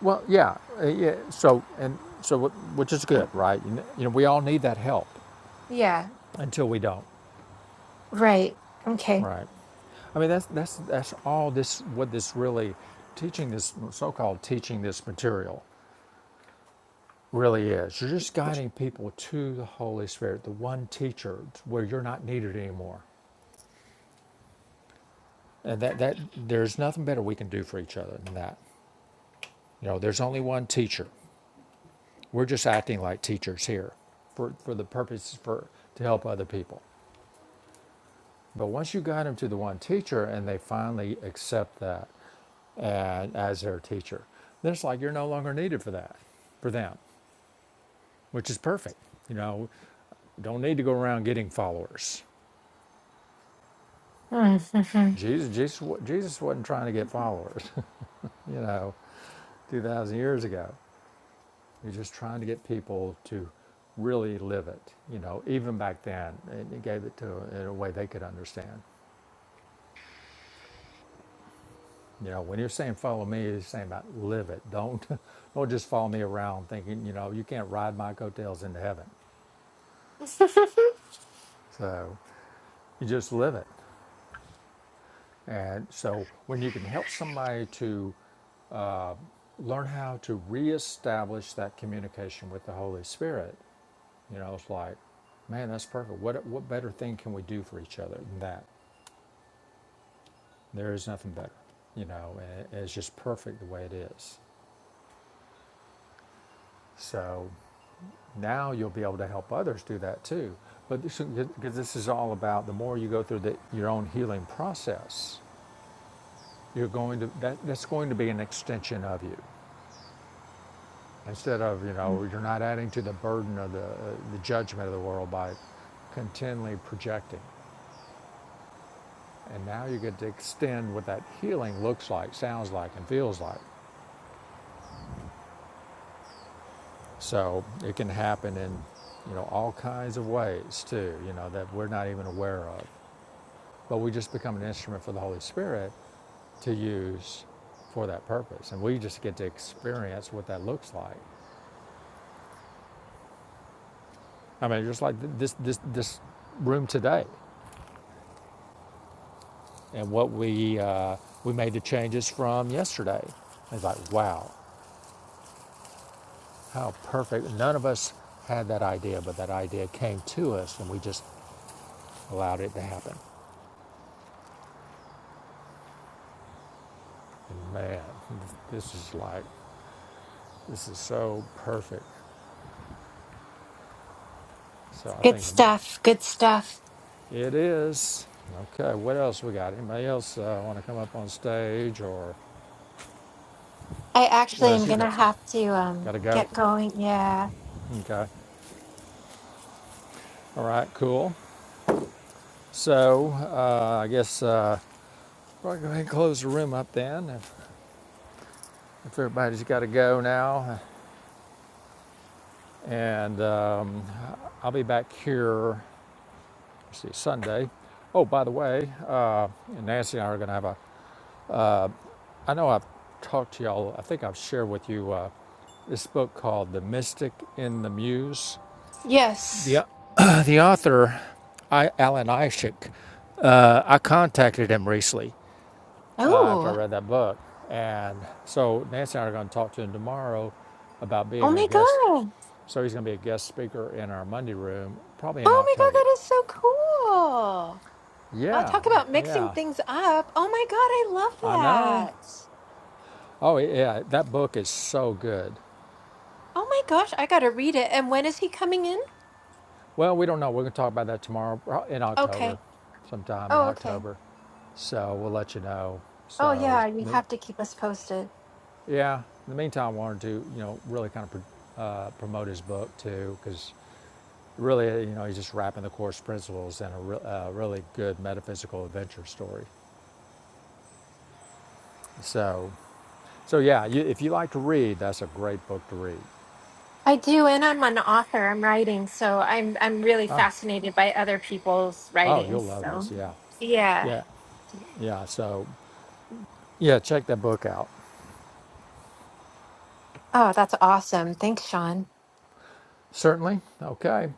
Well, yeah, uh, yeah. So and so, which is good, right? you know, we all need that help
Yeah,
until we don't,
right. Okay.
right? I mean, that's that's that's all this what this really teaching this so-called teaching this material really is. You're just guiding people to the Holy Spirit, the one teacher, where you're not needed anymore. And that, that there's nothing better we can do for each other than that. You know, there's only one teacher. We're just acting like teachers here for, for the purpose for to help other people. But once you guide them to the one teacher and they finally accept that and as their teacher, then it's like you're no longer needed for that, for them, which is perfect. You know, don't need to go around getting followers.
Mhm.
Jesus, Jesus, Jesus wasn't trying to get followers, you know, 2,000 years ago. You're just trying to get people to really live it, you know, even back then, and he gave it to in a way they could understand. You know, when you're saying follow me, you're saying about live it. Don't don't just follow me around thinking, you know, you can't ride my coattails into heaven. So you just live it. And so when you can help somebody to learn how to reestablish that communication with the Holy Spirit, you know, it's like, man, that's perfect. What what better thing can we do for each other than that? There is nothing better, you know, and it's just perfect the way it is. So now you'll be able to help others do that too. But this, because this is all about the more you go through the, your own healing process, you're going to that, that's going to be an extension of you. Instead of you know you're not adding to the burden of the uh, the judgment of the world by continually projecting, and now you get to extend what that healing looks like, sounds like, and feels like So it can happen in, you know, all kinds of ways too, you know, that we're not even aware of. But we just become an instrument for the Holy Spirit to use for that purpose. And we just get to experience what that looks like. I mean, just like this, this, this room today and what we, uh, we made the changes from yesterday. It's like, wow, how perfect. None of us had that idea, but that idea came to us and we just allowed it to happen. And man, this is like, this is so perfect. So I
Good
think the,
stuff. Good stuff.
it is. Okay, what else we got? Anybody else uh, want to come up on stage or
I
what
actually
else
am
you
gonna
got? Some?
have to um
Got to go?
get going. Yeah.
Okay. All right, cool. So uh, I guess uh, probably go ahead and close the room up then if, if everybody's got to go now. And um, I'll be back here, let's see, Sunday. Oh, by the way, uh, Nancy and I are going to have a I know I've talked to y'all, I think I've shared with you uh, this book called The Mystic in the Muse. The,
Yes.
uh, the author, I, Alan Ishik, uh, I contacted him recently uh, after I
Oh,
read that book. And so Nancy and I are going to talk to him tomorrow about
oh
being a
my
guest.
God.
So he's going to be a guest speaker in our Monday room, probably in
Oh my God,
October.
that is so cool. Well,
Yeah,
talk about mixing
yeah,
things up. Oh my God, I love
I know.
that.
Oh, yeah, that book is so good.
Oh my gosh, I gotta read it. And when is he coming in?
Well, we don't know. We're going to talk about that tomorrow pro- in October,
Okay.
sometime in
Oh, okay.
October. So we'll let you know.
Oh
So
yeah, you
n-
have to keep us posted.
yeah, in the meantime, I wanted to you know really kind of pro- uh, promote his book too, because really you know he's just wrapping the course principles in a re- uh, really good metaphysical adventure story. So so yeah, you, if you like to read, that's a great book to read.
I do, and I'm an author. I'm writing, so I'm I'm really fascinated by other people's
Oh,
writings.
you'll love
So
this. Yeah,
yeah.
yeah, yeah. So yeah, check that book out.
Oh, that's awesome. Thanks, Sean.
Certainly. Okay.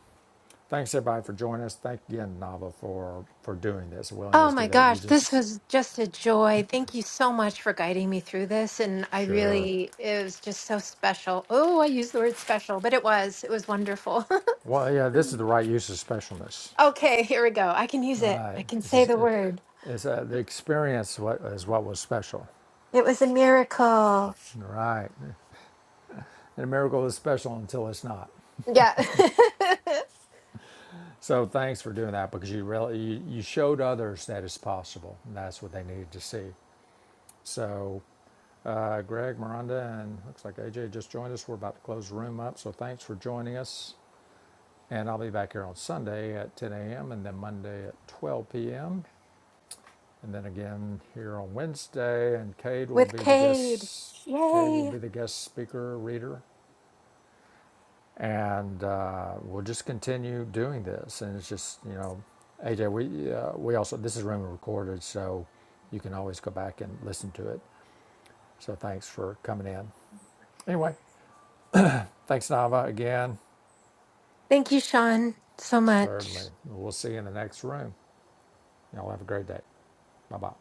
Thanks everybody for joining us. Thank again, Nava, for for doing this,
Oh
willingness to
my
do that. You
gosh, this
just
was just a joy. Thank you so much for guiding me through this. And I
sure.
really, it was just so special. Oh, I used the word special, but it was, it was wonderful.
Well, yeah, this is the right use of specialness.
okay, here we go. I can use
All
it.
right,
I can
this
say
is
the word.
it's uh, the experience what is what was special.
It was a miracle.
All right, and a miracle is special until it's not.
Yeah.
So thanks for doing that because you really you, you showed others that it's possible. And that's what they needed to see. So. Uh, Greg, Miranda, and looks like AJ just joined us. We're about to close the room up, so thanks for joining us. And I'll be back here on Sunday at 10 a.m. and then Monday at 12 p.m. And then again here on Wednesday. And Cade will
With
be the
Cade.
guest. Cade will
Yay.
be the guest speaker reader, and uh, we'll just continue doing this. And it's just you know, AJ, we uh, we also this is room recorded, so you can always go back and listen to it. So thanks for coming in. Anyway, thanks Nava again.
Thank you, Sean, so much.
Certainly, we'll see you in the next room. Y'all have a great day. Bye bye.